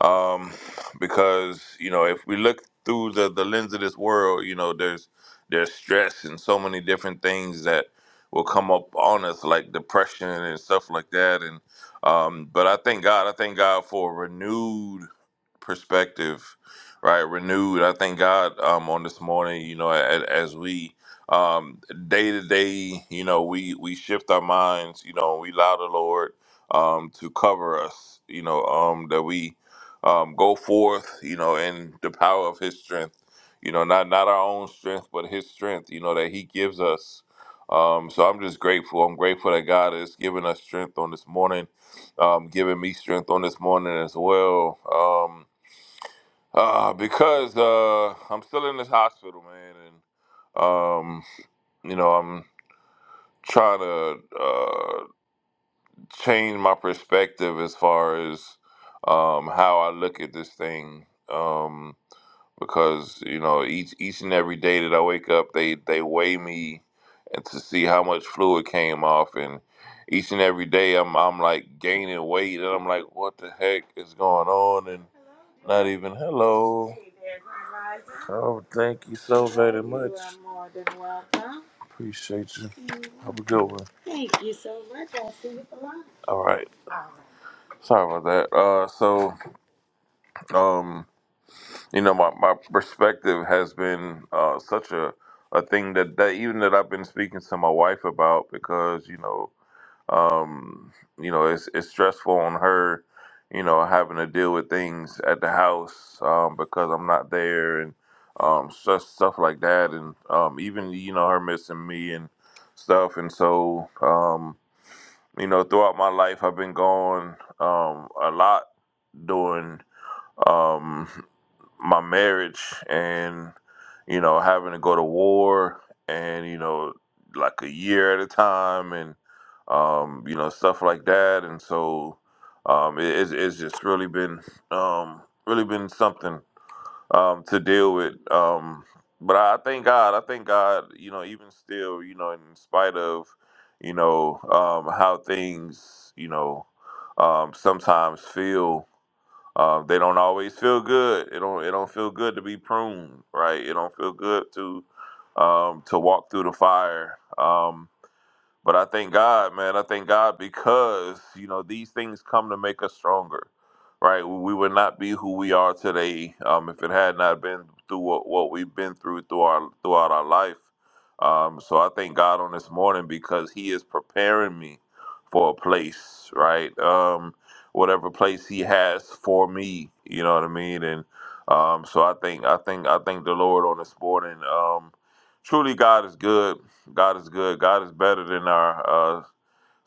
S5: um, because you know if we look through the, the lens of this world, you know there's there's stress and so many different things that will come up on us like depression and stuff like that. And um, but I thank God, I thank God for a renewed perspective, right? Renewed. I thank God um, on this morning. You know, as, as we um day to day you know we we shift our minds you know we allow the lord um to cover us you know um that we um, go forth, you know, in the power of His strength. You know, not not our own strength, but His strength. You know that He gives us. Um, so I'm just grateful. I'm grateful that God is giving us strength on this morning, um, giving me strength on this morning as well. Um, uh, because uh, I'm still in this hospital, man, and um, you know I'm trying to uh, change my perspective as far as um, how I look at this thing. Um, because you know each each and every day that I wake up, they they weigh me and to see how much fluid came off, and each and every day I'm I'm like gaining weight, and I'm like, what the heck is going on? And not even hello. Oh, thank you so very much. You are more than welcome. Appreciate you. Have a good one. Thank you you so much. I'll see you for lunch. All right. All right. Sorry about that. Uh, so um you know my, my perspective has been uh, such a, a thing that, that even that I've been speaking to my wife about because you know um, you know it's, it's stressful on her you know having to deal with things at the house um, because I'm not there and um, such stuff like that and um, even you know her missing me and stuff and so um, you know throughout my life I've been gone um, a lot doing. um my marriage and you know having to go to war and you know like a year at a time and um, you know stuff like that and so um, it, it's, it's just really been um, really been something um, to deal with um, but I thank God I thank God you know even still you know in spite of you know um, how things you know um, sometimes feel um, they don't always feel good. It don't. It don't feel good to be pruned, right? It don't feel good to um, to walk through the fire. Um, but I thank God, man. I thank God because, you know, these things come to make us stronger, right? We would not be who we are today um, if it had not been through what, what we've been through, through our, throughout our life. Um, so I thank God on this morning because He is preparing me for a place, right? Um, whatever place He has for me, you know what I mean? And um, so I think, I think, I thank the Lord on this morning. Um, truly, God is good God is good. God is better than our uh,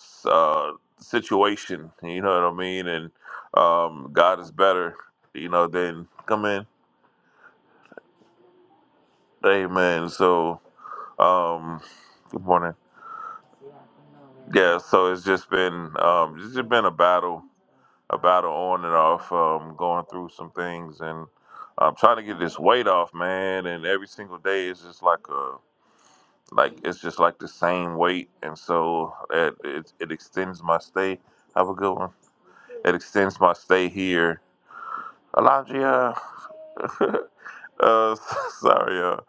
S5: s- uh, situation. You know what I mean? And um, God is better, you know, than come in. Amen. So, um, good morning. Yeah. So it's just been um, it's just been a battle, a battle on and off. Um, going through some things, and I'm trying to get this weight off, man. And every single day is just like a like it's just like the same weight, and so it it, it extends my stay. Have a good one. It extends my stay here. Alondria. uh, sorry. Uh,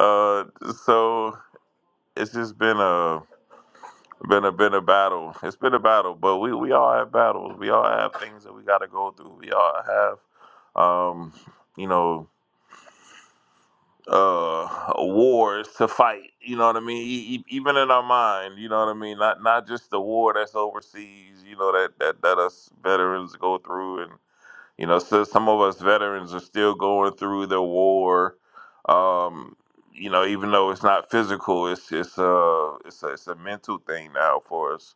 S5: uh, so it's just been a been a been a battle. It's been a battle, but we we all have battles. We all have things that we got to go through. We all have, um, you know, uh, wars to fight. You know what I mean? E- e- even in our mind, you know what I mean. Not not just the war that's overseas. You know that that that us veterans go through and. You know, so some of us veterans are still going through the war. Um, you know, even though it's not physical, it's it's a it's a, it's a mental thing now for us.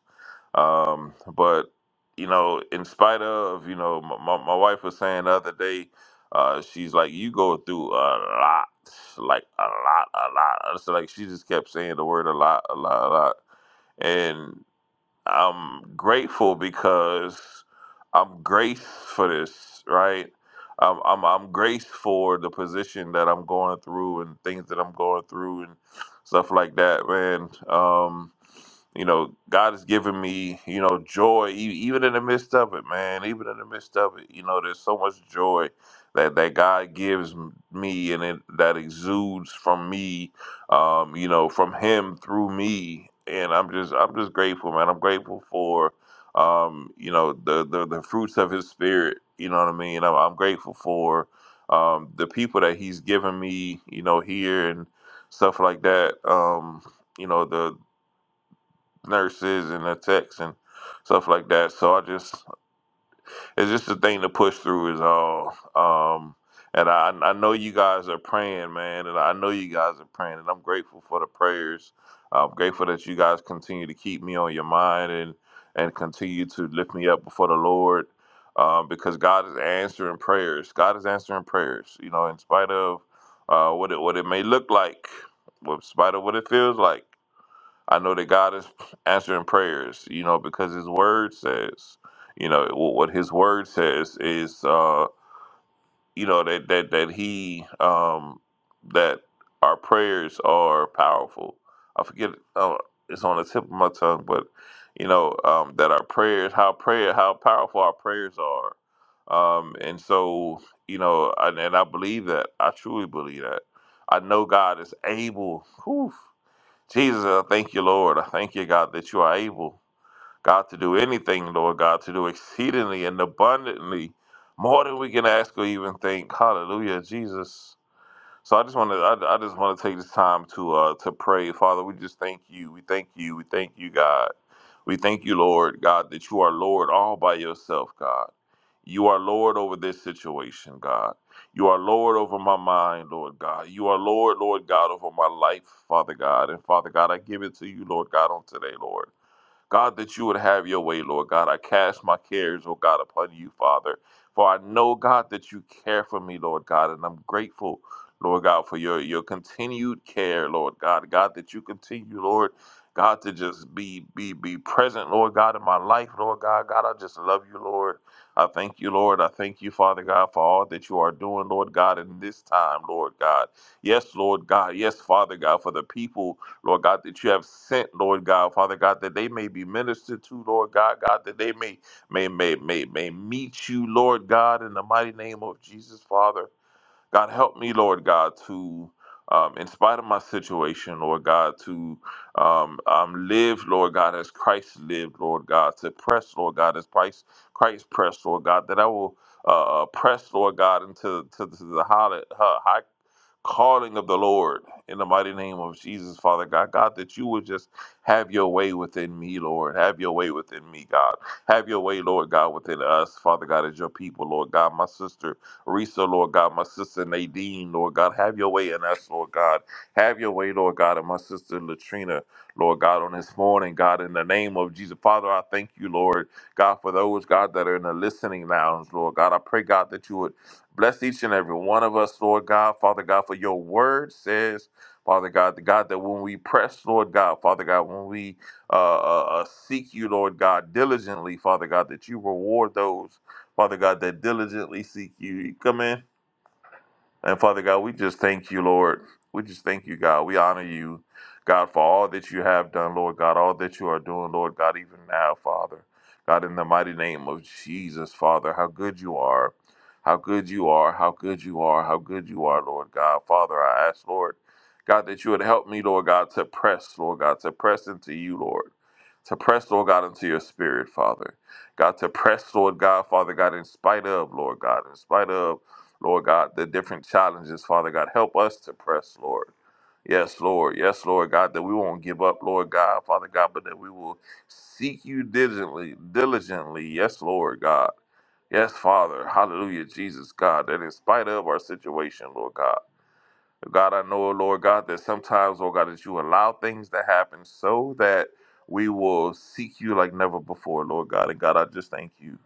S5: Um, but you know, in spite of you know, my, my my wife was saying the other day, uh, she's like, you go through a lot, like a lot, a lot. So like she just kept saying the word a lot, a lot, a lot, and I'm grateful because I'm graced for this, right? I'm, I'm I'm graced for the position that I'm going through and things that I'm going through and stuff like that, man. Um, you know, God has given me, you know, joy e- even in the midst of it, man. Even in the midst of it, you know, there's so much joy that that God gives m- me and it, that exudes from me, um, you know, from him through me. And I'm just I'm just grateful, man. I'm grateful for um, you know, the the, the fruits of his spirit, you know what I mean? I'm, I'm grateful for um the people that he's given me, you know, here and stuff like that. Um, you know, the nurses and the techs and stuff like that. So I just it's just a thing to push through is all. Um, and I, I know you guys are praying, man, and I know you guys are praying, and I'm grateful for the prayers. I'm grateful that you guys continue to keep me on your mind and and continue to lift me up before the Lord, um, because God is answering prayers. God is answering prayers. You know, in spite of uh, what it what it may look like, in spite of what it feels like. I know that God is answering prayers, you know, because His Word says, you know, wh- what His Word says is, uh, you know, that that that He um, that our prayers are powerful. I forget uh, it's on the tip of my tongue, but you know um, that our prayers, how prayer, how powerful our prayers are, um, and so you know, and, and I believe that. I truly believe that. I know God is able. whew, Jesus, I thank you, Lord. I thank you, God, that you are able, God, to do anything, Lord God, to do exceedingly and abundantly more than we can ask or even think. Hallelujah, Jesus. So I just want to, I, I just want to take this time to, uh, to pray, Father. We just thank you. We thank you. We thank you, God. We thank you, Lord, God, that you are Lord all by yourself, God. You are Lord over this situation, God. You are Lord over my mind, Lord God. You are Lord, Lord God, over my life, Father God. And Father God, I give it to you, Lord God, on today, Lord. God, that you would have your way, Lord God. I cast my cares, oh God, upon you, Father. For I know, God, that you care for me, Lord God, and I'm grateful, Lord God, for your, your continued care, Lord God. God, that you continue, Lord. God, to just be be be present, Lord God, in my life, Lord God. God, I just love you, Lord. I thank you, Lord. I thank you, Father God, for all that you are doing, Lord God, in this time, Lord God. Yes, Lord God. Yes, Father God, for the people Lord God, that you have sent, Lord God, Father God, that they may be ministered to, Lord God, God, that they may may may may may meet you, Lord God, in the mighty name of Jesus, Father. God, help me, Lord God, to um, in spite of my situation, Lord God, to um, um, live, Lord God, as Christ lived, Lord God, to press, Lord God, as Christ Christ pressed, Lord God, that I will uh, uh, press, Lord God, into to, to the high, uh, high calling of the Lord in the mighty name of Jesus, Father God. God, that you would just have your way within me, Lord. Have your way within me, God. Have your way, Lord God, within us, Father God, as your people, Lord God. My sister Risa, Lord God. My sister Nadine, Lord God. Have your way in us, Lord God. Have your way, Lord God, and my sister Latrina, Lord God, on this morning, God, in the name of Jesus. Father, I thank you, Lord, God, for those, God, that are in the listening lounge, Lord God. I pray, God, that you would Bless each and every one of us, Lord God. Father God, for your word says, Father God, the God that when we press, Lord God, Father God, when we uh, uh, uh, seek you, Lord God, diligently, Father God, that you reward those, Father God, that diligently seek you. Come in. And Father God, we just thank you, Lord. We just thank you, God. We honor you, God, for all that you have done, Lord God, all that you are doing, Lord God, even now, Father. God, in the mighty name of Jesus, Father, how good you are. How good you are. How good you are. How good you are, Lord God. Father, I ask, Lord, God, that you would help me, Lord God, to press, Lord God, to press into you, Lord. To press, Lord God, into your spirit, Father. God, to press, Lord God, Father God, in spite of, Lord God, in spite of. Lord God, the different challenges, Father God. Help us to press, Lord. Yes, Lord. Yes, Lord God, that we won't give up, Lord God, Father God, but that we will seek you diligently, diligently. Yes, Lord God. Yes, Father. Hallelujah, Jesus God, that in spite of our situation, Lord God. God, I know, Lord God, that sometimes, Lord God, that you allow things to happen so that we will seek you like never before, Lord God. And God, I just thank you.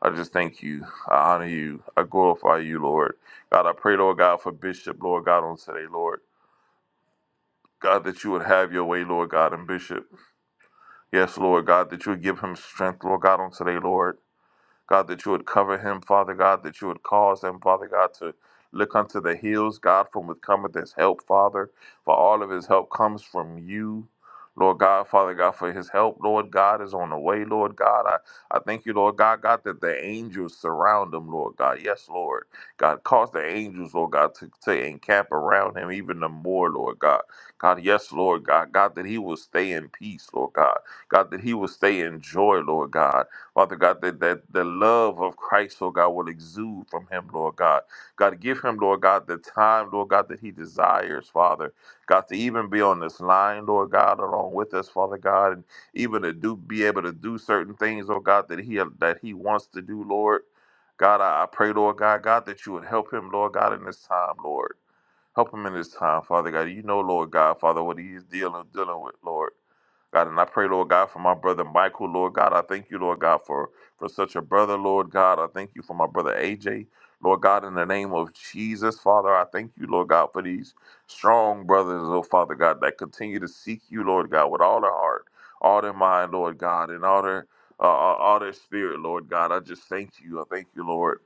S5: I just thank you. I honor you. I glorify you, Lord. God, I pray, Lord God, for Bishop, Lord God, on today, Lord. God, that you would have your way, Lord God, and Bishop. Yes, Lord God, that you would give him strength, Lord God, on today, Lord. God, that you would cover him, Father God, that you would cause him, Father God, to look unto the hills, God, from which cometh his help, Father, for all of his help comes from you. Lord God, Father God, for his help, Lord God, is on the way, Lord God. I, I thank you, Lord God, God, that the angels surround him, Lord God. Yes, Lord. God, cause the angels, Lord God, to, to encamp around him even the more, Lord God. God, yes, Lord God. God, that he will stay in peace, Lord God. God, that he will stay in joy, Lord God. Father God, that, that the love of Christ, Lord God, will exude from him, Lord God. God, give him, Lord God, the time, Lord God, that he desires, Father. God, to even be on this line, Lord God, along with us, Father God, and even to do be able to do certain things, Lord God, that he that he wants to do, Lord. God, I, I pray, Lord God, God, that you would help him, Lord God, in this time, Lord. Help him in this time, Father God. You know, Lord God, Father, what he is dealing dealing with, Lord. God, and I pray, Lord God, for my brother Michael, Lord God. I thank you, Lord God, for, for such a brother, Lord God. I thank you for my brother AJ, Lord God, in the name of Jesus, Father. I thank you, Lord God, for these strong brothers, oh Father God, that continue to seek you, Lord God, with all their heart, all their mind, Lord God, and all their uh, all all their spirit, Lord God. I just thank you. I thank you, Lord.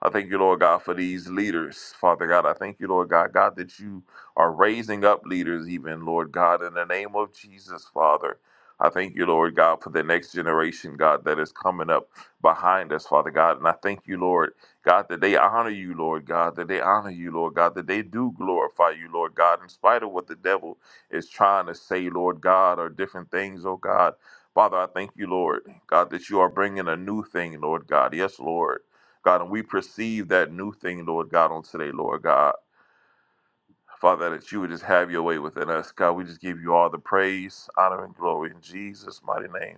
S5: I thank you, Lord God, for these leaders, Father God. I thank you, Lord God, God, that you are raising up leaders, even, Lord God, in the name of Jesus, Father. I thank you, Lord God, for the next generation, God, that is coming up behind us, Father God. And I thank you, Lord God, that they honor you, Lord God, that they honor you, Lord God, that they do glorify you, Lord God, in spite of what the devil is trying to say, Lord God, or different things, oh God. Father, I thank you, Lord God, that you are bringing a new thing, Lord God. Yes, Lord. God, and we perceive that new thing, Lord God, on today, Lord God. Father, that you would just have your way within us. God, we just give you all the praise, honor, and glory in Jesus' mighty name.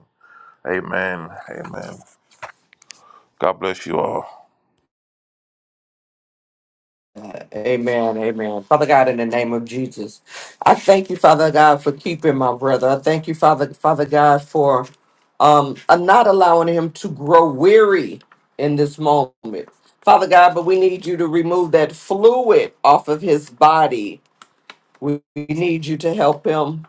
S5: Amen. Amen. God bless you all.
S4: Jesus, I for weary. We need you to help him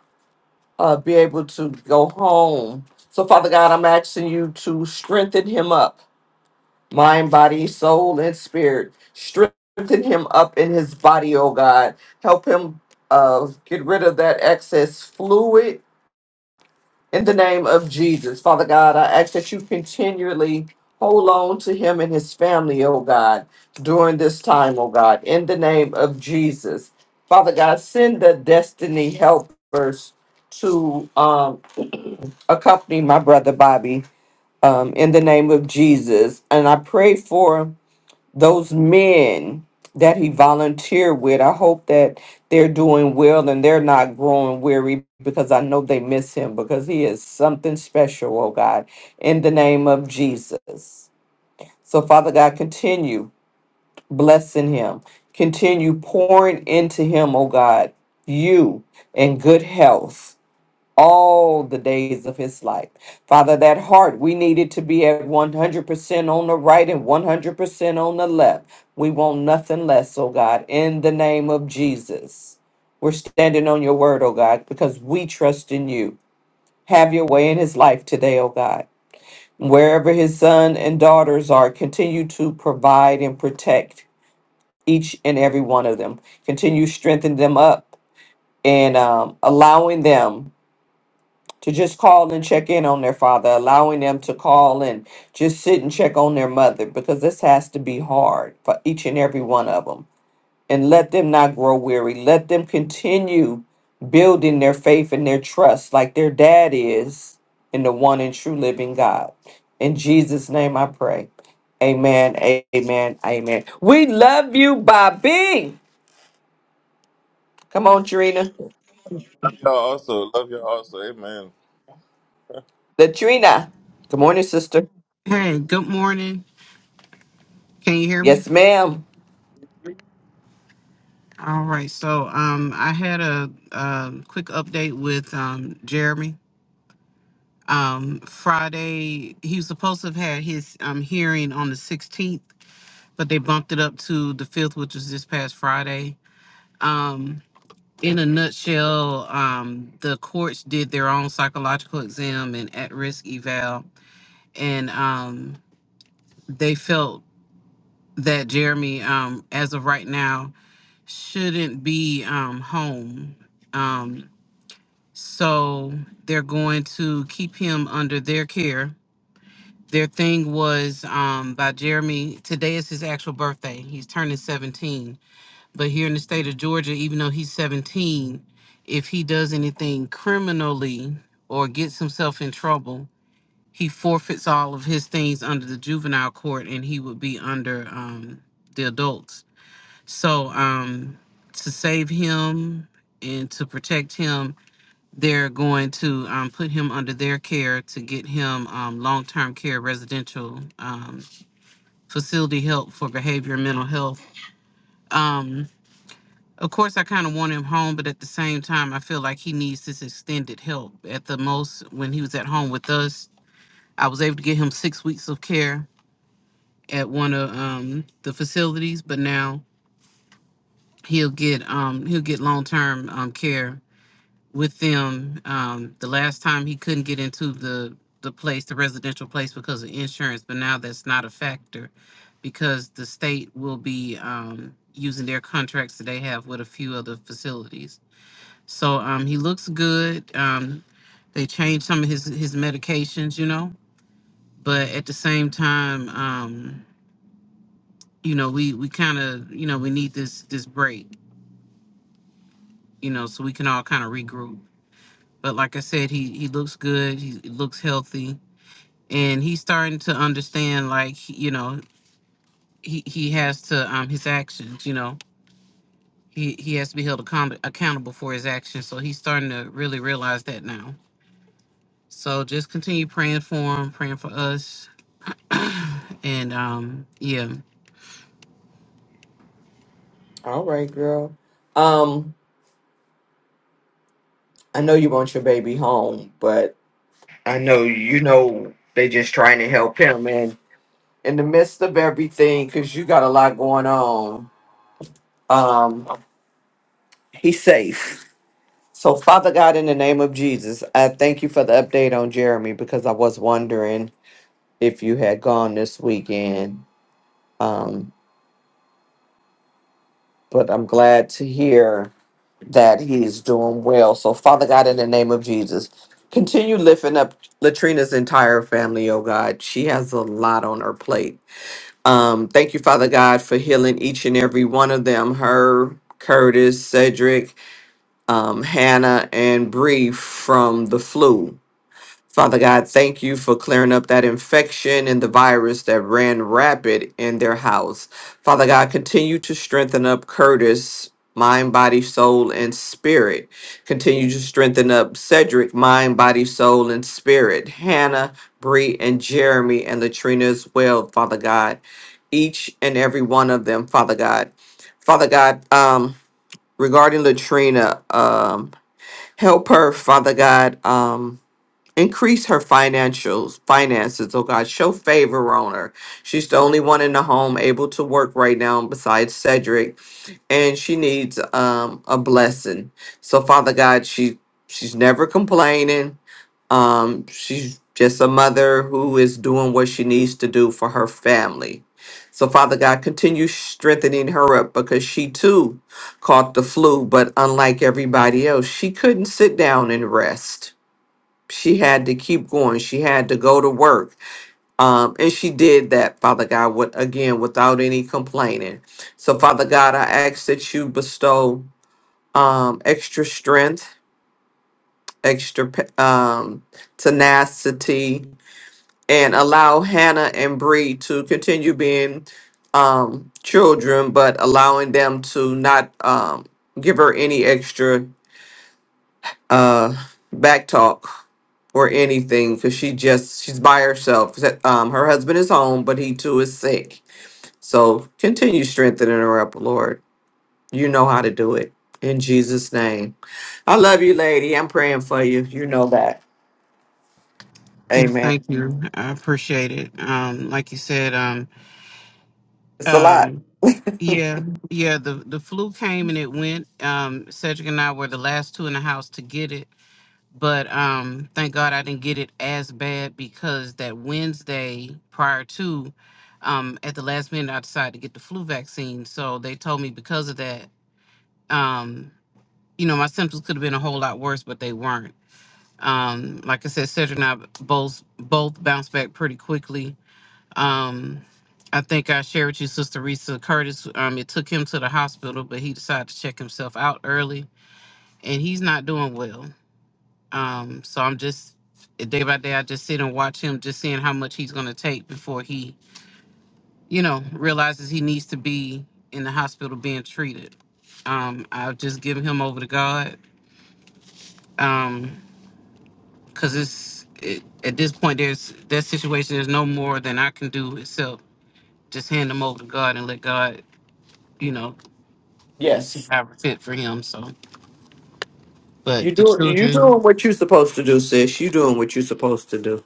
S4: uh, be able to go home. So, Father God, I'm asking you to strengthen him up, mind, body, soul, and spirit. Strengthen him up in his body, oh God. Help him uh, get rid of that excess fluid in the name of Jesus. Father God, I ask that you continually hold on to him and his family, oh God, during this time, oh God, in the name of Jesus. Father God, send the destiny helpers to um, accompany my brother Bobby um, in the name of Jesus. And I pray for those men that he volunteered with. I hope that they're doing well and they're not growing weary because I know they miss him because he is something special, oh God, in the name of Jesus. So, Father God, continue blessing him, continue pouring into him, oh God, you and good health all the days of his life. Father, that heart, we needed to be at 100% on the right and 100% on the left. We want nothing less, oh God, in the name of Jesus. We're standing on your word, oh God, because we trust in you. Have your way in his life today, oh God. Wherever his son and daughters are, continue to provide and protect each and every one of them. Continue strengthening them up and um, allowing them to just call and check in on their father, allowing them to call and just sit and check on their mother, because this has to be hard for each and every one of them. And let them not grow weary. Let them continue building their faith and their trust like their dad is in the one and true living God. In Jesus' name I pray. Amen. Amen. Amen.
S5: Love y'all also. Love y'all also. Amen.
S6: Hey, good morning. Can you hear me? All right. So, um, I had a, a quick update with um, Jeremy. Um, Friday, he was supposed to have had his um, hearing on the 16th, but they bumped it up to the 5th, which was this past Friday. Um, in a nutshell, um, the courts did their own psychological exam and at risk eval, and um, they felt that Jeremy, um, as of right now, shouldn't be um, home. Um, so they're going to keep him under their care. Their thing was um, by Jeremy. Today is his actual birthday. He's turning 17. But here in the state of Georgia, even though he's 17, if he does anything criminally or gets himself in trouble, he forfeits all of his things under the juvenile court and he would be under um, the adults so, um, to save him and to protect him, they're going to um, put him under their care to get him um, long term care residential um, facility help for behavior and mental health. Um, of course, I kind of want him home, but at the same time, I feel like he needs this extended help. At the most, when he was at home with us, I was able to get him six weeks of care at one of um, the facilities, but now he'll get um, he'll get long term um, care with them. Um, the last time he couldn't get into the the place, the residential place, because of insurance, but now that's not a factor because the state will be um, using their contracts that they have with a few other facilities. So um, he looks good. Um, they changed some of his his medications, you know, but at the same time, um, you know, we we kind of you know we need this this break, you know, so we can all kind of regroup. But like I said, he he looks good. He looks healthy and he's starting to understand like you know he he has to um his actions you know he he has to be held account- accountable for his actions so he's starting to really realize that now so just continue praying for him praying for us and um yeah
S4: All right, girl. Um, I know you want your baby home, but I know you know they just trying to help him and in the midst of everything, because you got a lot going on, um, he's safe. So, Father God, in the name of Jesus, I thank you for the update on Jeremy because I was wondering if you had gone this weekend. Um, but I'm glad to hear that he's doing well. So, Father God, in the name of Jesus, continue lifting up Latrina's entire family, oh God. She has a lot on her plate Um, thank you, Father God, for healing each and every one of them, her, Curtis, Cedric, um, Hannah, and Bree from the flu. Father God, thank you for clearing up that infection and the virus that ran rapid in their house. Father God, continue to strengthen up Curtis. Mind, body, soul, and spirit. Continue to strengthen up Cedric, mind, body, soul, and spirit. Hannah, Bree, and Jeremy, and Latrina as well, Father God. Each and every one of them, Father God. Father God, um, regarding Latrina, um, help her, Father God. Um, Increase her financials, finances, oh God. Show favor on her. She's the only one in the home able to work right now besides Cedric, and she needs um a blessing. So Father God, she she's never complaining. Um, she's just a mother who is doing what she needs to do for her family. So Father God, continue strengthening her up because she too caught the flu, but unlike everybody else, she couldn't sit down and rest she had to keep going. She had to go to work. Um, and she did that, Father God, with, again, without any complaining. So, Father God, I ask that you bestow um, extra strength, extra p- um, tenacity, and allow Hannah and Bree to continue being um, children, but allowing them to not um, give her any extra uh, back talk or anything because she just she's by herself. Um, her husband is home, but he too is sick. So continue strengthening her up, Lord. You know how to do it in Jesus' name. I love you, lady. I'm praying for you. You know that.
S6: yeah
S4: Amen.
S6: thank you i appreciate it um like you said um
S4: It's a lot.
S6: um yeah yeah the the flu came and it went um cedric and i were the last two in the house to get it but um thank god i didn't get it as bad because that wednesday prior to um at the last minute i decided to get the flu vaccine so they told me because of that um you know my symptoms could have been a whole lot worse but they weren't um like i said cedric and i both both bounced back pretty quickly um I think I shared with you, Sister Risa Curtis. Um, it took him to the hospital, but he decided to check himself out early, and he's not doing well. Um, so I'm just day by day, I just sit and watch him, just seeing how much he's gonna take before he, you know, realizes he needs to be in the hospital being treated. Um, I've just given him over to God, um, cause it's it, at this point there's that situation. There's no more than I can do except just hand him over to God and let God, you know, see
S4: Yes.
S6: how fit for him. So, but
S4: You
S6: the
S4: do you
S6: children,
S4: doing what you're supposed to do, sis. You doing what you're supposed to do.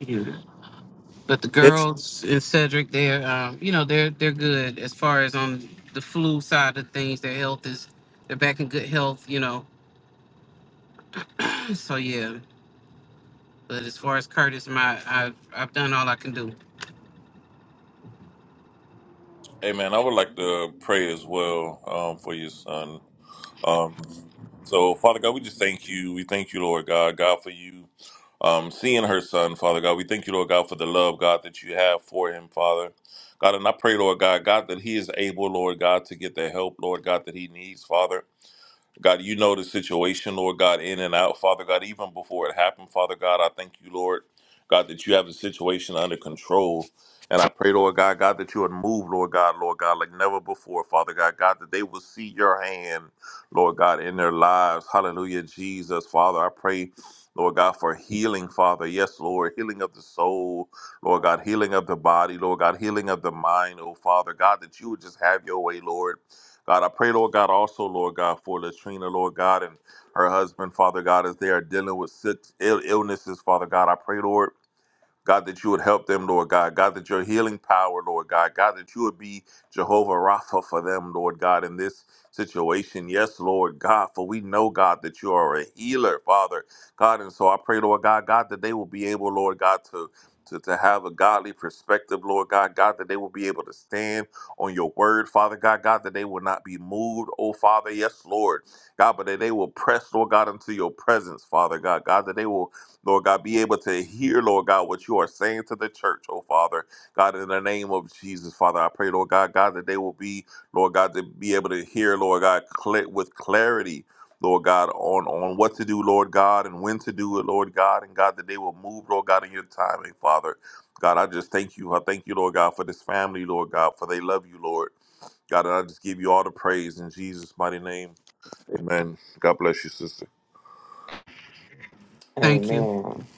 S6: yeah. But the
S4: It's
S6: girls and Cedric, they're um, you know they're they're good as far as on the flu side of things. Their health is they're back in good health. You know, so yeah. But as far as Curtis, my I've I've done all I can do.
S5: Amen. I would like to pray as well um, for your son. Um, so, Father God, we just thank you. We thank you, Lord God, God, for you um, seeing her son, Father God. We thank you, Lord God, for the love, God, that you have for him, Father. God, and I pray, Lord God, God, that he is able, Lord God, to get the help, Lord God, that he needs, Father. God, you know the situation, Lord God, in and out, Father God, even before it happened, Father God, I thank you, Lord, God, that you have the situation under control. And I pray, Lord God, God, that you would move, Lord God, Lord God, like never before, Father God, God, that they will see your hand, Lord God, in their lives. Hallelujah, Jesus, Father. I pray, Lord God, for healing, Father. Yes, Lord, healing of the soul, Lord God, healing of the body, Lord God, healing of the mind, oh Father, God, that you would just have your way, Lord. God, I pray, Lord God, also, Lord God, for Latrina, Lord God, and her husband, Father God, as they are dealing with sick Ill- illnesses, Father God. I pray, Lord. God, that you would help them, Lord God. God, that your healing power, Lord God. God, that you would be Jehovah Rapha for them, Lord God, in this situation. Yes, Lord God, for we know, God, that you are a healer, Father. God, and so I pray, Lord God, God, that they will be able, Lord God, to. To, to have a godly perspective, Lord God, God, that they will be able to stand on your word, Father God, God, that they will not be moved, oh Father, yes, Lord, God, but that they will press, Lord God, into your presence, Father God, God, that they will Lord God, be able to hear, Lord God, what you are saying to the church, oh Father. God, in the name of Jesus, Father, I pray, Lord God, God, that they will be, Lord God, to be able to hear, Lord God, cl- with clarity, Lord God, on, on what to do, Lord God, and when to do it, Lord God, and God, that they will move, Lord God, in your timing, Father. God, I just thank you. I thank you, Lord God, for this family, Lord God, for they love you, Lord. God, and I just give you all the praise in Jesus' mighty name. Amen. God bless you, sister.
S6: Thank you.
S4: Amen.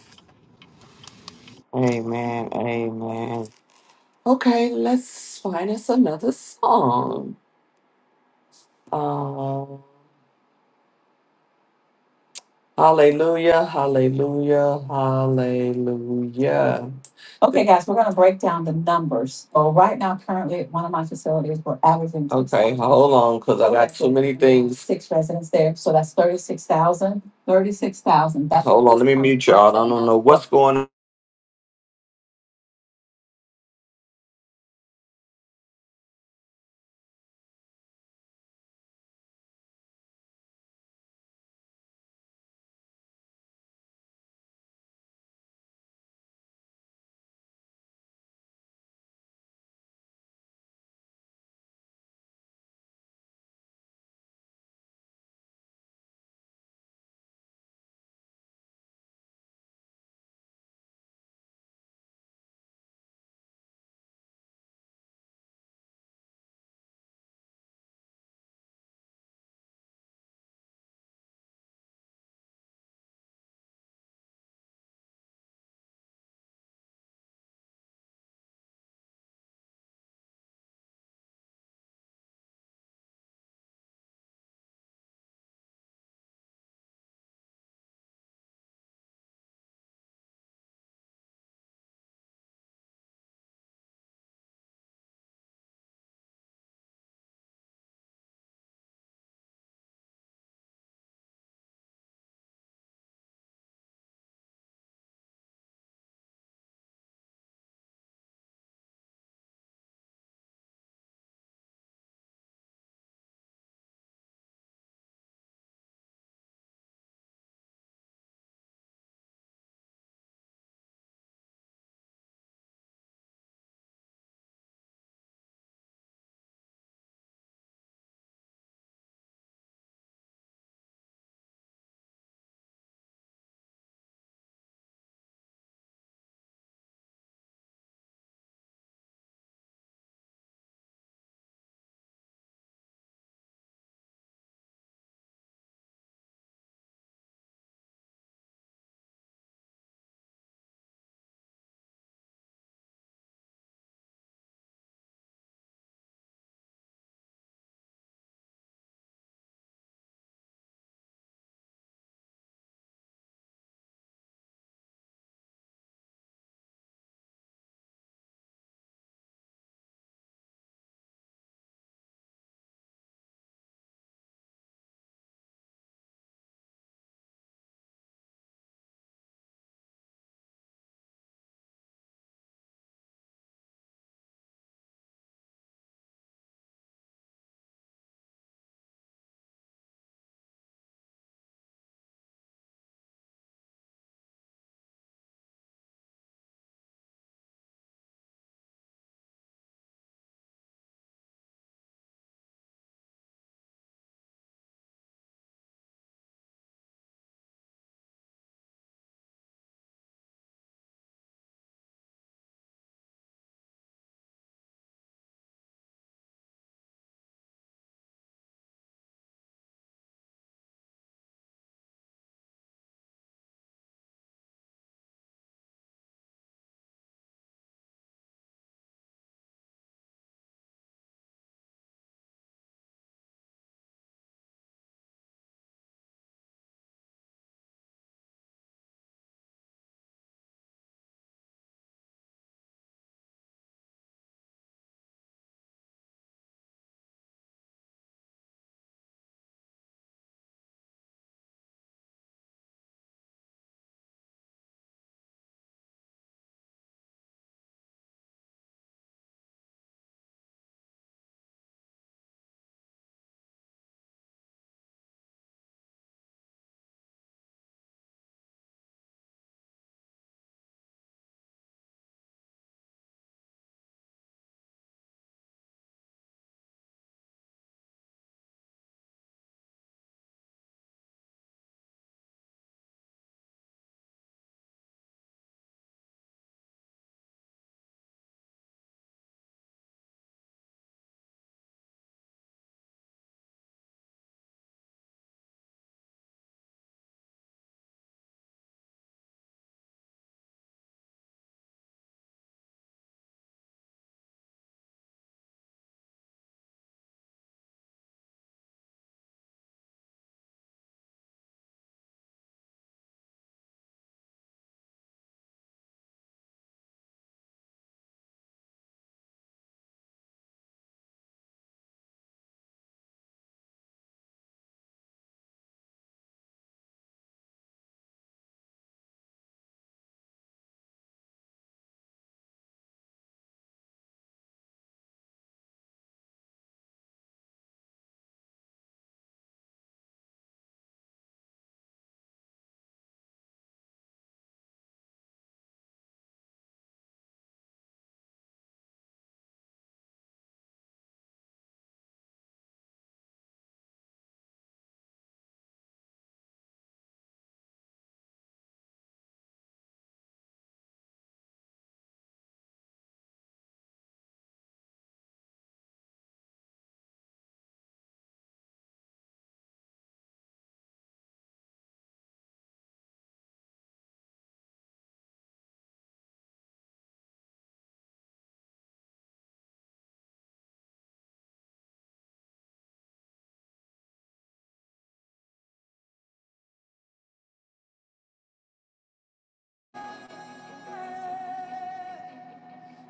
S4: Amen. Amen. Okay, let's find us another song. Uh, hallelujah, hallelujah, hallelujah. Okay, guys, we're going to break down the numbers. So right now, currently at one of my facilities, we're averaging Okay, hold on, because I got too many things. Six residents there, so that's thirty-six thousand. Thirty-six thousand. that's Hold on, let me mute y'all. I don't know what's going on.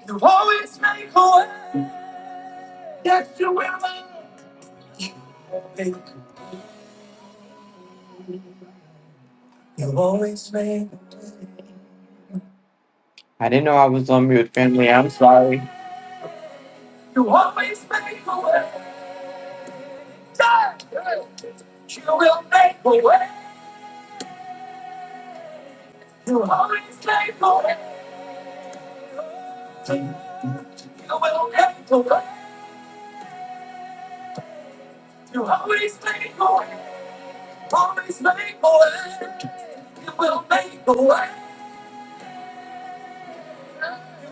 S4: You always make a way. Yes, you will. You always make a way. Yeah. You will make a way. You always make a way. You will make a way. You always make a way. Always make a way. You will make a way.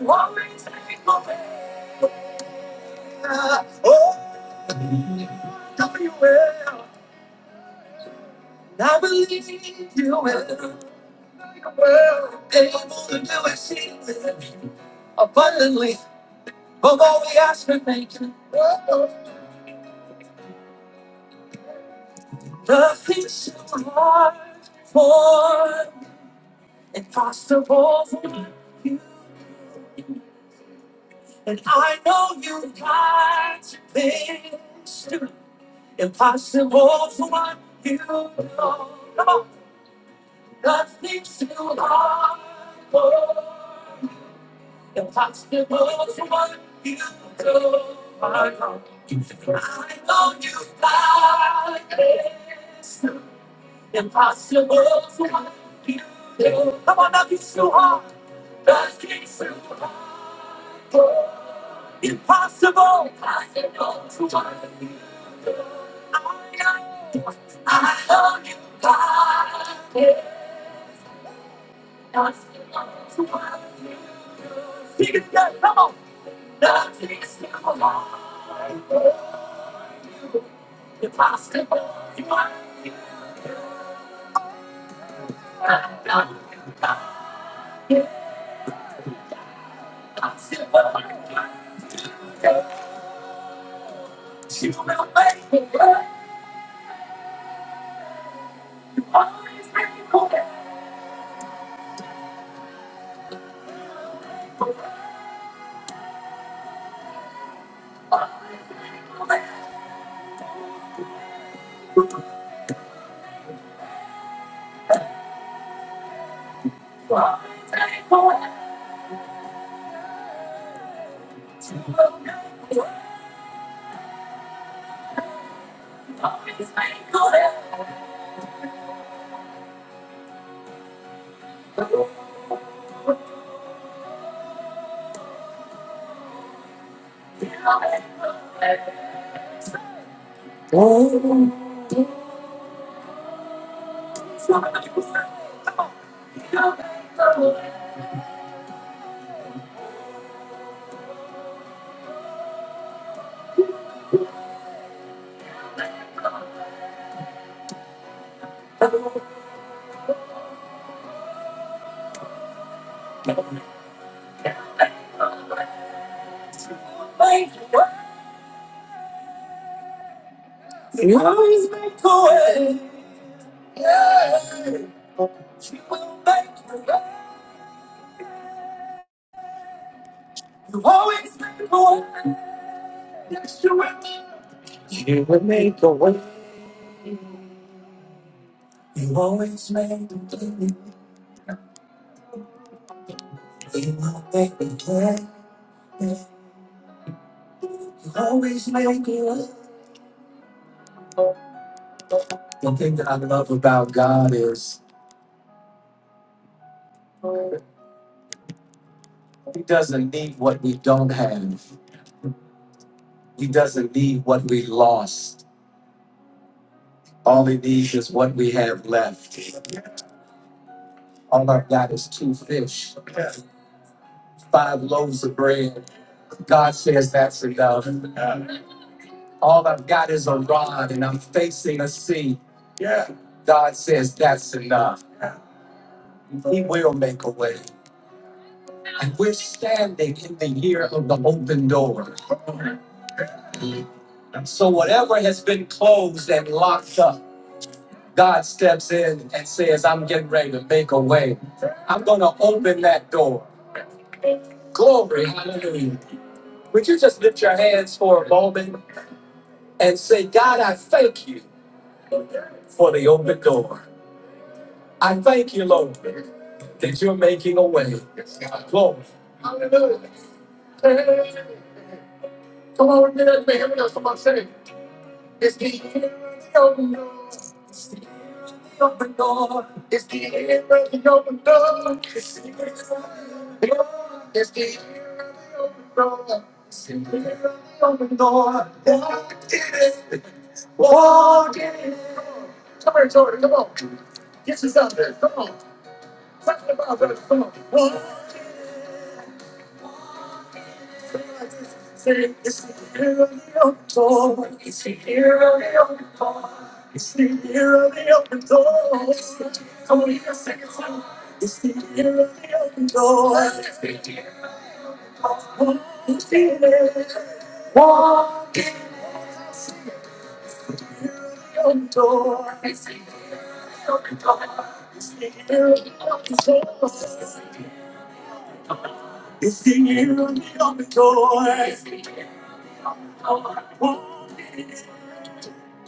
S4: You always make a way. Oh, you will. You will. And you will see abundantly. But watch me make The things you are for impossible for you. And I know you've got things too impossible for what you know. Come on, nothing's too hard for you. Impossible for what you do. I know I know you've got things too impossible for what you do. Come on, nothing's too hard. Impossible. Impossible to me. I know. I love you, God. Impossible to me. Sing it again. Come on. Nothing's too hard. Impossible to me. I know. Impossible to me. Always faithful. Always faithful. Always faithful. Always faithful. Oh, you always make a way. Yeah. She will make a way. You always make a way. Yes, you will. You will make a way. You always make a way. You will make a way. You always make a way. The thing that I love about God is He doesn't need what we don't have. He doesn't need what we lost. All He needs is what we have left. All I've got is two fish, five loaves of bread. God says that's enough. All I've got is a rod and I'm facing a sea. God says that's enough. He will make a way. And we're standing in the year of the open door. So whatever has been closed and locked up, God steps in and says, I'm getting ready to make a way. I'm going to open that door. Glory, hallelujah. Would you just lift your hands for a moment and say, God, I thank you for the open door. I thank you, Lord, that you're making a way. Lord. Hallelujah. Hey, come on, man. man. Here we go. Somebody say, it's the year of the open door. The open door. It's the year of the open door. It's the year of the open door. It's the year of the open door. The year of the open door. Walk in it. Walk in it. Come on, Jordan. Come on. This is out there. Come on. Talk about that. Come on. Walk. Say It's the year of the open door. It's the year of the open door. It's the year of the open door. Come on, even a second time. It's the year of the open door. It's the year of the open door. It's the year of the open door. Walk. It's the year of the open door. It's the it's the year of the open doors. It's the year of the open doors. Walk in it. I need it.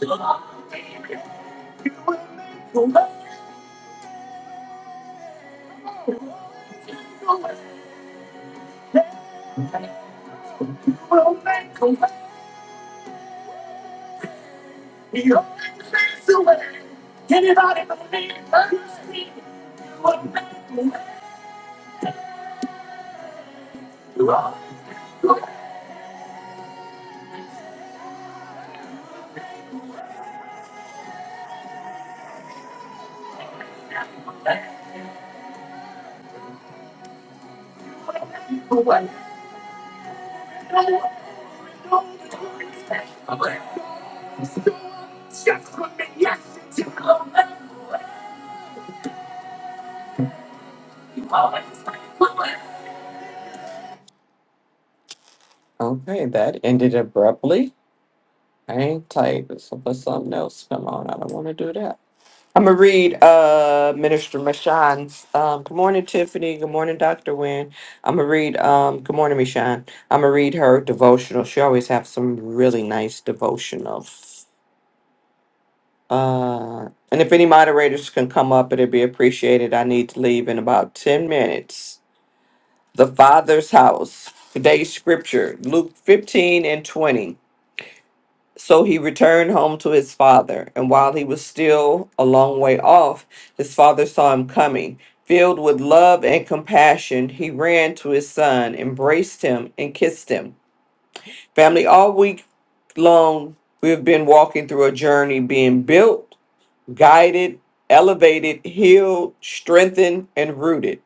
S4: You will make a way. You will make a way. You will make a way. He always makes a way. Anybody believe that? You see, you will make a way. You always will make a way. You will make a way. No one knows the way. Okay, that ended abruptly. I ain't tight, so let something else come on. I don't want to do that. I'm gonna read uh Minister Mashan's um good morning Tiffany, good morning Dr. Wynne. I'm gonna read um good morning Mashan. I'm gonna read her devotional. She always have some really nice devotionals. Uh and if any moderators can come up, it'd be appreciated. I need to leave in about 10 minutes. the father's house. Today's scripture, Luke 15 and 20. So he returned home to his father, and while he was still a long way off, his father saw him coming. Filled with love and compassion, he ran to his son, embraced him, and kissed him. Family, all week long, we have been walking through a journey being built, guided, elevated, healed, strengthened, and rooted.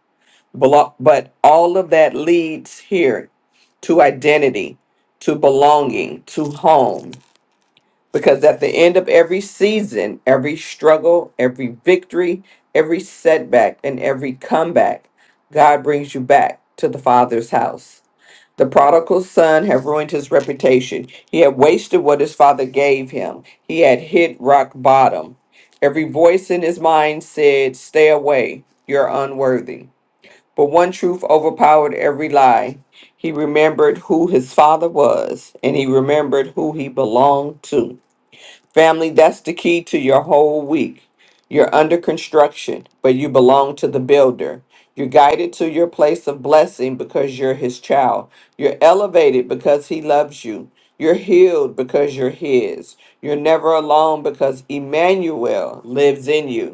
S4: Belo- But all of that leads here to identity, to belonging, to home. Because at the end of every season, every struggle, every victory, every setback, and every comeback, God brings you back to the Father's house. The prodigal son had ruined his reputation. He had wasted what his father gave him. He had hit rock bottom. Every voice in his mind said, Stay away, you're unworthy. But one truth overpowered every lie. He remembered who his father was, and he remembered who he belonged to. Family, that's the key to your whole week. You're under construction, but you belong to the builder. You're guided to your place of blessing because you're his child. You're elevated because he loves you. You're healed because you're his. You're never alone because Emmanuel lives in you.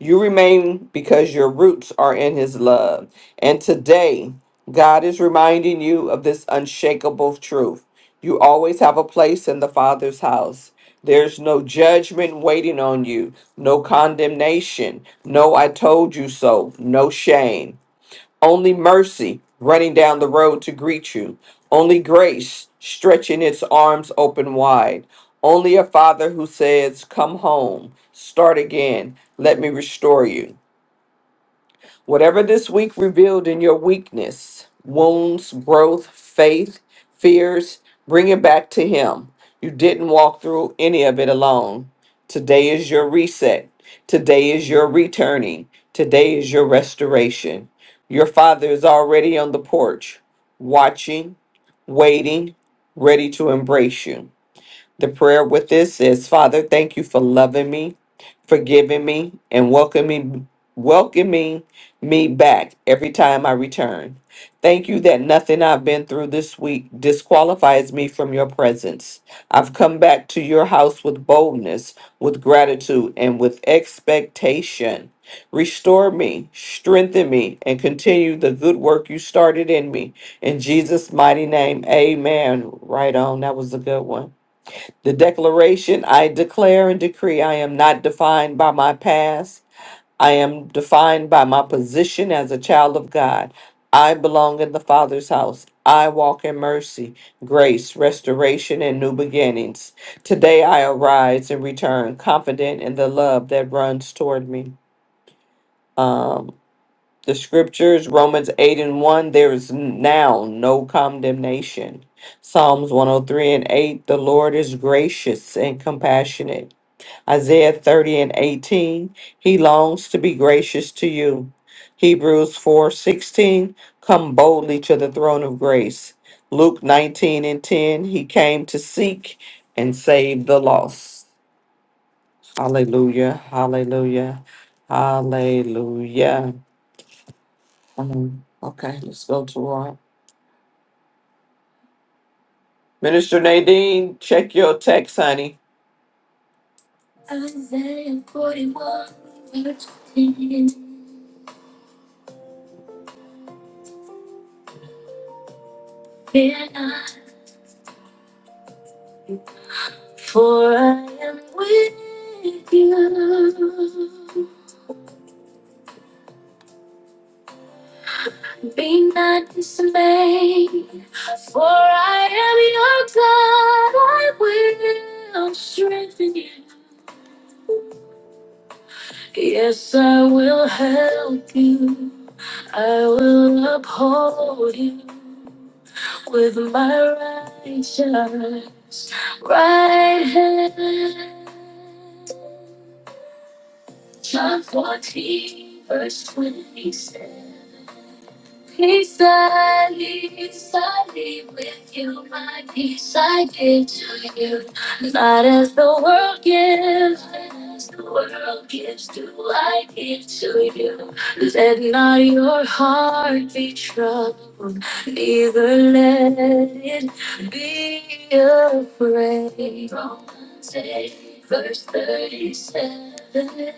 S4: You remain because your roots are in his love. And today, God is reminding you of this unshakable truth. You always have a place in the Father's house. There's no judgment waiting on you, no condemnation, no I told you so, no shame. Only mercy running down the road to greet you. Only grace stretching its arms open wide. Only a father who says, Come home, start again, let me restore you. Whatever this week revealed in your weakness, wounds, growth, faith, fears, bring it back to Him. You didn't walk through any of it alone. Today is your reset. Today is your returning. Today is your restoration. Your Father is already on the porch, watching, waiting, ready to embrace you. The prayer with this is Father, thank you for loving me, forgiving me, and welcoming welcoming me back every time I return. Thank you that nothing I've been through this week disqualifies me from your presence. I've come back to your house with boldness, with gratitude, and with expectation. Restore me, strengthen me, and continue the good work you started in me. In Jesus' mighty name, amen. Right on. That was a good one. The declaration I declare and decree I am not defined by my past. I am defined by my position as a child of God. I belong in the Father's house. I walk in mercy, grace, restoration, and new beginnings. Today I arise and return confident in the love that runs toward me. Um, the scriptures, Romans 8 and 1, there is now no condemnation. Psalms 103 and 8, the Lord is gracious and compassionate Isaiah 30 and 18, he longs to be gracious to you. Hebrews 4 16. come boldly to the throne of grace. Luke 19 and 10, he came to seek and save the lost. Hallelujah, hallelujah, hallelujah. Um, okay, let's go to our Minister Nadine, check your text, honey. Isaiah 41, verse 10. For I am with you. Be not dismayed, for I am your God. I will strengthen you. Yes, I will help you. I will uphold you with my righteous right hand. John 14, verse 27. Peace I leave, I leave with you, my peace I give to you. Not as the world gives, not as the world gives, do I give to you. Let not your heart be troubled, neither let it be afraid. Romans 8, verse 37.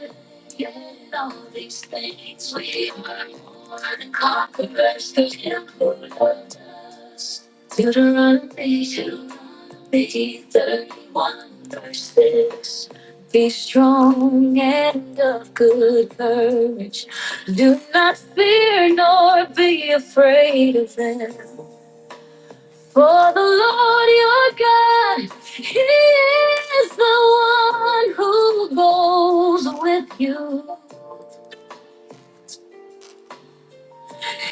S4: In all these things, we are more than conquerors through Him who loved us. Deuteronomy, Deuteronomy 31, verse 6. Be strong and of good courage. Do not fear nor be afraid of them. For the Lord your God, He is the one who goes with you.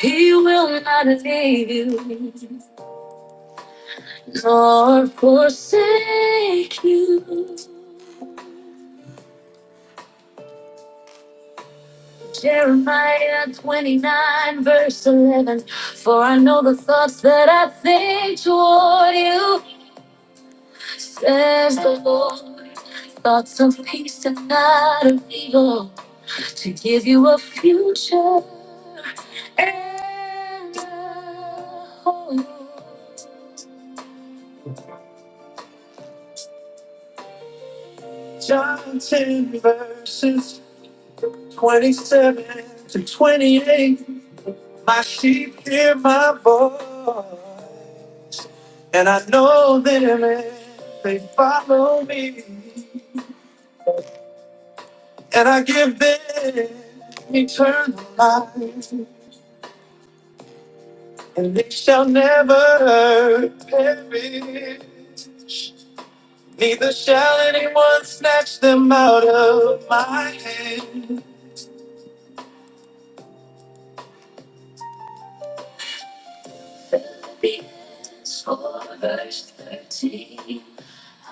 S4: He will not leave you nor forsake you. Jeremiah 29, verse 11. For I know the thoughts that I think toward you, says the Lord. Thoughts of peace and not of evil, to give you a future and a hope. John 10, verses. 27 to 28. My sheep hear my voice, and I know them, and they follow me, and I give them eternal life, and they shall never perish. Neither shall anyone snatch them out of my hand. Philippians 4 verse 13.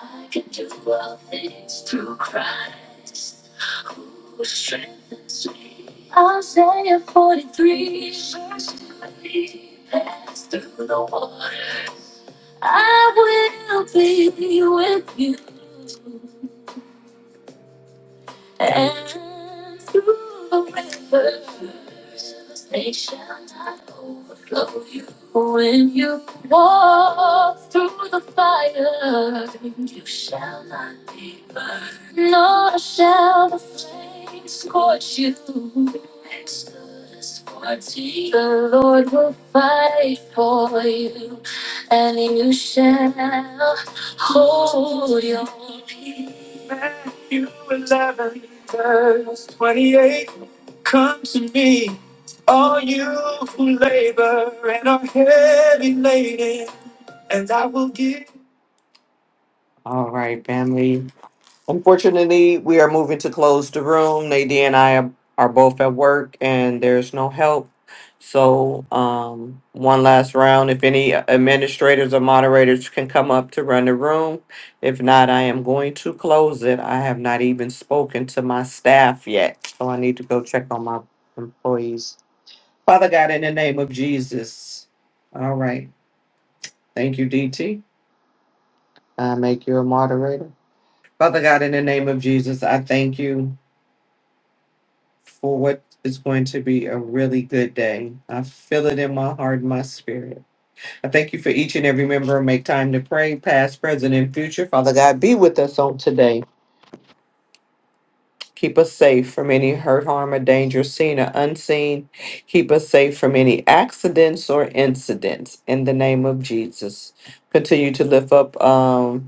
S4: I can do all things through Christ who strengthens me. Isaiah 43, verse 3. Pass through the water, I will be with you and through the rivers, of they shall not overflow you. When you walk through the fire, you shall not be burned, nor shall the flames scorch you. Exodus 14. The Lord will fight for you, and you shall Hold your peace. Matthew 11, verse 28. Oh, All right, family. Unfortunately, we are moving to close the room. Nadine and I are, are both at work, and there's no help. So, um, one last round. If any administrators or moderators can come up to run the room, if not, I am going to close it. I have not even spoken to my staff yet, so I need to go check on my employees. Father God, in the name of Jesus. All right. Thank you, DT. make you a moderator. Father God, in the name of Jesus, I thank you for what is going to be a really good day. I feel it in my heart and my spirit. I thank you for each and every member. Make time to pray, past, present, and future. Father God, be with us on today. Keep us safe from any hurt, harm, or danger, seen or unseen. Keep us safe from any Jesus. Continue to lift up. um,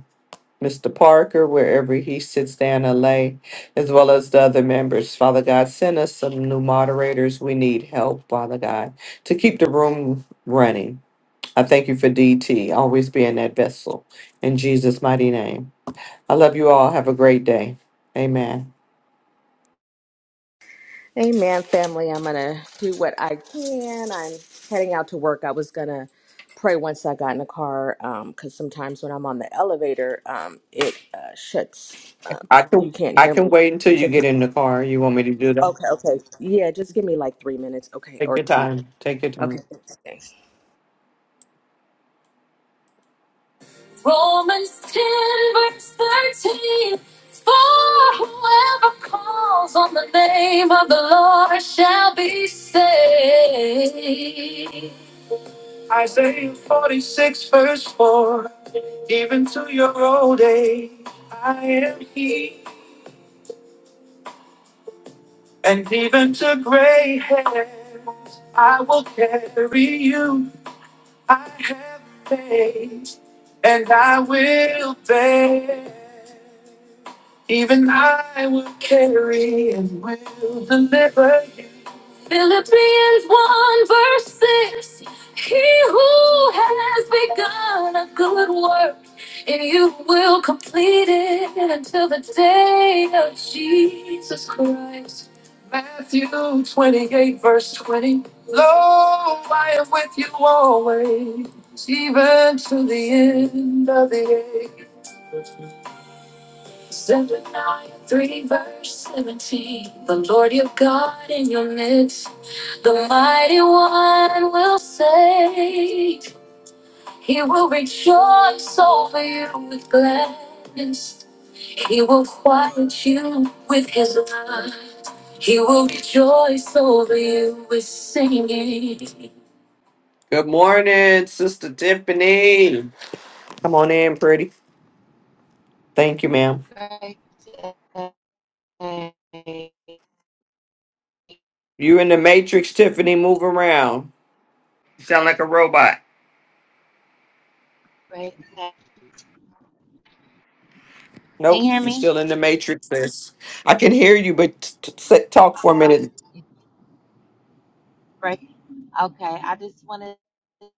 S4: Mr. Parker, wherever he sits down and lay, as well as the other members. Father God, send us some new moderators. We need help, Father God, to keep the room running. I thank you for DT, always being that vessel. In Jesus' mighty name. I love you all. Have a great day. Amen.
S7: Amen, family. I'm going to do what I can. I'm heading out to work. I was going to pray once I got in the car because sometimes when I'm on the elevator, um, it uh, shuts. Um,
S4: I
S7: you
S4: can
S7: can't
S4: I
S7: hear
S4: can
S7: me.
S4: wait until
S7: That's
S4: you
S7: okay.
S4: get in the car. You want me to do that?
S7: Okay, okay. Yeah, just give me like three minutes. Okay,
S4: Take
S7: or
S4: your
S7: two.
S4: time. Take your time.
S7: Okay, thanks. thanks.
S4: Romans 10, verse 13. For whoever calls on the name of the Lord shall be saved. Carry and will deliver Philippians 1 verse 6 He who has begun a good work and you will complete it until the day of Jesus Christ. Matthew 28 verse 20 Lo, I am with you always, even to the end of the age. Zephaniah 3 verse 17 The Lord your God in your midst. The mighty one will save. He will rejoice over you with gladness. He will quiet you with his love. He will rejoice over you with singing.
S8: Right. side, Right. Okay. Can you hear me? Right. Okay. I just wanted to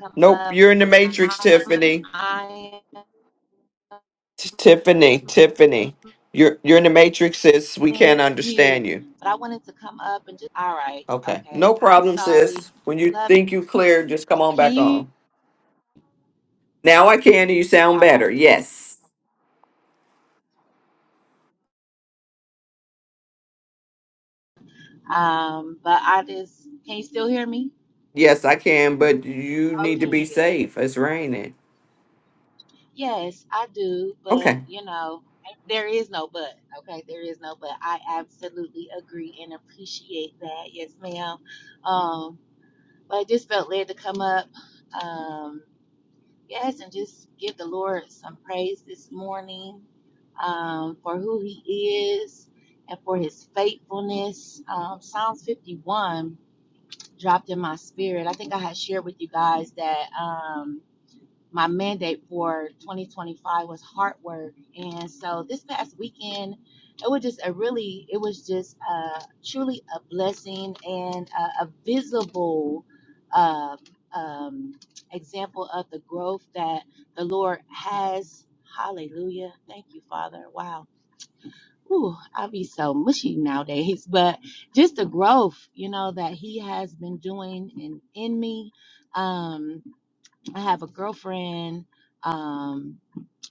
S8: come
S4: Nope,
S8: up.
S4: you're in the matrix,
S8: Um,
S4: Tiffany.
S8: I am
S4: T- Tiffany, Tiffany. You're you're in the matrix, sis. We can't
S8: mean to mute,
S4: understand you.
S8: but I wanted to come up and just. All right.
S4: Okay.
S8: Okay.
S4: No
S8: I'm
S4: problem,
S8: sorry.
S4: sis. When you
S8: Love.
S4: think you clear, just come on
S8: Can
S4: back
S8: you?
S4: on. Now I can and you sound
S8: All right.
S4: better. Yes.
S8: Um, but I just. Can you still hear me? Okay. Good. Yes, I do, but you know, there is no but. Okay, there is no but. I absolutely agree and appreciate that. Yes, ma'am. Um, but I just felt led to come up. Um, yes, and just give the Lord some praise this morning um, for who He is and for His faithfulness. Um, Psalms 51 dropped in my spirit. I think I had shared with you guys that. Um, my mandate for 2025 was hard work and so this past weekend it was just a really it was just uh, truly a blessing and a, a visible uh, um, example of the growth that the lord has hallelujah thank you father wow Ooh, I'll be so mushy nowadays, but just the growth, you know, that he has been doing in, in me. Um, I have a girlfriend. Um,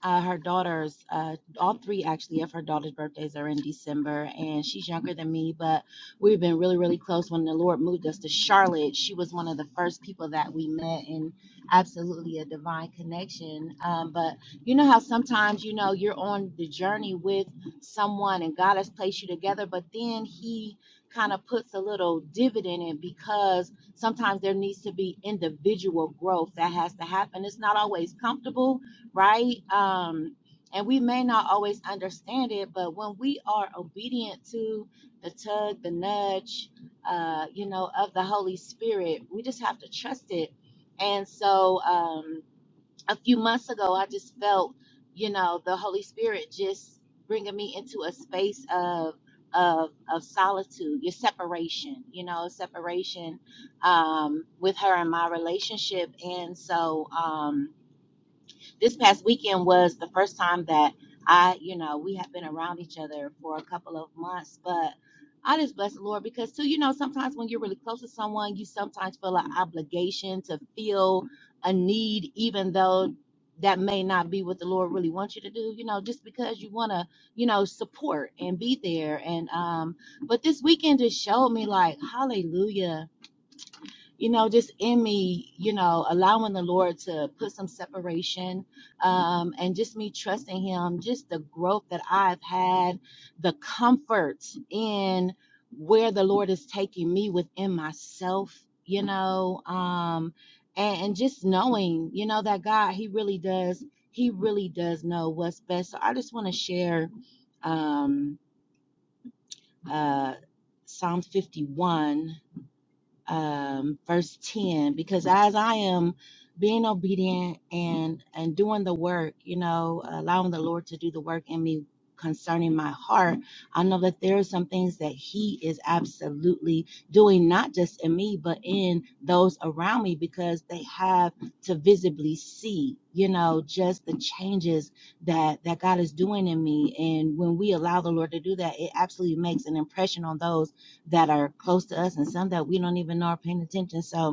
S8: uh, her daughters, uh, all three actually of her daughters' birthdays are in December, and she's younger than me, but we've been really, really close. When the Lord moved us to Charlotte, she was one of the first people that we met, and absolutely a divine connection. Um, but you know how sometimes you know you're on the journey with someone, and God has placed you together, but then He kind of puts a little divot in it because sometimes there needs to be individual growth that has to happen. It's not always comfortable right? Um, and we may not always understand it, but when we are obedient to the tug, the nudge, uh, you know, of the Holy Spirit, we just have to trust it. And so um, a few months ago, I just felt, you know, the Holy Spirit just bringing me into a space of of of solitude, your separation, you know, separation um, with her and my relationship. And so. Um, this past weekend was the first time that I, you know, we have been around each other for a couple of months, but I just bless the Lord because too, you know, sometimes when you're really close to someone, you sometimes feel an obligation to feel a need, even though that may not be what the Lord really wants you to do, you know, just because you want to, you know, support and be there. And um, but this weekend just showed me like, hallelujah you know, just in me, you know, allowing the Lord to put some separation um, and just me trusting Him, just the growth that I've had, the comfort in where the Lord is taking me within myself, you know, um, and, and just knowing, you know, that God, He really does, He really does know what's best. So I just want to share um, uh, Psalm 51 um, verse 10 because as i am being obedient and and doing the work you know allowing the lord to do the work in me concerning my heart i know that there are some things that he is absolutely doing not just in me but in those around me because they have to visibly see you know just the changes that that god is doing in me and when we allow the lord to do that it absolutely makes an impression on those that are close to us and some that we don't even know are paying attention. So,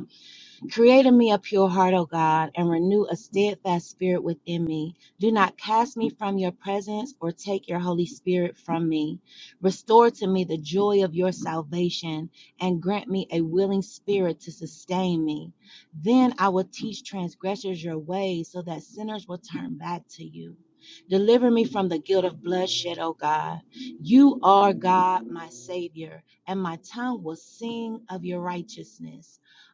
S8: Create in me a pure heart, O God, and renew a steadfast spirit within me. Do not cast me from your presence or take your Holy Spirit from me. Restore to me the joy of your salvation and grant me a willing spirit to sustain me. Then I will teach transgressors your ways so that sinners will turn back to you. Deliver me from the guilt of bloodshed, O God. You are God, my Savior, and my tongue will sing of your righteousness.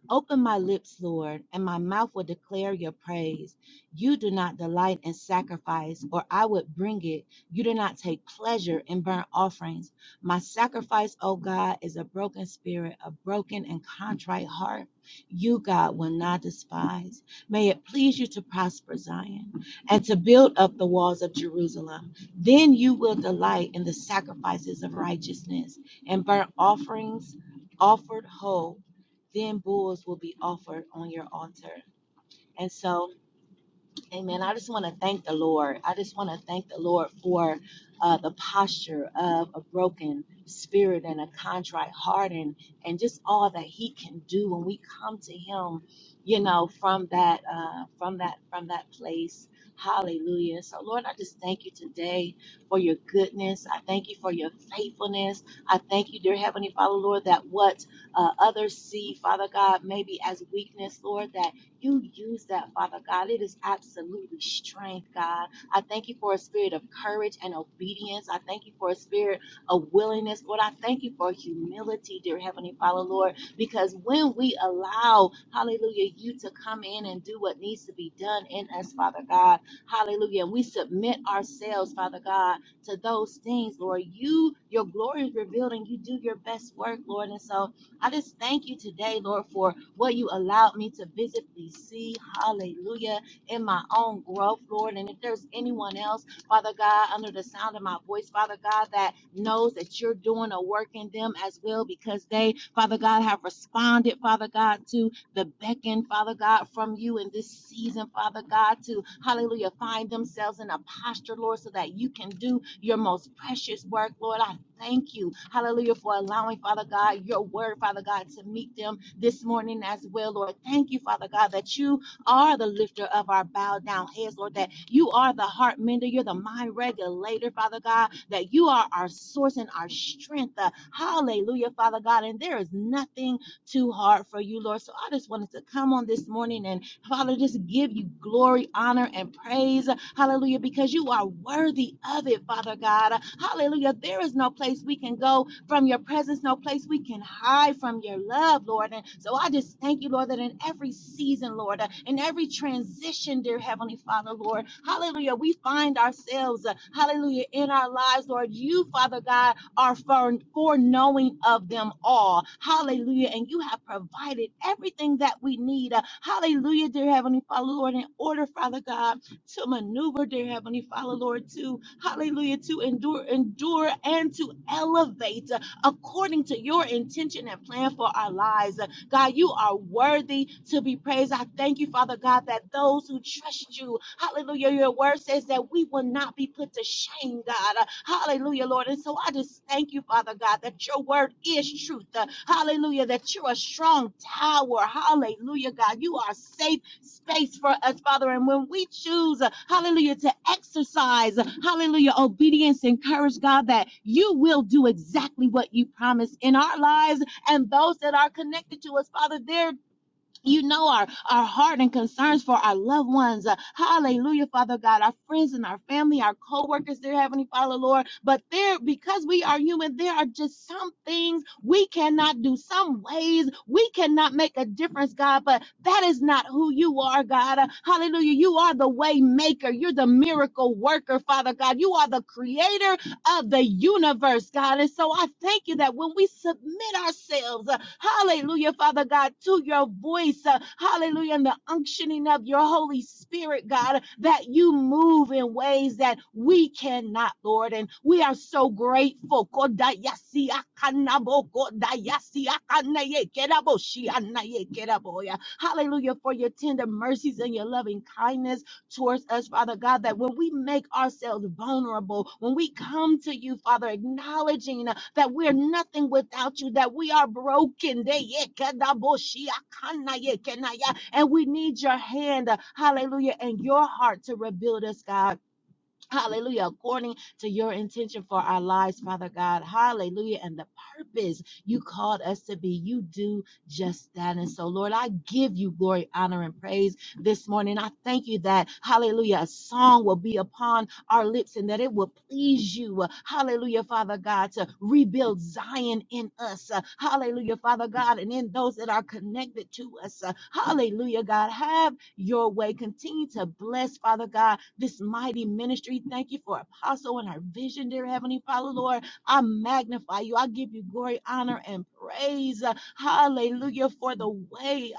S8: Open my lips, Lord, and my mouth will declare your praise. You do not delight in sacrifice, or I would bring it. You do not take pleasure in burnt offerings. My sacrifice, O God, is a broken spirit, a broken and contrite heart. You, God, will not despise. May it please you to prosper Zion and to build up the walls of Jerusalem. Then you will delight in the sacrifices of righteousness and burnt offerings offered whole then bulls will be offered on your altar. And so Amen. I just want to thank the Lord. I just want to thank the Lord for uh, the posture of a broken spirit and a contrite heart and, and just all that he can do when we come to him, you know, from that, uh, from that, from that place. Hallelujah. So Lord, I just thank you today for your goodness. I thank you for your faithfulness. I thank you, dear Heavenly Father, Lord, that what uh, others see, Father God, maybe as weakness, Lord, that you use that, Father God. It is absolutely strength, God. I thank you for a spirit of courage and obedience. I thank you for a spirit of willingness. Lord, I thank you for humility, dear Heavenly Father, Lord, because when we allow, hallelujah, you to come in and do what needs to be done in us, Father God, hallelujah, and we submit ourselves, Father God, to those things, Lord, you, your glory is revealed and you do your best work, Lord. And so I just thank you today, Lord, for what you allowed me to visibly see, hallelujah, in my own growth, Lord. And if there's anyone else, Father God, under the sound of my voice, Father God, that knows that you're doing a work in them as well because they, Father God, have responded, Father God, to the beckon, Father God, from you in this season, Father God, to hallelujah, find themselves in a posture, Lord, so that you can do your most precious work, Lord. I thank you, hallelujah, for allowing, Father God, your word, Father God, to meet them this morning as well, Lord. Thank you, Father God, that you are the lifter of our bowed down heads, Lord, that you are the heart mender, you're the mind regulator, Father God, that you are our source and our strength. Uh, hallelujah, Father God. And there is nothing too hard for you, Lord. So I just wanted to come on this morning and, Father, just give you glory, honor, and praise. Hallelujah, because you are worthy of it, Father God. Hallelujah. There is no place we can go from your presence, no place we can hide from your love, Lord. And so I just thank you, Lord, that in every season, Lord, in every transition, position, dear Heavenly Father, Lord. Hallelujah. We find ourselves, uh, hallelujah, in our lives, Lord. You, Father God, are foreknowing of them all. Hallelujah. And you have provided everything that we need. Uh, hallelujah, dear Heavenly Father, Lord, in order, Father God, to maneuver, dear Heavenly Father, Lord, to, hallelujah, to endure, endure and to elevate. uh, according to your intention and plan for our lives. God, you are worthy to be praised. I thank you, Father God, that those who trust you, hallelujah, your word says that we will not be put to shame, God. Hallelujah, Lord. And so I just thank you, Father God, that your word is truth. Hallelujah, that you're a strong tower. Hallelujah, God. You are safe space for us, Father. And when we choose, uh, hallelujah, to exercise, uh, hallelujah, obedience and courage, God, that you will do exactly what you promised in our lives and those that are connected to us, Father. There you know our, our heart and concerns for our loved ones. Uh, hallelujah, Father God, our friends and our family, our co-workers, dear Heavenly Father, Lord. But there, because we are human, there are just some things we cannot do, some ways we cannot make a difference, God. But that is not who you are, God. Uh, hallelujah. You are the way maker. You're the miracle worker, Father God. You are the creator of the universe, God. And so I thank you that when we submit ourselves, uh, hallelujah, Father God, to your voice, uh, hallelujah, and the unctioning of your Holy Spirit, God, that you move in ways that we cannot, Lord. And we are so grateful. yeah. Hallelujah, for your tender mercies and your loving kindness towards us, Father God, that when we make ourselves vulnerable, when we come to you, Father, acknowledging uh, that we're nothing without you, that we are broken, and we need your hand, uh, hallelujah, and your heart to rebuild us, God. Hallelujah. According to your intention for our lives, Father God. Hallelujah. And the purpose you called us to be, you do just that. And so, Lord, I give you glory, honor, and praise this morning. I thank you that, hallelujah, a song will be upon our lips and that it will please you. uh, Hallelujah, Father God, to rebuild Zion in us. uh, Hallelujah, Father God, and in those that are connected to us. uh, Hallelujah, God. Have your way. Continue to bless, Father God, this mighty ministry. Thank you for Apostle and her vision, dear Heavenly Father, Lord. I magnify you. I give you glory, honor, and praise. uh, Hallelujah, for the way.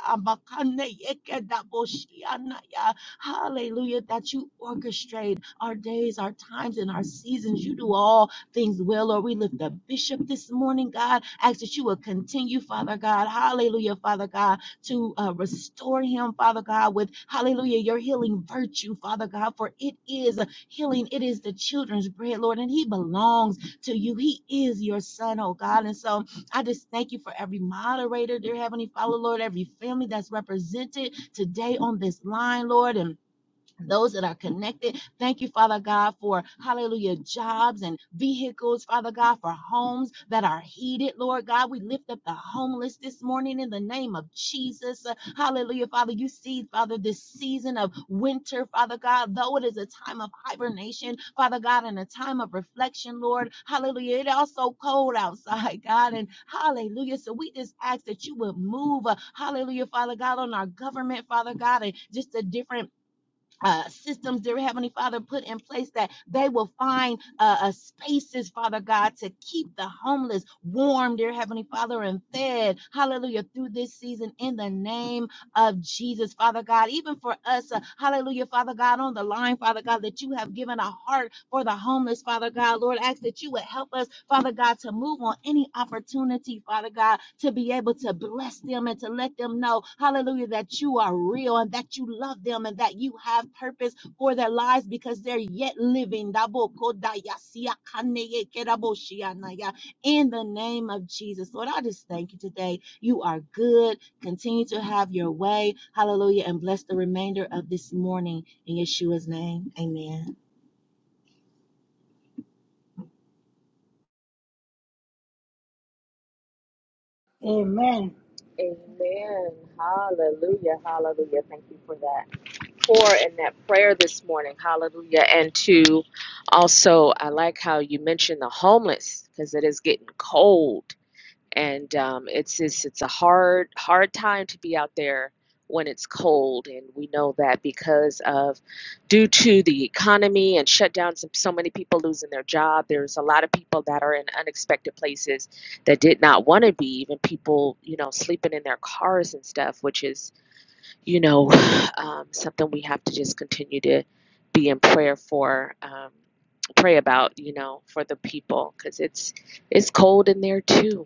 S8: Hallelujah, that you orchestrate our days, our times, and our seasons. You do all things well, Lord. We lift up Bishop this morning, God. Ask that you will continue, Father God. Hallelujah, Father God, to uh, restore him, Father God, with hallelujah, your healing virtue, Father God, for it is healing. It is the children's bread, Lord, and he belongs to you. He is your son, oh God. And so I just thank you for every moderator, dear Heavenly Father, Lord, every family that's represented today on this line, Lord. And those that are connected. Thank you, Father God, for hallelujah, jobs and vehicles, Father God, for homes that are heated, Lord God. We lift up the homeless this morning in the name of Jesus. Uh, Hallelujah, Father. You see, Father, this season of winter, Father God, though it is a time of hibernation, Father God, and a time of reflection, Lord. Hallelujah. It also cold outside, God, and hallelujah. So we just ask that you would move, uh, hallelujah, Father God, on our government, Father God, and just the different uh, systems, dear Heavenly Father, put in place that they will find uh, uh, spaces, Father God, to keep the homeless warm, dear Heavenly Father, and fed. Hallelujah. Through this season, in the name of Jesus, Father God. Even for us, uh, hallelujah, Father God, on the line, Father God, that you have given a heart for the homeless, Father God. Lord, ask that you would help us, Father God, to move on any opportunity, Father God, to be able to bless them and to let them know, hallelujah, that you are real and that you love them and that you have purpose for their lives because they're yet living. In the name of Jesus, Lord, I just thank you today. You are good Continue to have your way. Hallelujah. And bless the remainder of this morning in Yeshua's name. Amen.
S1: Amen.
S7: That pour in that prayer this morning. Hallelujah. And to also, I like how you mentioned the homeless because it is getting cold and um, it's just it's a hard hard time to be out there when it's cold and we know that because of due to the economy and shutdowns and so many people losing their job there's a lot of people that are in unexpected places that did not want to be even people you know sleeping in their cars and stuff which is you know um, something we have to just continue to be in prayer for um, pray about you know for the people because it's it's cold in there too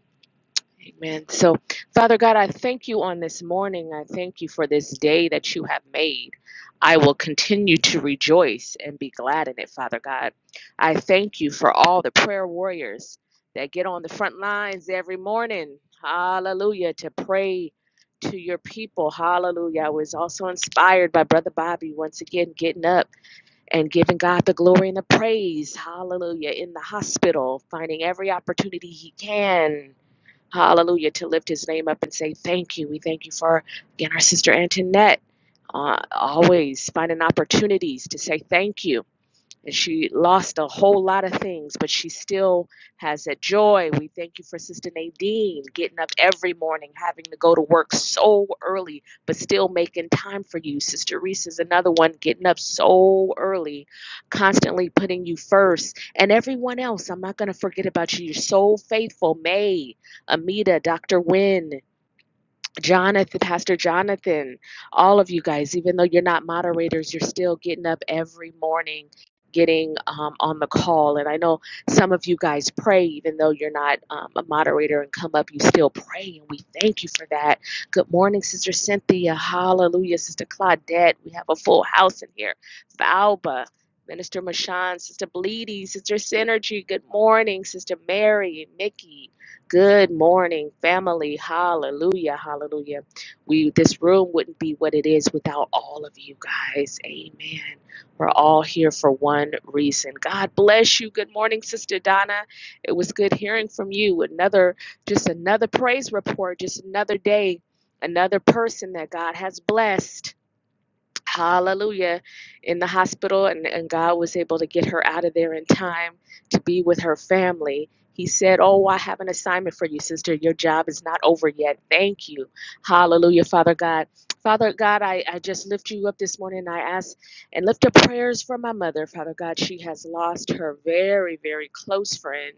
S7: Amen. So, Father God, I thank you on this morning. I thank you for this day that you have made. I will continue to rejoice and be glad in it, Father God. I thank you for all the prayer warriors that get on the front lines every morning. Hallelujah. To pray to your people. Hallelujah. I was also inspired by Brother Bobby once again getting up and giving God the glory and the praise. Hallelujah. In the hospital, finding every opportunity he can hallelujah, to lift his name up and say thank you. We thank you for, again, our sister Antoinette, uh, always finding opportunities to say thank you and she lost a whole lot of things, but she still has that joy. We thank you for Sister Nadine getting up every morning, having to go to work so early, but still making time for you. Sister Reese is another one getting up so early, constantly putting you first. And everyone else, I'm not going to forget about you. You're so faithful. May, Amita, Dr. Wynne. Jonathan, Pastor Jonathan, all of you guys, even though you're not moderators, you're still getting up every morning, getting um, on the call. And I know some of you guys pray, even though you're not um, a moderator and come up, you still pray. And we thank you for that. Good morning, Sister Cynthia. Hallelujah, Sister Claudette. We have a full house in here. Valba. Minister Mashan, Sister Bleedy, Sister Synergy, good morning, Sister Mary, Nikki, Good morning, family. Hallelujah. Hallelujah. We this room wouldn't be what it is without all of you guys. Amen. We're all here for one reason. God bless you. Good morning, Sister Donna. It was good hearing from you. Another just another praise report, just another day, another person that God has blessed hallelujah, in the hospital, and, and God was able to get her out of there in time to be with her family. He said, Oh, I have an assignment for you, sister. Your job is not over yet. Thank you. Hallelujah, Father God. Father God, I, I just lift you up this morning. I ask and lift up prayers for my mother, Father God. She has lost her very, very close friend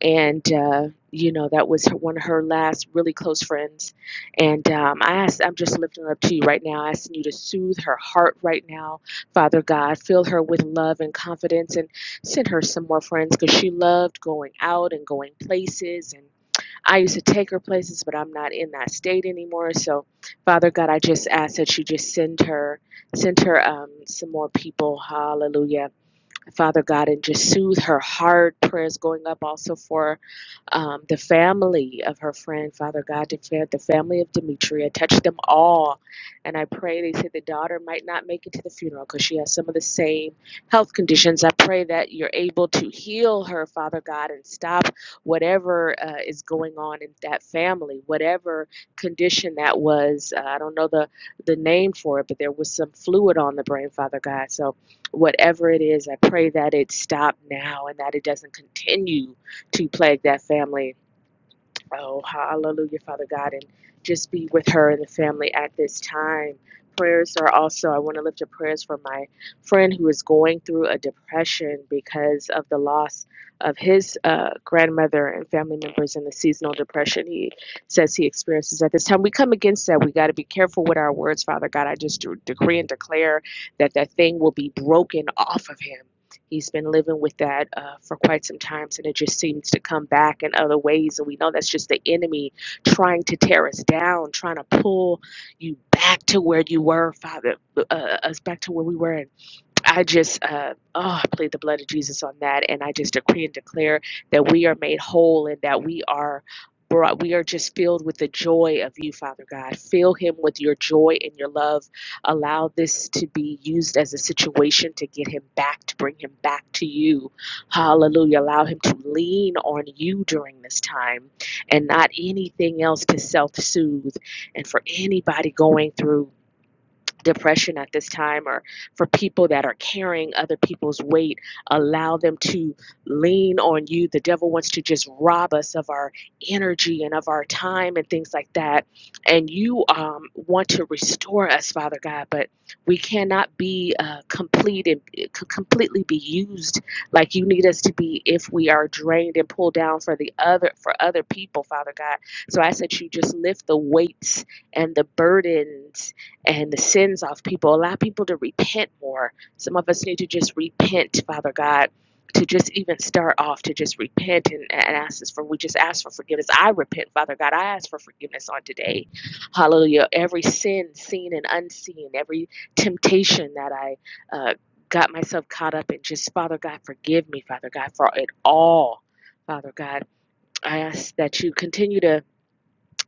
S7: and uh, you know that was her, one of her last really close friends and um, i asked i'm just lifting her up to you right now asking you to soothe her heart right now father god fill her with love and confidence and send her some more friends because she loved going out and going places and i used to take her places but i'm not in that state anymore so father god i just ask that you just send her send her um, some more people hallelujah Father God, and just soothe her heart. Prayers going up also for um, the family of her friend, Father God, to fa- the family of Demetria. Touch them all. And I pray, they say the daughter might not make it to the funeral because she has some of the same health conditions. I pray that you're able to heal her, Father God, and stop whatever uh, is going on in that family, whatever condition that was. Uh, I don't know the, the name for it, but there was some fluid on the brain, Father God. So whatever it is, I pray that it stop now and that it doesn't continue to plague that family Oh, hallelujah, Father God, and just be with her and the family at this time. Prayers are also, I want to lift up prayers for my friend who is going through a depression because of the loss of his uh, grandmother and family members in the seasonal depression he says he experiences at this time. We come against that. We got to be careful with our words, Father God. I just decree and declare that that thing will be broken off of him He's been living with that uh, for quite some time, and it just seems to come back in other ways. And we know that's just the enemy trying to tear us down, trying to pull you back to where you were, Father, uh, us back to where we were in I just, uh, oh, I plead the blood of Jesus on that, and I just decree and declare that we are made whole and that we are brought, we are just filled with the joy of you, Father God. Fill him with your joy and your love. Allow this to be used as a situation to get him back, to bring him back to you. Hallelujah. Allow him to lean on you during this time and not anything else to self soothe. And for anybody going through, depression at this time or for people that are carrying other people's weight allow them to lean on you the devil wants to just rob us of our energy and of our time and things like that and you um, want to restore us father god but we cannot be uh, complete and completely be used like you need us to be if we are drained and pulled down for the other for other people father god so i said you just lift the weights and the burdens and the sins off people. Allow people to repent more. Some of us need to just repent, Father God, to just even start off to just repent and, and ask us for, we just ask for forgiveness. I repent, Father God. I ask for forgiveness on today. Hallelujah. Every sin, seen and unseen, every temptation that I uh, got myself caught up in, just Father God, forgive me, Father God, for it all. Father God, I ask that you continue to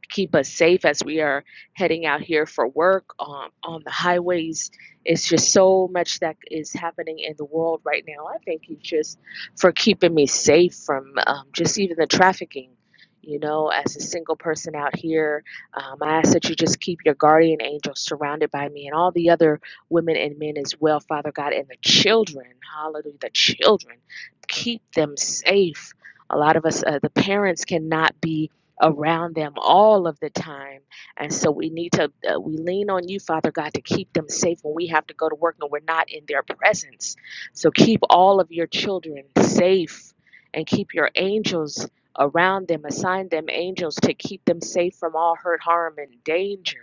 S7: keep us safe as we are heading out here for work um, on the highways. It's just so much that is happening in the world right now. I thank you just for keeping me safe from um, just even the trafficking. You know, as a single person out here, um, I ask that you just keep your guardian angels surrounded by me and all the other women and men as well, Father God, and the children. Hallelujah, the children. Keep them safe. A lot of us, uh, the parents cannot be around them all of the time. And so we need to, uh, we lean on you, Father God, to keep them safe when we have to go to work and we're not in their presence. So keep all of your children safe and keep your angels around them, assign them angels to keep them safe from all hurt, harm, and danger.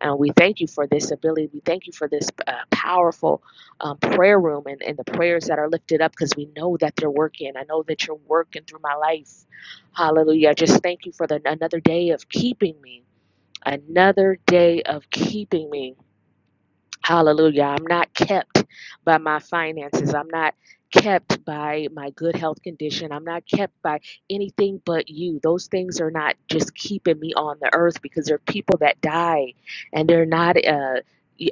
S7: And we thank you for this ability. We thank you for this uh, powerful um, prayer room and, and the prayers that are lifted up because we know that they're working. I know that you're working through my life Hallelujah. I just thank you for the, another day of keeping me, another day of keeping me. Hallelujah. I'm not kept by my finances. I'm not kept by my good health condition. I'm not kept by anything but you. Those things are not just keeping me on the earth because there are people that die and they're not. Uh,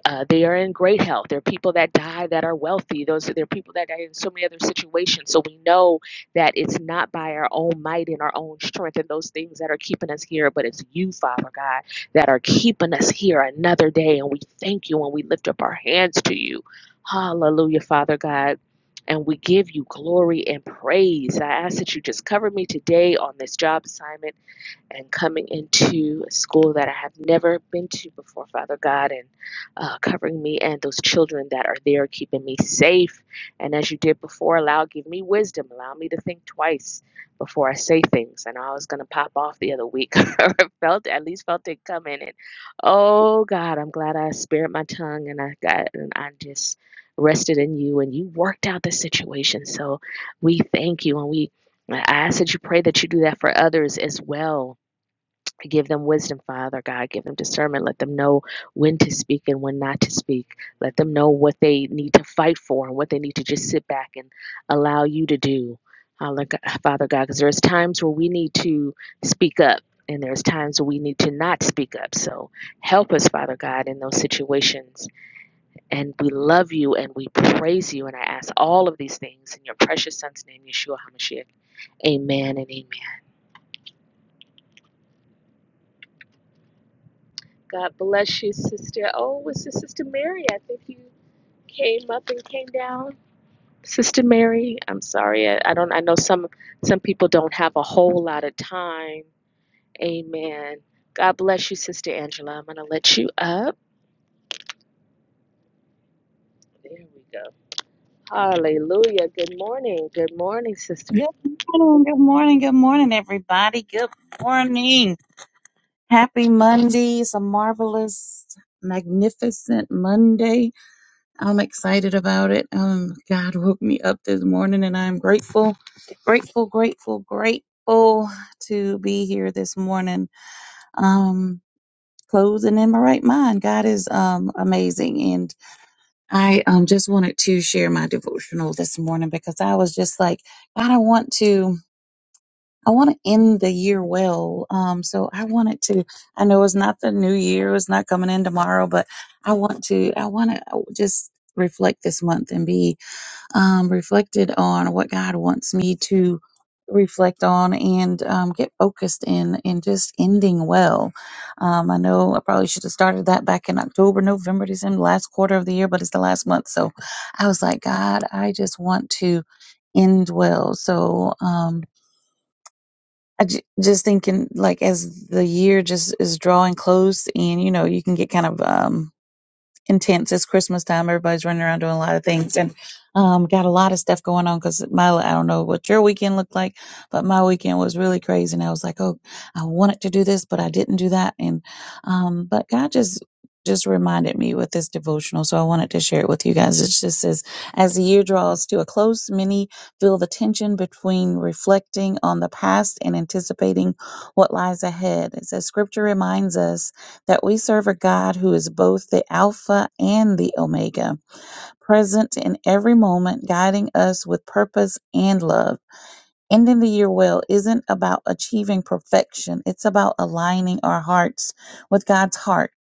S7: uh, they are in great health. There are people that die that are wealthy. Those are, there are people that die in so many other situations. So we know that it's not by our own might and our own strength and those things that are keeping us here, but it's you, Father God that are keeping us here another day. And we thank you and we lift up our hands to you. Hallelujah, Father God. And we give you glory and praise. I ask that you just cover me today on this job assignment and coming into a school that I have never been to before, Father God, and uh, covering me and those children that are there, keeping me safe. And as you did before, allow, give me wisdom, allow me to think twice before I say things. I know I was going to pop off the other week, I felt, at least felt it coming. And oh God, I'm glad I spared my tongue and I got, and I just rested in you and you worked out the situation. So we thank you and we I ask that you pray that you do that for others as well Give them wisdom, Father God. Give them discernment. Let them know when to speak and when not to speak. Let them know what they need to fight for and what they need to just sit back and allow you to do, Father God. Because there's times where we need to speak up and there's times where we need to not speak up. So help us, Father God, in those situations. And we love you and we praise you. And I ask all of these things in your precious Son's name, Yeshua HaMashiach. Amen and amen. God bless you, sister. Oh, was this Sister Mary? I think you came up and came down. Sister Mary, I'm sorry. I, I don't. I know some some people don't have a whole lot of time. Amen. God bless you, Sister Angela. I'm gonna let you up. There we go. Hallelujah. Good morning. Good morning, sister.
S9: Good morning, good morning, good morning, everybody. Good morning. Happy Monday. It's a marvelous, magnificent Monday. I'm excited about it. Um, God woke me up this morning and I'm grateful, grateful, grateful, grateful to be here this morning. Um, closing in my right mind. God is um amazing. And I um just wanted to share my devotional this morning because I was just like, God, I want to. I want to end the year well. Um, so I wanted to, I know it's not the new year, it's not coming in tomorrow, but I want to, I want to just reflect this month and be um, reflected on what God wants me to reflect on and um, get focused in and just ending well. Um, I know I probably should have started that back in October, November, December, last quarter of the year, but it's the last month. So I was like, God, I just want to end well. So, um, I j- just thinking like as the year just is drawing close and you know you can get kind of um intense. It's Christmas time. Everybody's running around doing a lot of things and um, got a lot of stuff going on because my, I don't know what your weekend looked like, but my weekend was really crazy. And I was like, oh, I wanted to do this, but I didn't do that. And, um, but God just, just reminded me with this devotional. So I wanted to share it with you guys. It just says, as the year draws to a close, many feel the tension between reflecting on the past and anticipating what lies ahead. It says, scripture reminds us that we serve a God who is both the Alpha and the Omega, present in every moment, guiding us with purpose and love. Ending the year well isn't about achieving perfection, it's about aligning our hearts with God's heart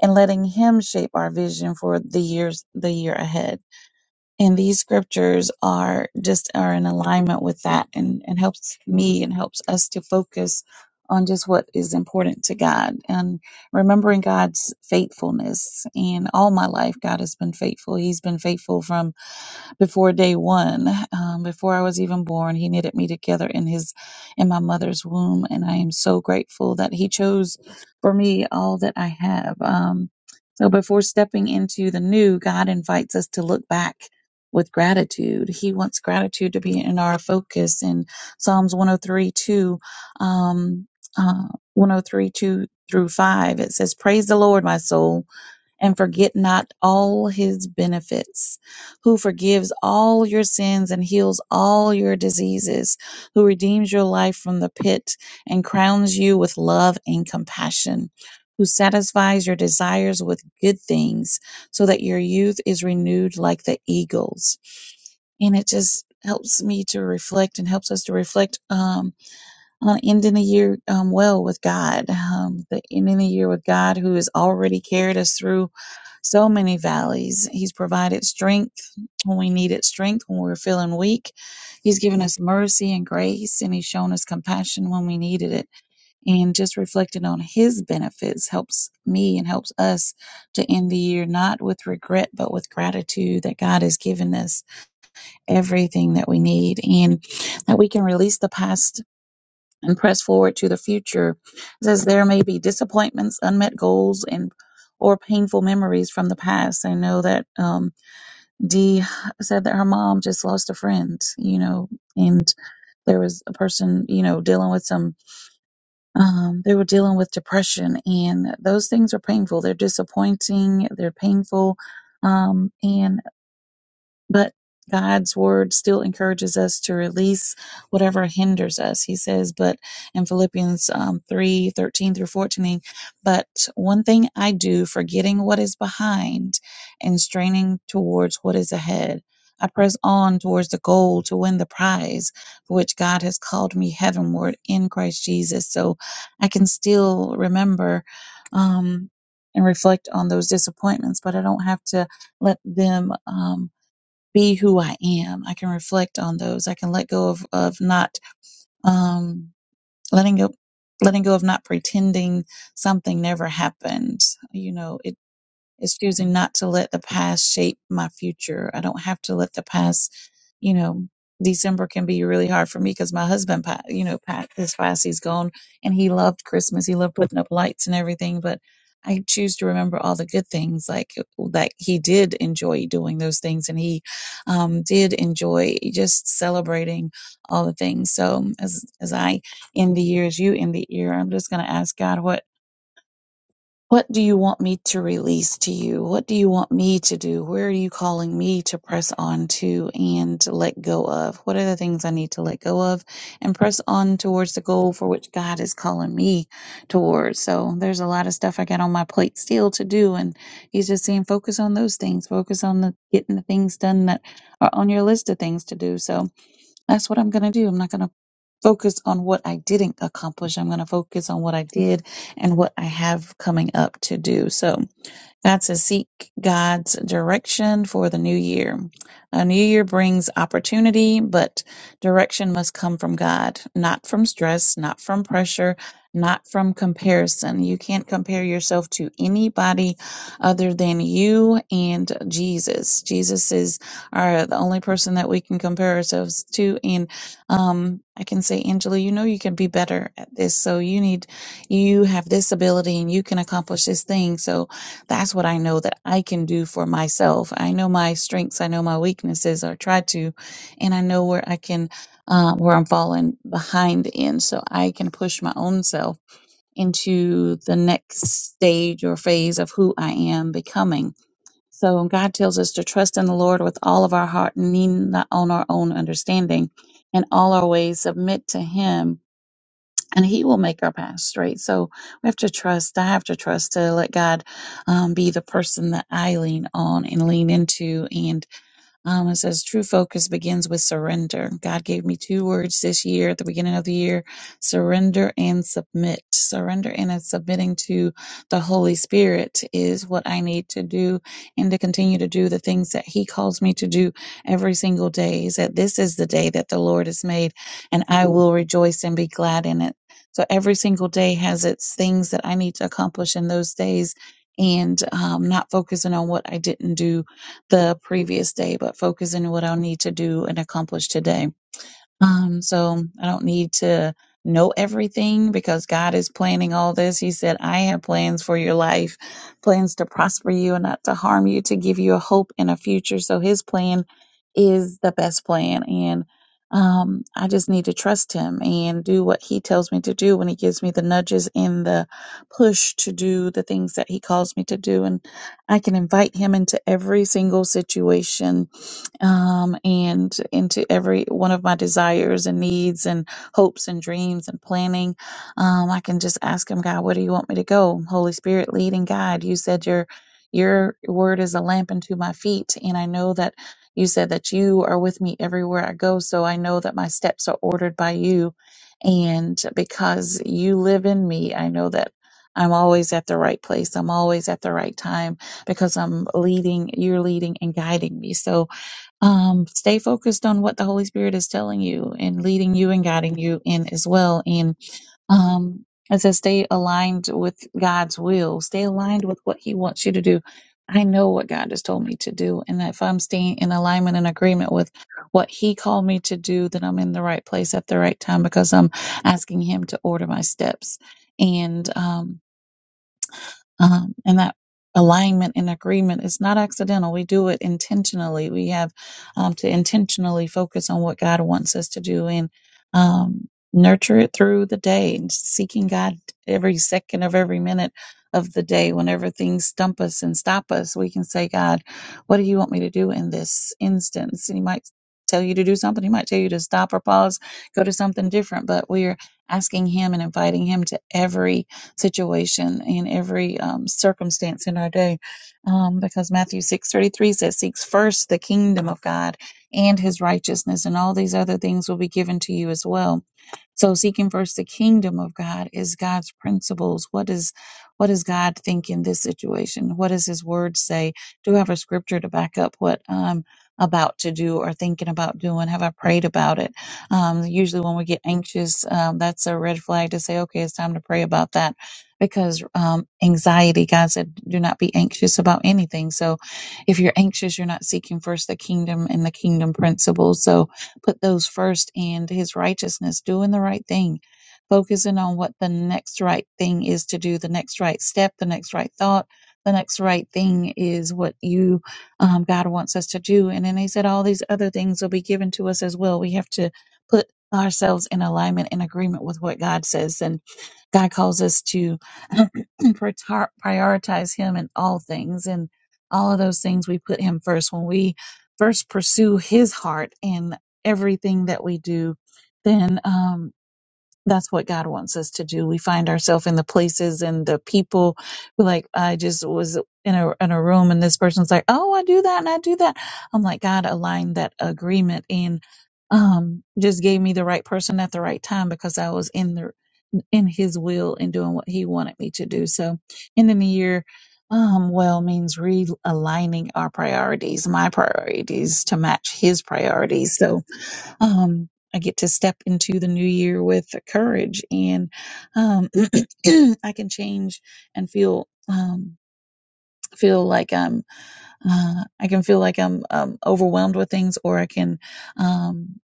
S9: and letting Him shape our vision for the years, the year ahead and these scriptures are just are in alignment with that and and helps me and helps us to focus on just what is important to God and remembering God's faithfulness. And all my life, God has been faithful. He's been faithful from before day one, um, before I was even born. He knitted me together in his in my mother's womb, and I am so grateful that he chose for me all that I have. Um, so before stepping into the new, God invites us to look back with gratitude. He wants gratitude to be in our focus. In Psalms 103, um, uh, 103, 2 through 5, it says, Praise the Lord, my soul and forget not all his benefits, who forgives all your sins and heals all your diseases, who redeems your life from the pit and crowns you with love and compassion, who satisfies your desires with good things so that your youth is renewed like the eagles. And it just helps me to reflect and helps us to reflect um, on ending the year um, well with God, um, the ending the year with God, who has already carried us through so many valleys. He's provided strength when we needed strength, when we were feeling weak. He's given us mercy and grace, and He's shown us compassion when we needed it. And just reflecting on His benefits helps me and helps us to end the year not with regret, but with gratitude that God has given us everything that we need and that we can release the past and press forward to the future. It says there may be disappointments, unmet goals, and or painful memories from the past. I know that um, Dee said that her mom just lost a friend, you know, and there was a person, you know, dealing with some, um, they were dealing with depression, and those things are painful. They're disappointing, they're painful. Um, and but God's word still encourages us to release whatever hinders us. He says, but in Philippians um, 3 thirteen through 14, but one thing I do, forgetting what is behind and straining towards what is ahead, I press on towards the goal to win the prize for which God has called me heavenward in Christ Jesus. So I can still remember um, and reflect on those disappointments, but I don't have to let them. Um, be who I am. I can reflect on those. I can let go of, of not um, letting go letting go of not pretending something never happened. You know, it. Is choosing not to let the past shape my future. I don't have to let the past, you know, December can be really hard for me because my husband, pa- you know, Pat, this past he's gone and he loved Christmas. He loved putting up lights and everything, but I choose to remember all the good things like that he did enjoy doing those things and he um, did enjoy just celebrating all the things. So as, as I end the year, as you end the year, I'm just going to ask God, what what do you want me to release to you? What do you want me to do? Where are you calling me to press on to and to let go of? What are the things I need to let go of and press on towards the goal for which God is calling me towards? So there's a lot of stuff I got on my plate still to do. And he's just saying, focus on those things, focus on the getting the things done that are on your list of things to do. So that's what I'm going to do. I'm not going to focus on what I didn't accomplish. I'm going to focus on what I did and what I have coming up to do. So, got to seek God's direction for the new year. A new year brings opportunity, but direction must come from God, not from stress, not from pressure, not from comparison. You can't compare yourself to anybody other than you and Jesus. Jesus is our, the only person that we can compare ourselves to. And um, I can say, Angela, you know you can be better at this. So you need, you have this ability and you can accomplish this thing. So that's what I know that I can do for myself. I know my strengths, I know my weaknesses, or try to, and I know where I can, uh, where I'm falling behind in, so I can push my own self into the next stage or phase of who I am becoming. So God tells us to trust in the Lord with all of our heart, and lean not on our own understanding, and all our ways submit to Him and he will make our path straight. So we have to trust. I have to trust to let God um, be the person that I lean on and lean into. And um, it says true focus begins with surrender. God gave me two words this year at the beginning of the year surrender and submit. Surrender and it's submitting to the Holy Spirit is what I need to do and to continue to do the things that He calls me to do every single day. He said, This is the day that the Lord has made, and I will rejoice and be glad in it. So every single day has its things that I need to accomplish in those days and um, not focusing on what I didn't do the previous day, but focusing on what I need to do and accomplish today. Um, so I don't need to know everything because God is planning all this. He said, I have plans for your life, plans to prosper you and not to harm you, to give you a hope and a future. So his plan is the best plan. And um, I just need to trust him and do what he tells me to do when he gives me the nudges and the push to do the things that he calls me to do. And I can invite him into every single situation um, and into every one of my desires and needs and hopes and dreams and planning. Um, I can just ask Him, God, where do you want me to go? Holy Spirit, lead and guide. You said your your word is a lamp unto my feet, and I know that you said that you are with me everywhere I go. So I know that my steps are ordered by you, and because you live in me, I know that. I'm always at the right place. I'm always at the right time because I'm leading, you're leading and guiding me. So, um, stay focused on what the Holy Spirit is telling you and leading you and guiding you in as well. And um, it says stay aligned with God's will, stay aligned with what He wants you to do. I know what God has told me to do, and if I'm staying in alignment and agreement with what He called me to do, then I'm in the right place at the right time because I'm asking Him to order my steps. And um, um, and that alignment and agreement is not accidental. We do it intentionally. We have um, to intentionally focus on what God wants us to do and um, nurture it through the day, and seeking God every second of every minute of the day. Whenever things stump us and stop us, we can say, God, what do you want me to do in this instance? And He might tell you to do something. He might tell you to stop or pause, go to something different, but we're asking Him and inviting Him to every situation and every um, circumstance in our day. Um, because Matthew 6.33 says, Seeks first the kingdom of God and his righteousness, and all these other things will be given to you as well so seeking first the kingdom of God is God's principles. What is what does God think in this situation? What does His Word say? Do I have a scripture to back up what I'm about to do or thinking about doing? Have I prayed about it? Um, usually, when we get anxious, um, that's a red flag to say, okay, it's time to pray about that. Because um, anxiety, God said, do not be anxious about anything. So, if you're anxious, you're not seeking first the kingdom and the kingdom principles. So, put those first and his righteousness, doing the right thing, focusing on what the next right thing is to do, the next right step, the next right thought, the next right thing is what you, um, God wants us to do. And then he said, all these other things will be given to us as well. We have to put ourselves in alignment and agreement with what God says. And God calls us to prior- prioritize Him in all things. And all of those things, we put Him first. When we first pursue His heart, and everything that we do, then um, that's what God wants us to do. We find ourselves in the places and the people. We're like, I just was in a in a room, and this person's like, "Oh, I do that and I do that." I'm like, God aligned that agreement and um, just gave me the right person at the right time because I was in the in His will and doing what He wanted me to do. So, ending the year. Um, well means realigning our priorities, my priorities to match his priorities. So, um, I get to step into the new year with courage, and um, I can change and feel um, feel like I'm uh, I can feel like I'm um, overwhelmed with things, or I can um,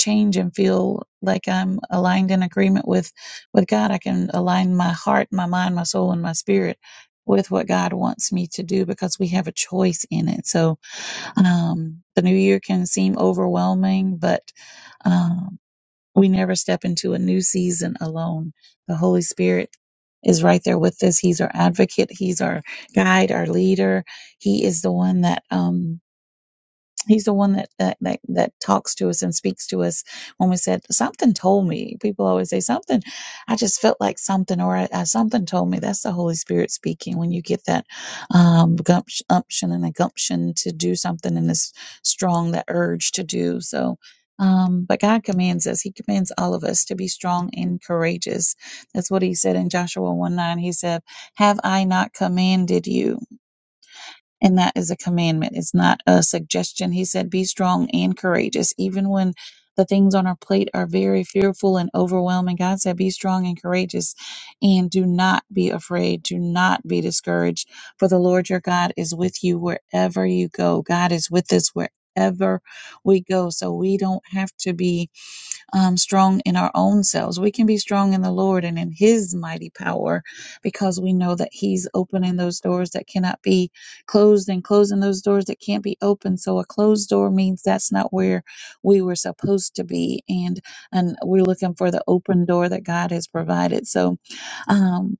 S9: change and feel like I'm aligned in agreement with with God. I can align my heart, my mind, my soul, and my spirit with what God wants me to do because we have a choice in it. So um, the new year can seem overwhelming, but um, we never step into a new season alone. The Holy Spirit is right there with us. He's our advocate. He's our guide, our leader. He is the one that, um, He's the one that, that that that talks to us and speaks to us when we said something told me. People always say something. I just felt like something, or I, I, something told me. That's the Holy Spirit speaking. When you get that um, gumption, umption and a gumption to do something, and this strong, that urge to do so. Um, but God commands us. He commands all of us to be strong and courageous. That's what He said in Joshua one nine. He said, "Have I not commanded you?" And that is a commandment. It's not a suggestion. He said, Be strong and courageous. Even when the things on our plate are very fearful and overwhelming, God said, Be strong and courageous and do not be afraid. Do not be discouraged. For the Lord your God is with you wherever you go. God is with us wherever we go. So we don't have to be um, strong in our own selves. We can be strong in the Lord and in His mighty power because we know that He's opening those doors that cannot be closed and closing those doors that can't be opened. So a closed door means that's not where we were supposed to be. And, and we're looking for the open door that God has provided. So, um,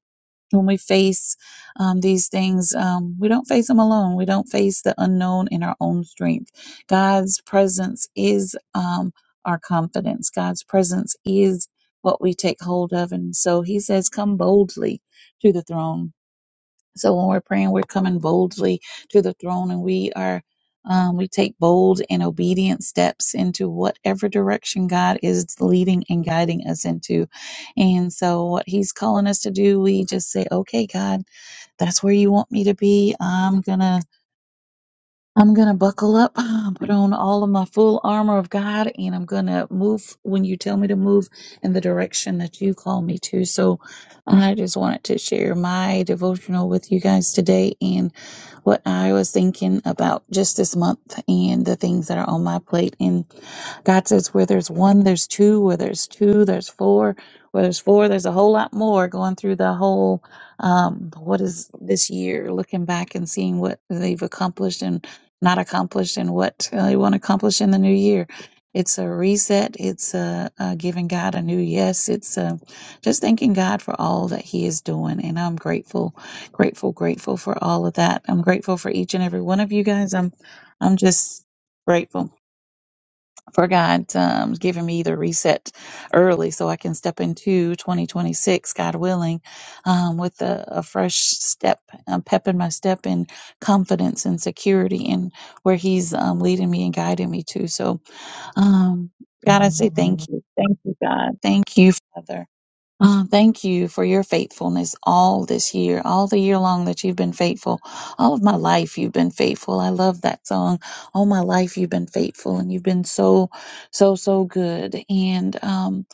S9: when we face um, these things, um, we don't face them alone. We don't face the unknown in our own strength. God's presence is um, our confidence. God's presence is what we take hold of. And so he says, come boldly to the throne so when we're praying, we're coming boldly to the throne and we are um, we take bold and obedient steps into whatever direction God is leading and guiding us into. And so what he's calling us to do, we just say, okay, God, that's where you want me to be. I'm gonna I'm going to buckle up, put on all of my full armor of God, and I'm going to move when you tell me to move in the direction that you call me to. So I just wanted to share my devotional with you guys today and what I was thinking about just this month and the things that are on my plate. And God says, where there's one, there's two, where there's two, there's four, where there's four, there's a whole lot more going through the whole, um, what is this year, looking back and seeing what they've accomplished. and not accomplished and what uh, you want to accomplish in the new year. It's a reset. It's a, uh giving God a new yes. It's a, just thanking God for all that He is doing. And I'm grateful, grateful, grateful for all of that. I'm grateful for each and every one of you guys. I'm, I'm just grateful for God um, giving me the reset early so I can step into 2026, God willing, um, with a, a fresh step, um, pep in my step and confidence and security in where He's um, leading me and guiding me to. So, um, God, I say thank you. Thank you, God. Thank you, Father. Uh, thank you for your faithfulness all this year, all the year long that you've been faithful. All of my life, you've been faithful. I love that song. All my life, you've been faithful, and you've been so, so, so good. And um,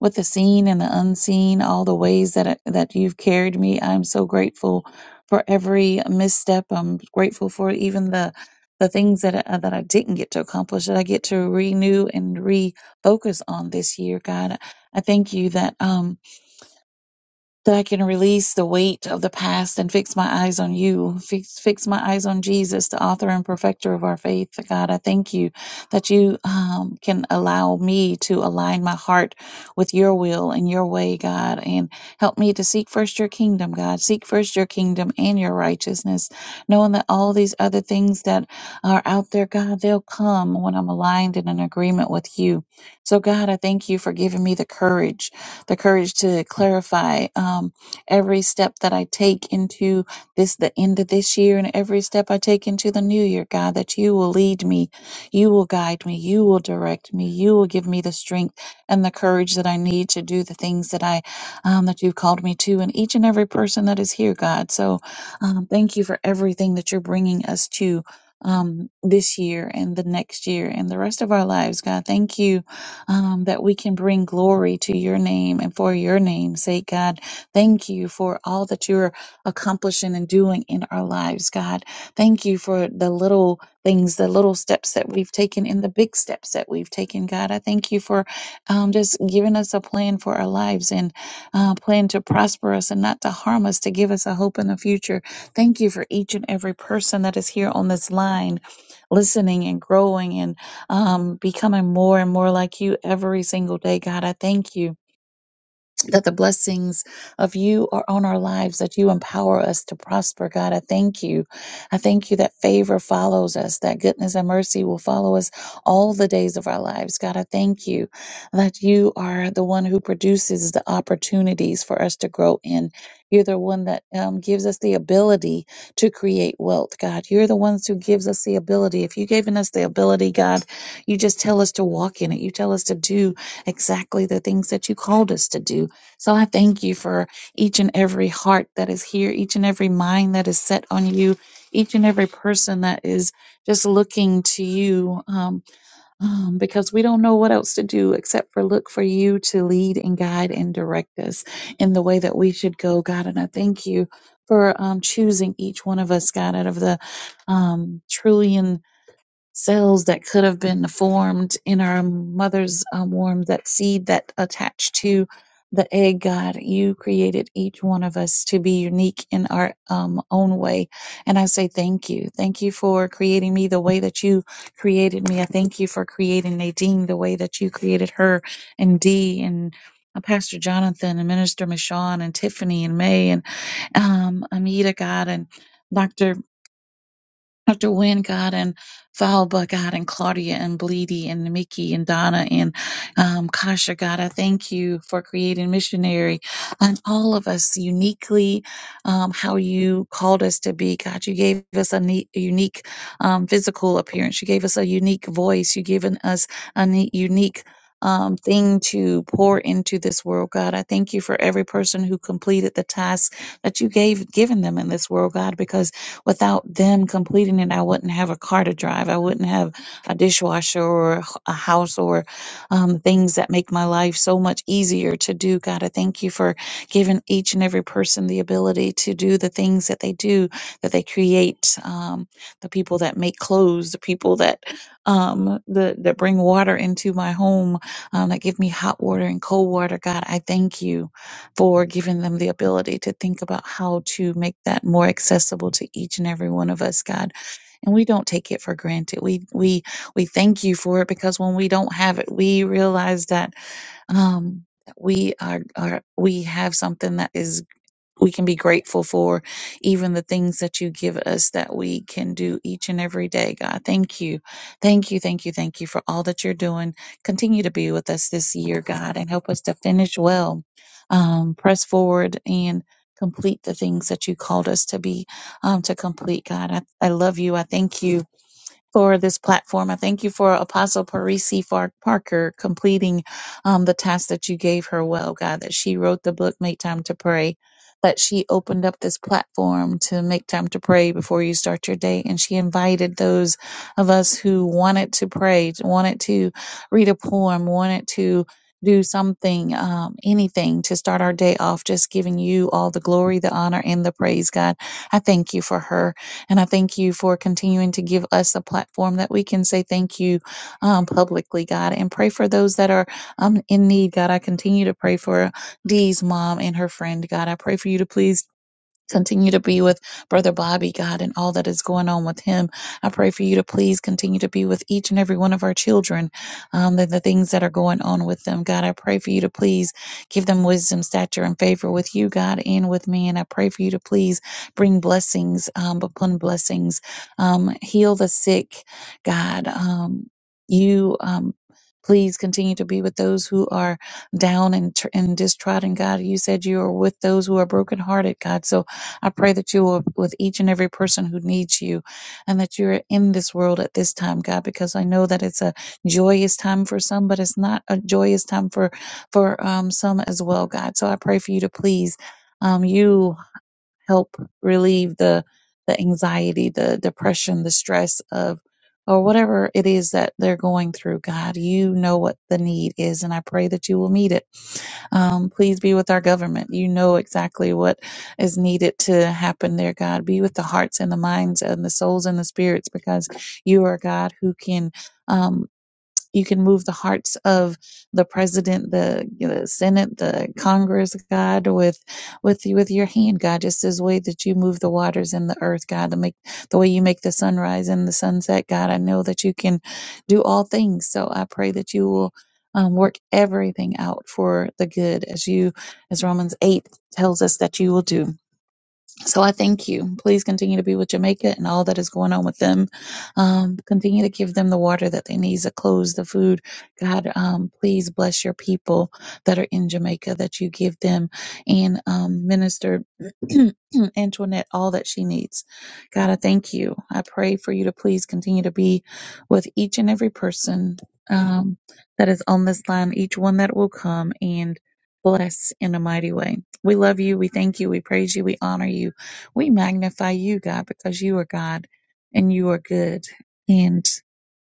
S9: with the seen and the unseen, all the ways that that you've carried me, I'm so grateful for every misstep. I'm grateful for even the the things that I, that I didn't get to accomplish that I get to renew and refocus on this year, God. I thank you that. Um, that I can release the weight of the past and fix my eyes on you, fix, fix my eyes on Jesus, the author and perfecter of our faith. God, I thank you that you um, can allow me to align my heart with your will and your way, God, and help me to seek first your kingdom, God. Seek first your kingdom and your righteousness, knowing that all these other things that are out there, God, they'll come when I'm aligned and in agreement with you. So, God, I thank you for giving me the courage the courage to clarify um, every step that I take into this, the end of this year, and every step I take into the new year, God, that you will lead me, you will guide me, you will direct me, you will give me the strength and the courage that I need to do the things that I, um, that you've called me to, and each and every person that is here, God. So um, thank you for everything that you're bringing us to. Um, this year and the next year and the rest of our lives, God. Thank you um, that we can bring glory to your name and for your name's sake, God. Thank you for all that you're accomplishing and doing in our lives, God. Thank you for the little things, the little steps that we've taken and the big steps that we've taken, God. I thank you for um, just giving us a plan for our lives and uh, plan to prosper us and not to harm us, to give us a hope in the future. Thank you for each and every person that is here on this line, listening and growing um, becoming more and more like you every single day. God, I thank you that the blessings of you are on our lives, that you empower us to prosper, God. I thank you. I thank you that favor follows us, that goodness and mercy will follow us all the days of our lives, God. I thank you that you are the one who produces the opportunities for us to grow in. You're the one that um, gives us the ability to create wealth, God. You're the ones who gives us the ability. If you've given us the ability, God, you just tell us to walk in it. You tell us to do exactly the things that you called us to do. So I thank you for each and every heart that is here, each and every mind that is set on you, each and every person that is just looking to you um, um, because we don't know what else to do except for look for you to lead and guide and direct us in the way that we should go, God. And I thank you for um, choosing each one of us, God, out of the um, trillion cells that could have been formed in our mother's um, womb, that seed that attached to the egg, God, you created each one of us to be unique in our um, own way. And I say thank you. Thank you for creating me the way that you created me. I thank you for creating Nadine the way that you created her and Dee and uh, Pastor Jonathan and Minister Michon and Tiffany and May and um, Amita, God, and Dr. After Wynn God and Valba God and Claudia and Bleedy and Mickey and Donna and um, Kasha God, I thank you for creating missionary and all of us uniquely, um, how you called us to be. God, you gave us a ne- unique um, physical appearance. You gave us a unique voice. You given us a ne- unique um, thing to pour into this world, God. I thank you for every person who completed the task that you gave given them in this world, God, because Without them completing it, I wouldn't have a car to drive. I wouldn't have a dishwasher or a house or um, things that make my life so much easier to do. God, I thank you for giving each and every person the ability to do the things that they do, that they create, um, the people that make clothes, the people that um, the, that bring water into my home, um, that give me hot water and cold water. God, I thank you for giving them the ability to think about how to make that more accessible to each and every one of us, God. And we don't take it for granted. We we we thank you for it because when we don't have it, we realize that um we are, are we have something that is we can be grateful for even the things that you give us that we can do each and every day, God. Thank you. Thank you. Thank you. Thank you for all that you're doing. Continue to be with us this year, God, and help us to finish well, um, press forward and complete the things that you called us to be, um, to complete, God. I, I love you. I thank you for this platform. I thank you for Apostle Parisi Far- Parker completing um, the task that you gave her well, God, that she wrote the book, Make Time to Pray, that she opened up this platform to make time to pray before you start your day. And she invited those of us who wanted to pray, wanted to read a poem, wanted to do something, um, anything to start our day off, just giving you all the glory, the honor, and the praise, God. I thank you for her. And I thank you for continuing to give us a platform that we can say thank you um, publicly, God, and pray for those that are um, in need, God. I continue to pray for Dee's mom and her friend, God. I pray for you to please Continue to be with Brother Bobby, God, and all that is going on with him. I pray for you to please continue to be with each and every one of our children, um, that the things that are going on with them, God. I pray for you to please give them wisdom, stature, and favor with you, God, and with me. And I pray for you to please bring blessings um, upon blessings, um, heal the sick, God. Um, you. Um, Please continue to be with those who are down and, tr- and distrodden, God. You said you are with those who are brokenhearted, God. So I pray that you will with each and every person who needs you and that you're in this world at this time, God, because I know that it's a joyous time for some, but it's not a joyous time for for um, some as well, God. So I pray for you to please um, you help relieve the the anxiety, the depression, the stress of or whatever it is that they're going through, God, you know what the need is, and I pray that you will meet it. Um, please be with our government. You know exactly what is needed to happen there, God. Be with the hearts and the minds and the souls and the spirits because you are God who can. um, you can move the hearts of the president, the, you know, the Senate, the Congress, God, with with you with your hand, God, just as way that you move the waters and the earth, God, to make the way you make the sunrise and the sunset, God. I know that you can do all things. So I pray that you will um, work everything out for the good as you as Romans eight tells us that you will do. So I thank you. Please continue to be with Jamaica and all that is going on with them. Um, continue to give them the water that they need, the clothes, the food. God, um, please bless your people that are in Jamaica that you give them and um, minister Antoinette all that she needs. God, I thank you. I pray for you to please continue to be with each and every person um, that is on this line, each one that will come and bless in a mighty way. We love you. We thank you. We praise you. We honor you. We magnify you, God, because you are God and you are good. And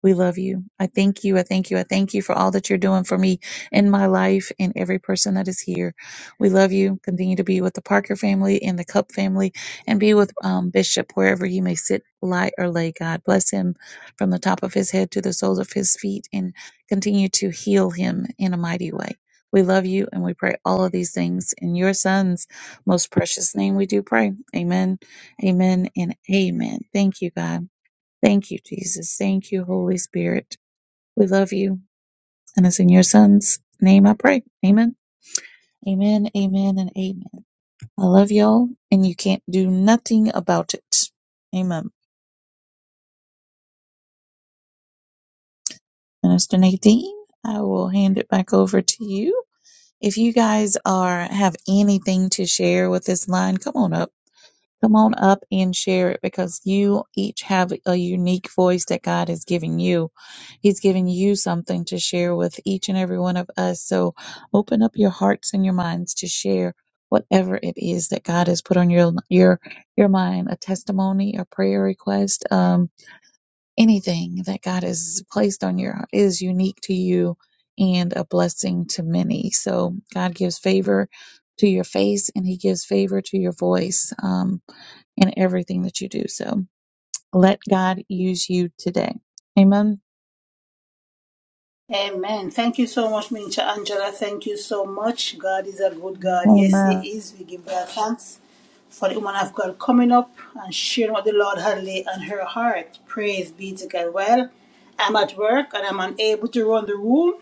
S9: we love you. I thank you. I thank you. I thank you for all that you're doing for me in my life and every person that is here. We love you. Continue to be with the Parker family and the Cup family and be with um, Bishop wherever he may sit, lie, or lay. God bless him from the top of his head to the soles of his feet and continue to heal him in a mighty way. We love you and we pray all of these things in your son's most precious name we do pray. Amen, amen, and amen. Thank you, God. Thank you, Jesus. Thank you, Holy Spirit. We love you. And it's in your son's name I pray. Amen. Amen, amen, and amen. I love y'all, and you can't do nothing about it. Amen. Minister Nadine, I will hand it back over to you. If you guys are have anything to share with this line, come on up Come on up and share it because you each have a unique voice that God is giving you. He's giving you something to share with each and every one of us. So open up your hearts and your minds to share whatever it is that God has put on your your your mind, a testimony, a prayer request, um, anything that God has placed on your heart is unique to you and a blessing to many. So God gives favor to your face and he gives favor to your voice. Um, in everything that you do. So let God use you today. Amen.
S1: Amen. Thank you so much, Minister Angela. Thank you so much. God is a good God. Yes, He
S9: Amen.
S1: is. We give God thanks for the woman of God coming up and sharing what the Lord had laid on her heart. Praise be to God. Well, I'm at work and I'm unable to run the room.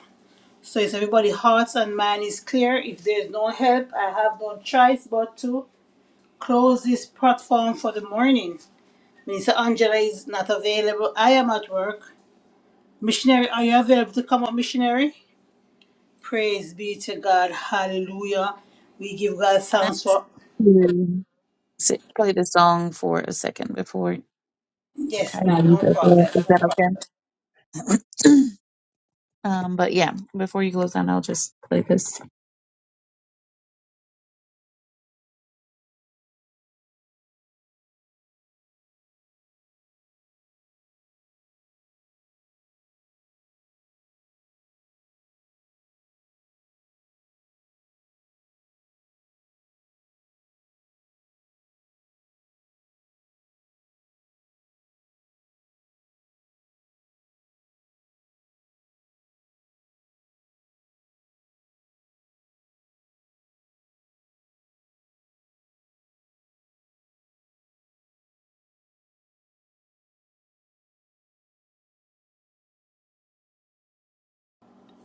S1: So if everybody's hearts and mind is clear, if there's no help, I have no choice but to close this platform for the morning. Minister Angela is not available. I am at work. Missionary, are you available to come up, missionary? Praise be to God. Hallelujah. We give God
S9: Can I
S1: thanks for.
S9: s- play the song for a second before
S1: Yes,
S9: I
S1: ma'am.
S9: leave?
S1: No
S9: as well?
S1: problem.
S9: Is
S1: No problem.
S9: that okay? um, but yeah, before you close down, I'll just play this.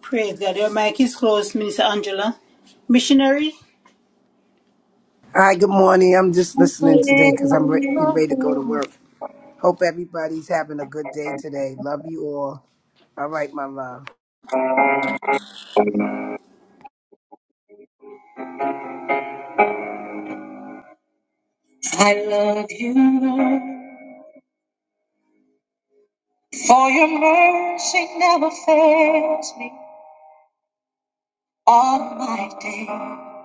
S1: Praise God. Your mic is closed, Minister Angela. Missionary?
S10: Hi, good morning. I'm just
S9: I
S10: listening
S9: love
S10: today because I'm re- getting ready to go to work. Hope everybody's having a good day today. Love you all. All right, my love.
S9: you, Lord, for your mercy never fails me all my days.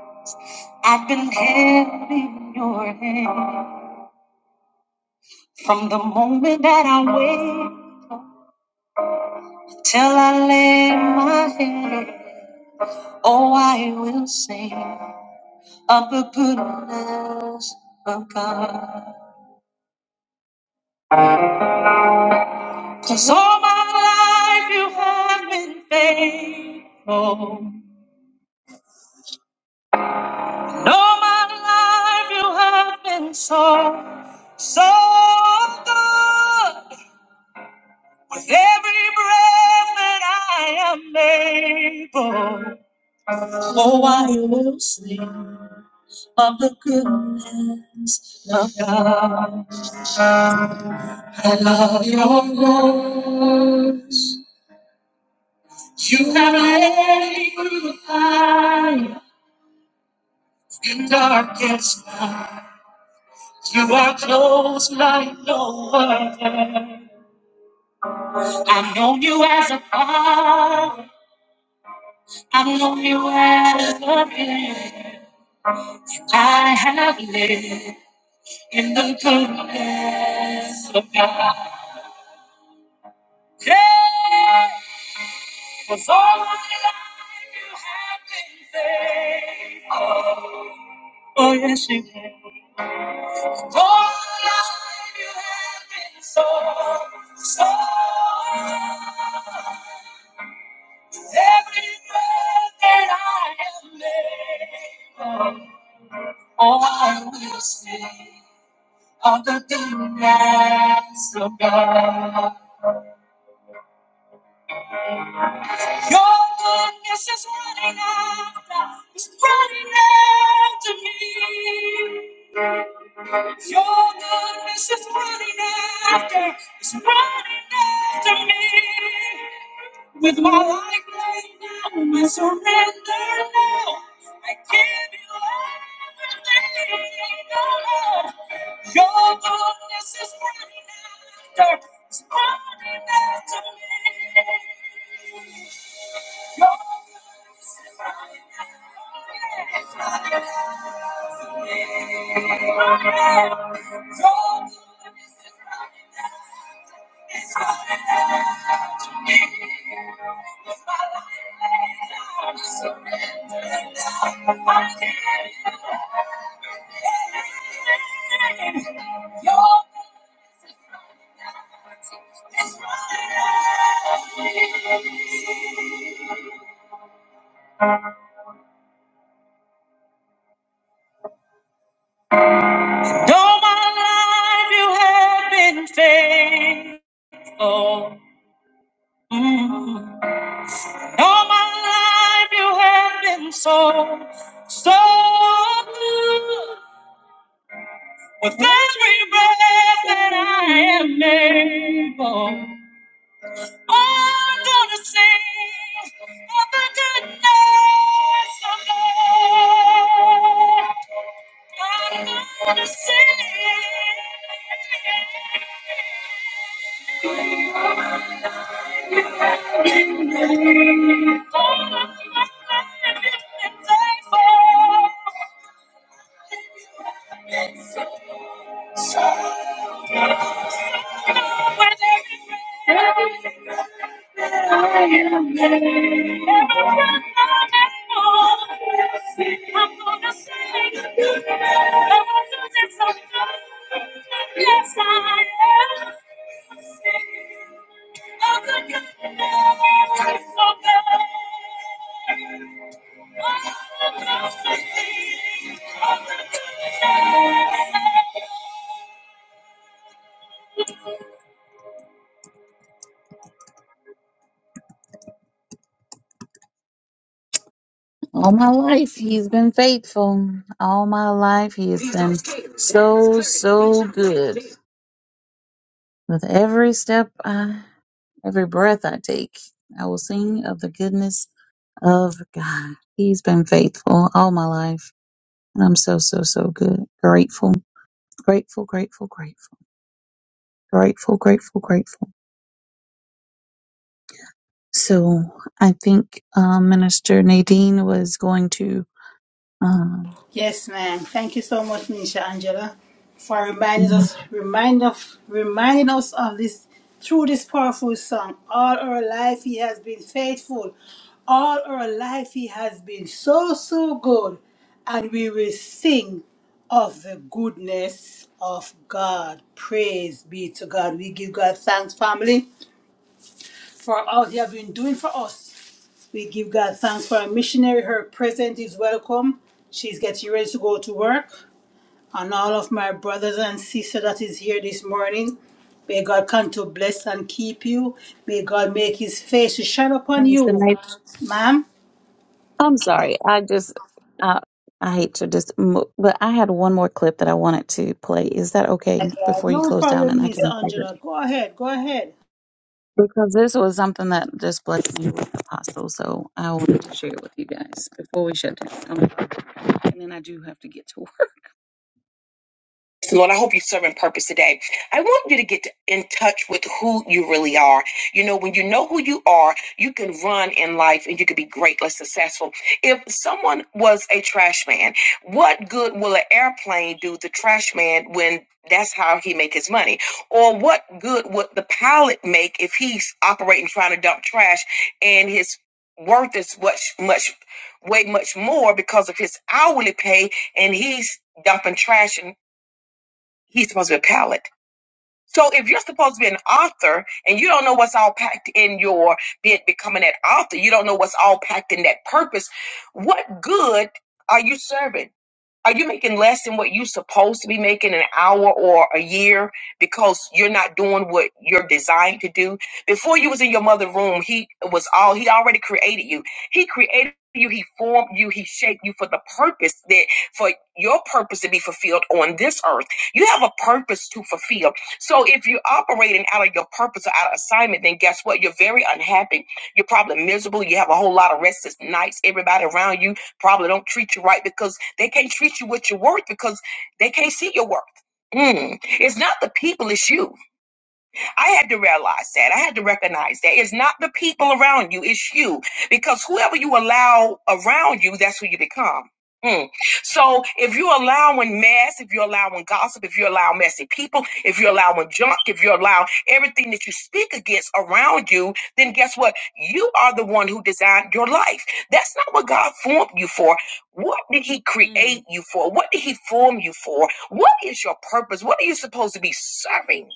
S9: I've been held in your hand. From the moment that I wake up till I lay my head, oh, I will sing of the goodness of God. 'Cause all my life you have been faithful. And all my life you have been so, so good. With every breath that I am able, oh, I will sing. of the goodness of God. I love your voice. You have led me through the fire and darkest night. You are close like no other. I've known you as a father. I've known you as a friend. I have lived in the goodness of God. Cause all my life you have been faithful. Oh yes, you have. All my life you have been so, so. Every breath that I am able, oh, I will sing of the goodness of God. Your goodness is running after, is running after me. Your goodness is running after, is running after me. With my life laid down, I surrender now. I give you everything, oh Lord. Your goodness is running after, is running after me. All my life you have been faithful. Mm. All my life you have been so, so good. With every breath that I am able, I'm gonna sing of the goodness of God. I'm gonna sing all of my life you've been faithful. With every breath All my life, he's been faithful. All my life, he has been so, so good. With every step, I, every breath I take, I will sing of the goodness of God. He's been faithful all my life. And I'm so, so, so good. Grateful, grateful, grateful, grateful, grateful, grateful, grateful. So I think um, Minister Nadine was going to. Um,
S1: Yes, man. Thank you so much, Minister Angela, for reminding us,
S9: that
S1: remind of, reminding us of this through this powerful song. All our life, He has been faithful. All our life, He has been so, so good, and we will sing of the goodness of God. Praise be to God. We give God thanks, family, for all He has been doing for us. We give God thanks for our missionary. Her present is welcome. She's getting ready to go to work and all of my brothers and sisters that is here this morning. May God come to bless and keep you. May God make his face to shine upon
S9: was
S1: you. Ma'am?
S9: I'm sorry. I just, uh, I hate to just, mo- but I had one more clip that I wanted to play. Is that okay before you
S1: No
S9: close down
S1: problem,
S9: and I
S1: Minister
S9: can play it?
S1: Angela. Go ahead, go ahead.
S9: Because this was something that just blessed me with Apostle. So I wanted to share it with you guys before we shut down. I'm sorry. And then I do have to get to Lord, I hope you're serving purpose today. I want you to get in touch with who you really are. You know, when you know who you are, you can run in life and you can be greatly successful. If someone was a trash man, what good will an airplane do the trash man when that's how he make his money? Or what good would the pilot make if he's operating trying to dump trash and his worth is much much way much more because of his hourly pay and he's dumping trash and he's supposed to be a palate. So if you're supposed to be an author and you don't know what's all packed in your be- becoming an author, you don't know what's all packed in that purpose, what good are you serving? Are you making less than what you're supposed to be making an hour or a year because you're not doing what you're designed to do? Before you was in your mother room, he was all he already created you. He created you, he formed you, he shaped you for the purpose that for your purpose to be fulfilled on this earth. You have a purpose to fulfill. So if you're operating out of your purpose or out of assignment, then guess what? You're very unhappy. You're probably miserable. You have a whole lot of restless nights, everybody around you probably don't treat you right because they can't treat you with your worth because they can't see your worth. Mm. It's not the people, it's you. I had to realize that. I had to recognize that. It's not the people around you, it's you. Because whoever you allow around you, that's who you become. Mm. So if you're allowing mess, if you're allowing gossip, if you allow messy people, if you're allowing junk, if you allow everything that you speak against around you, then guess what? You are the one who designed your life. That's not what God formed you for. What did He create Mm. you for? What did He form you for? What is your purpose? What are you supposed to be serving?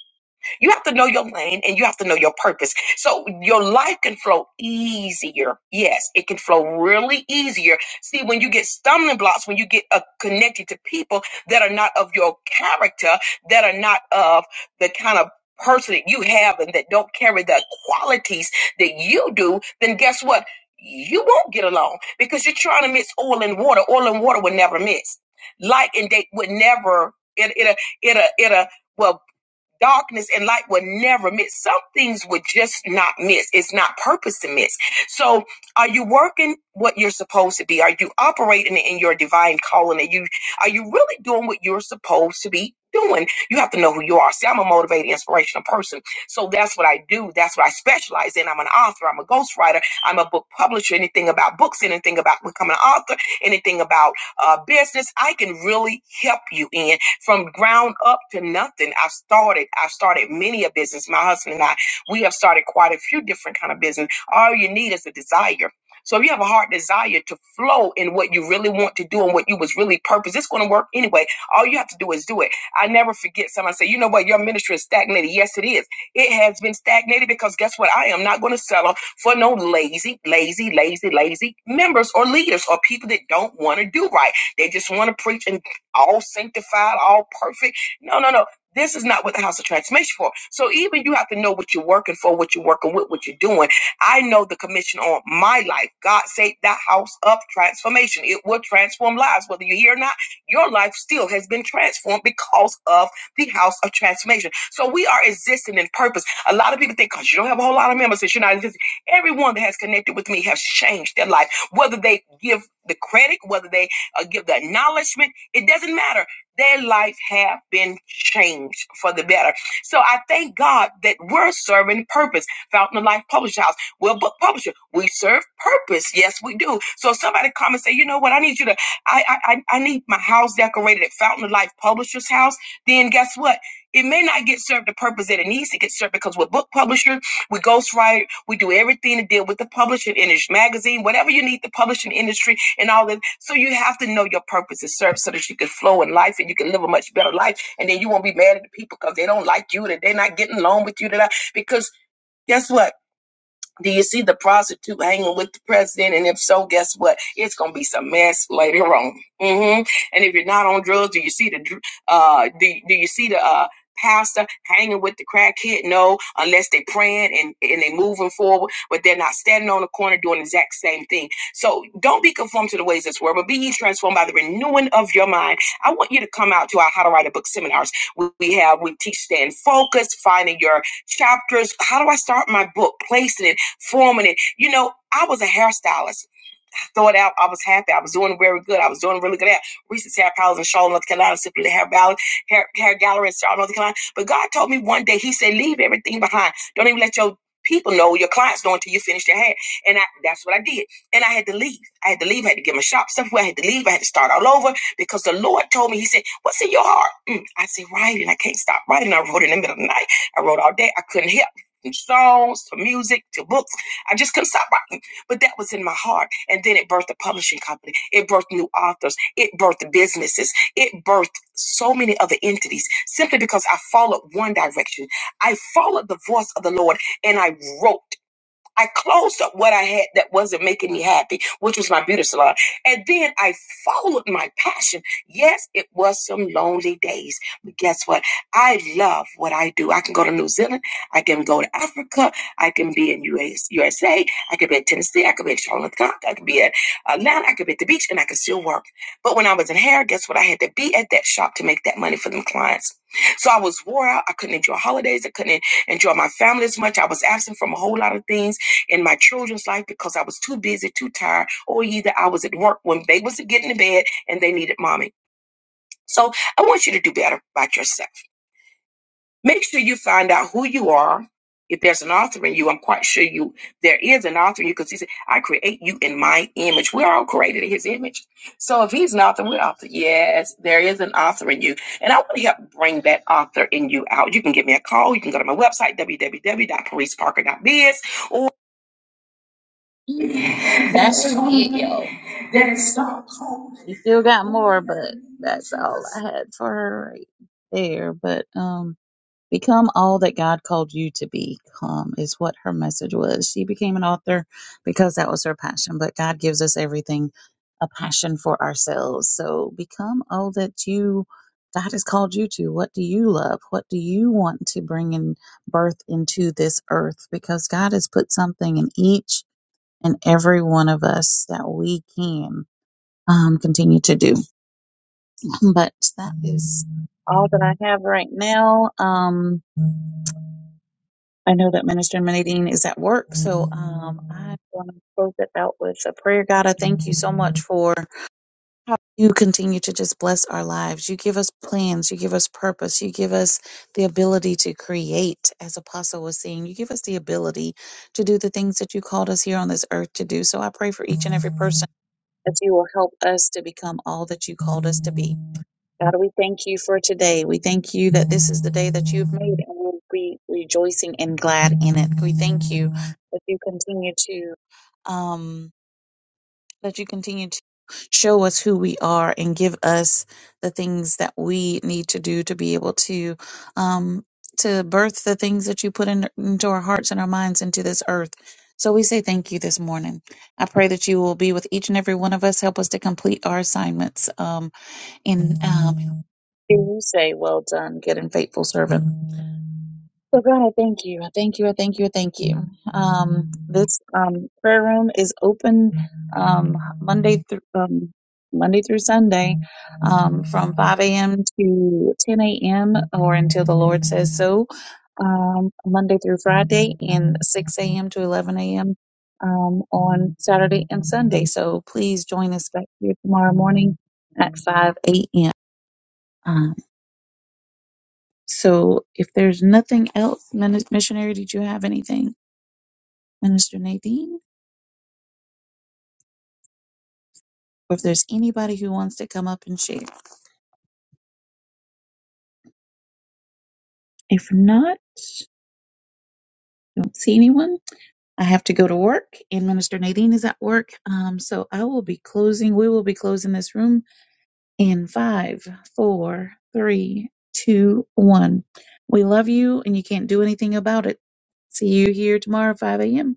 S9: You have to know your lane and you have to know your purpose. So your life can flow easier. Yes, it can flow really easier. See, when you get stumbling blocks, when you get uh, connected to people that are not of your character, that are not of the kind of person that you have and that don't carry the qualities that you do, then guess what? You won't get along because you're trying to mix oil and water. Oil and water would never mix. Light and date would never, it, it, it, it, it, Well darkness and light will never miss. Some things would just not miss. It's not purpose to miss. So are you working what you're supposed to be? Are you operating in your divine calling? Are you are you really doing what you're supposed to be doing? You have to know who you are. See, I'm a motivated, inspirational person. So that's what I do. That's what I specialize in. I'm an author. I'm a ghostwriter. I'm a book publisher. Anything about books, anything about becoming an author, anything about uh, business, I can really help you in from ground up to nothing. I've started, I've started many a business. My husband and I, we have started quite a few different kind of business. All you need is a desire. So if you have a hard desire to flow in what you really want to do and what you was really purpose, it's going to work anyway. All you have to do is do it. I never forget someone say, you know what, your ministry is stagnated. Yes, it is. It has been stagnated because guess what? I am not going to settle for no lazy, lazy, lazy, lazy members or leaders or people that don't want to do right. They just want to preach and all sanctified, all perfect. No, no, no. This is not what the house of transformation for. So even you have to know what you're working for, what you're working with, what you're doing. I know the commission on my life. God saved that house of transformation. It will transform lives. Whether you're here or not, your life still has been transformed because of the house of transformation. So we are existing in purpose. A lot of people think because you don't have a whole lot of members, that you're not existing. Everyone that has connected with me has changed their life, whether they give the credit, whether they uh, give the acknowledgement it doesn't matter. Their life have been changed for the better. So I thank God that we're serving purpose. Fountain of Life Publishing House, we're a book publisher. We serve purpose. Yes, we do. So if somebody come and say, you know what? I need you to. I I I I need my house decorated at Fountain of Life Publishers House. Then guess what? It may not get served the purpose that it needs to get served because we're book publishers we ghostwrite. We do everything to deal with the publishing industry, magazine, whatever you need, the publishing industry, and all that. So you have to know your purpose and serve so that you can flow in life and you can live a much better life. And then you won't be mad at the people because they don't like you, that they're not getting along with you, that I, because guess what? Do you see the prostitute hanging with the president? And if so, guess what? It's gonna be some mess later on. hmm And if you're not on drugs, do you see the uh do, do you see the uh pastor hanging with the crackhead? No, unless they praying and and they moving forward, but they're not standing on the corner doing the exact same thing. So don't be conformed to the ways of this world, but be ye transformed by the renewing of your mind. I want you to come out to our How to Write a Book seminars. We, we have we teach stand focused, finding your chapters. How do I start my book? Placing it forming it. You know, I was a hairstylist thought out. I was happy. I was doing very good. I was doing really good at Reese's Hair Palace in Charlotte, North Carolina, simply the hair, ball, hair, hair gallery in Charlotte, North Carolina. But God told me one day, He said, leave everything behind. Don't even let your people know, your clients know until you finish their hair. And I, that's what I did. And I had to leave. I had to leave. I had to get my shop stuff. away. I had to leave. I had to start all over because the Lord told me, He said, What's in your heart? Mm. I said, Writing. I can't stop writing. I wrote in the middle of the night. I wrote all day. I couldn't help from songs to music to books. I just couldn't stop writing. But that was in my heart. And then it birthed a publishing company. It birthed new authors. It birthed businesses. It birthed so many other entities simply because I followed one direction. I followed the voice of the Lord and I wrote. I closed up what I had that wasn't making me happy, which was my beauty salon. And then I followed my passion. Yes, it was some lonely days, but guess what? I love what I do. I can go to New Zealand. I can go to Africa. I can be in US, USA. I could be in Tennessee. I could be in Charlotte. I could be at Atlanta. I could be at the beach and I could still work. But when I was in hair, guess what? I had to be at that shop to make that money for them clients. So I was wore out. I couldn't enjoy holidays. I couldn't enjoy my family as much. I was absent from a whole lot of things in my children's life because I was too busy, too tired, or either I was at work when they was getting to bed and they needed mommy. So I want you to do better about yourself. Make sure you find out who you are. If there's an author in you, I'm quite sure you there is an author in you because he said, I create you in my image. We're all created in his image. So if he's an author, we're author. Yes, there is an author in you. And I want to help bring that author in you out. You can give me a call. You can go to my website, www.policeparker.biz, or That's it, yo. You still got more, but that's all I had for her right there. But um, become all that God called you to become is what her message was. She became an author because that was her passion, but God gives us everything a passion for ourselves. So become all that you God has called you to. What do you love? What do you want to bring in birth into this earth? Because God has put something in each and every one of us that we can um, continue to do but that is all that I have right now. Um, I know that Minister Nadine is at work, so um, I'm going to close it out with a prayer. God, I thank you so much for how you continue to just bless our lives. You give us plans, you give us purpose, you give us the ability to create, as Apostle was saying. You give us the ability to do the things that you called us here on this earth to do. So I pray for each and every person that you will help us to become all that you called us to be. God, we thank you for today. We thank you that this is the day that you've made and we'll be rejoicing and glad in it. We thank you that you continue to um that you continue to show us who we are and give us the things that we need to do to be able to um to birth the things that you put in, into our hearts and our minds into this earth. So we say thank you this morning. I pray that you will be with each and every one of us. Help us to complete our assignments um, in um, Hear you say, well done, good and faithful servant. So God, I thank you. I thank you. I thank you. I thank you. Um, this um, prayer room is open um, Monday through um, Monday through Sunday um, from 5 a.m. to 10 a.m. or until the Lord says so. Um, Monday through Friday and 6 a.m. to 11 a.m. Um, on Saturday and Sunday. So please join us back here tomorrow morning at 5 a.m. So if there's nothing else, Minis- missionary, did you have anything, Minister Nadine? Or if there's anybody who wants to come up and share? If not, don't see anyone. I have to go to work, and Minister Nadine is at work. Um, so I will be closing. We will be closing this room in five, four, three, two, one. We love you, and you can't do anything about it. See you here tomorrow, 5 a.m.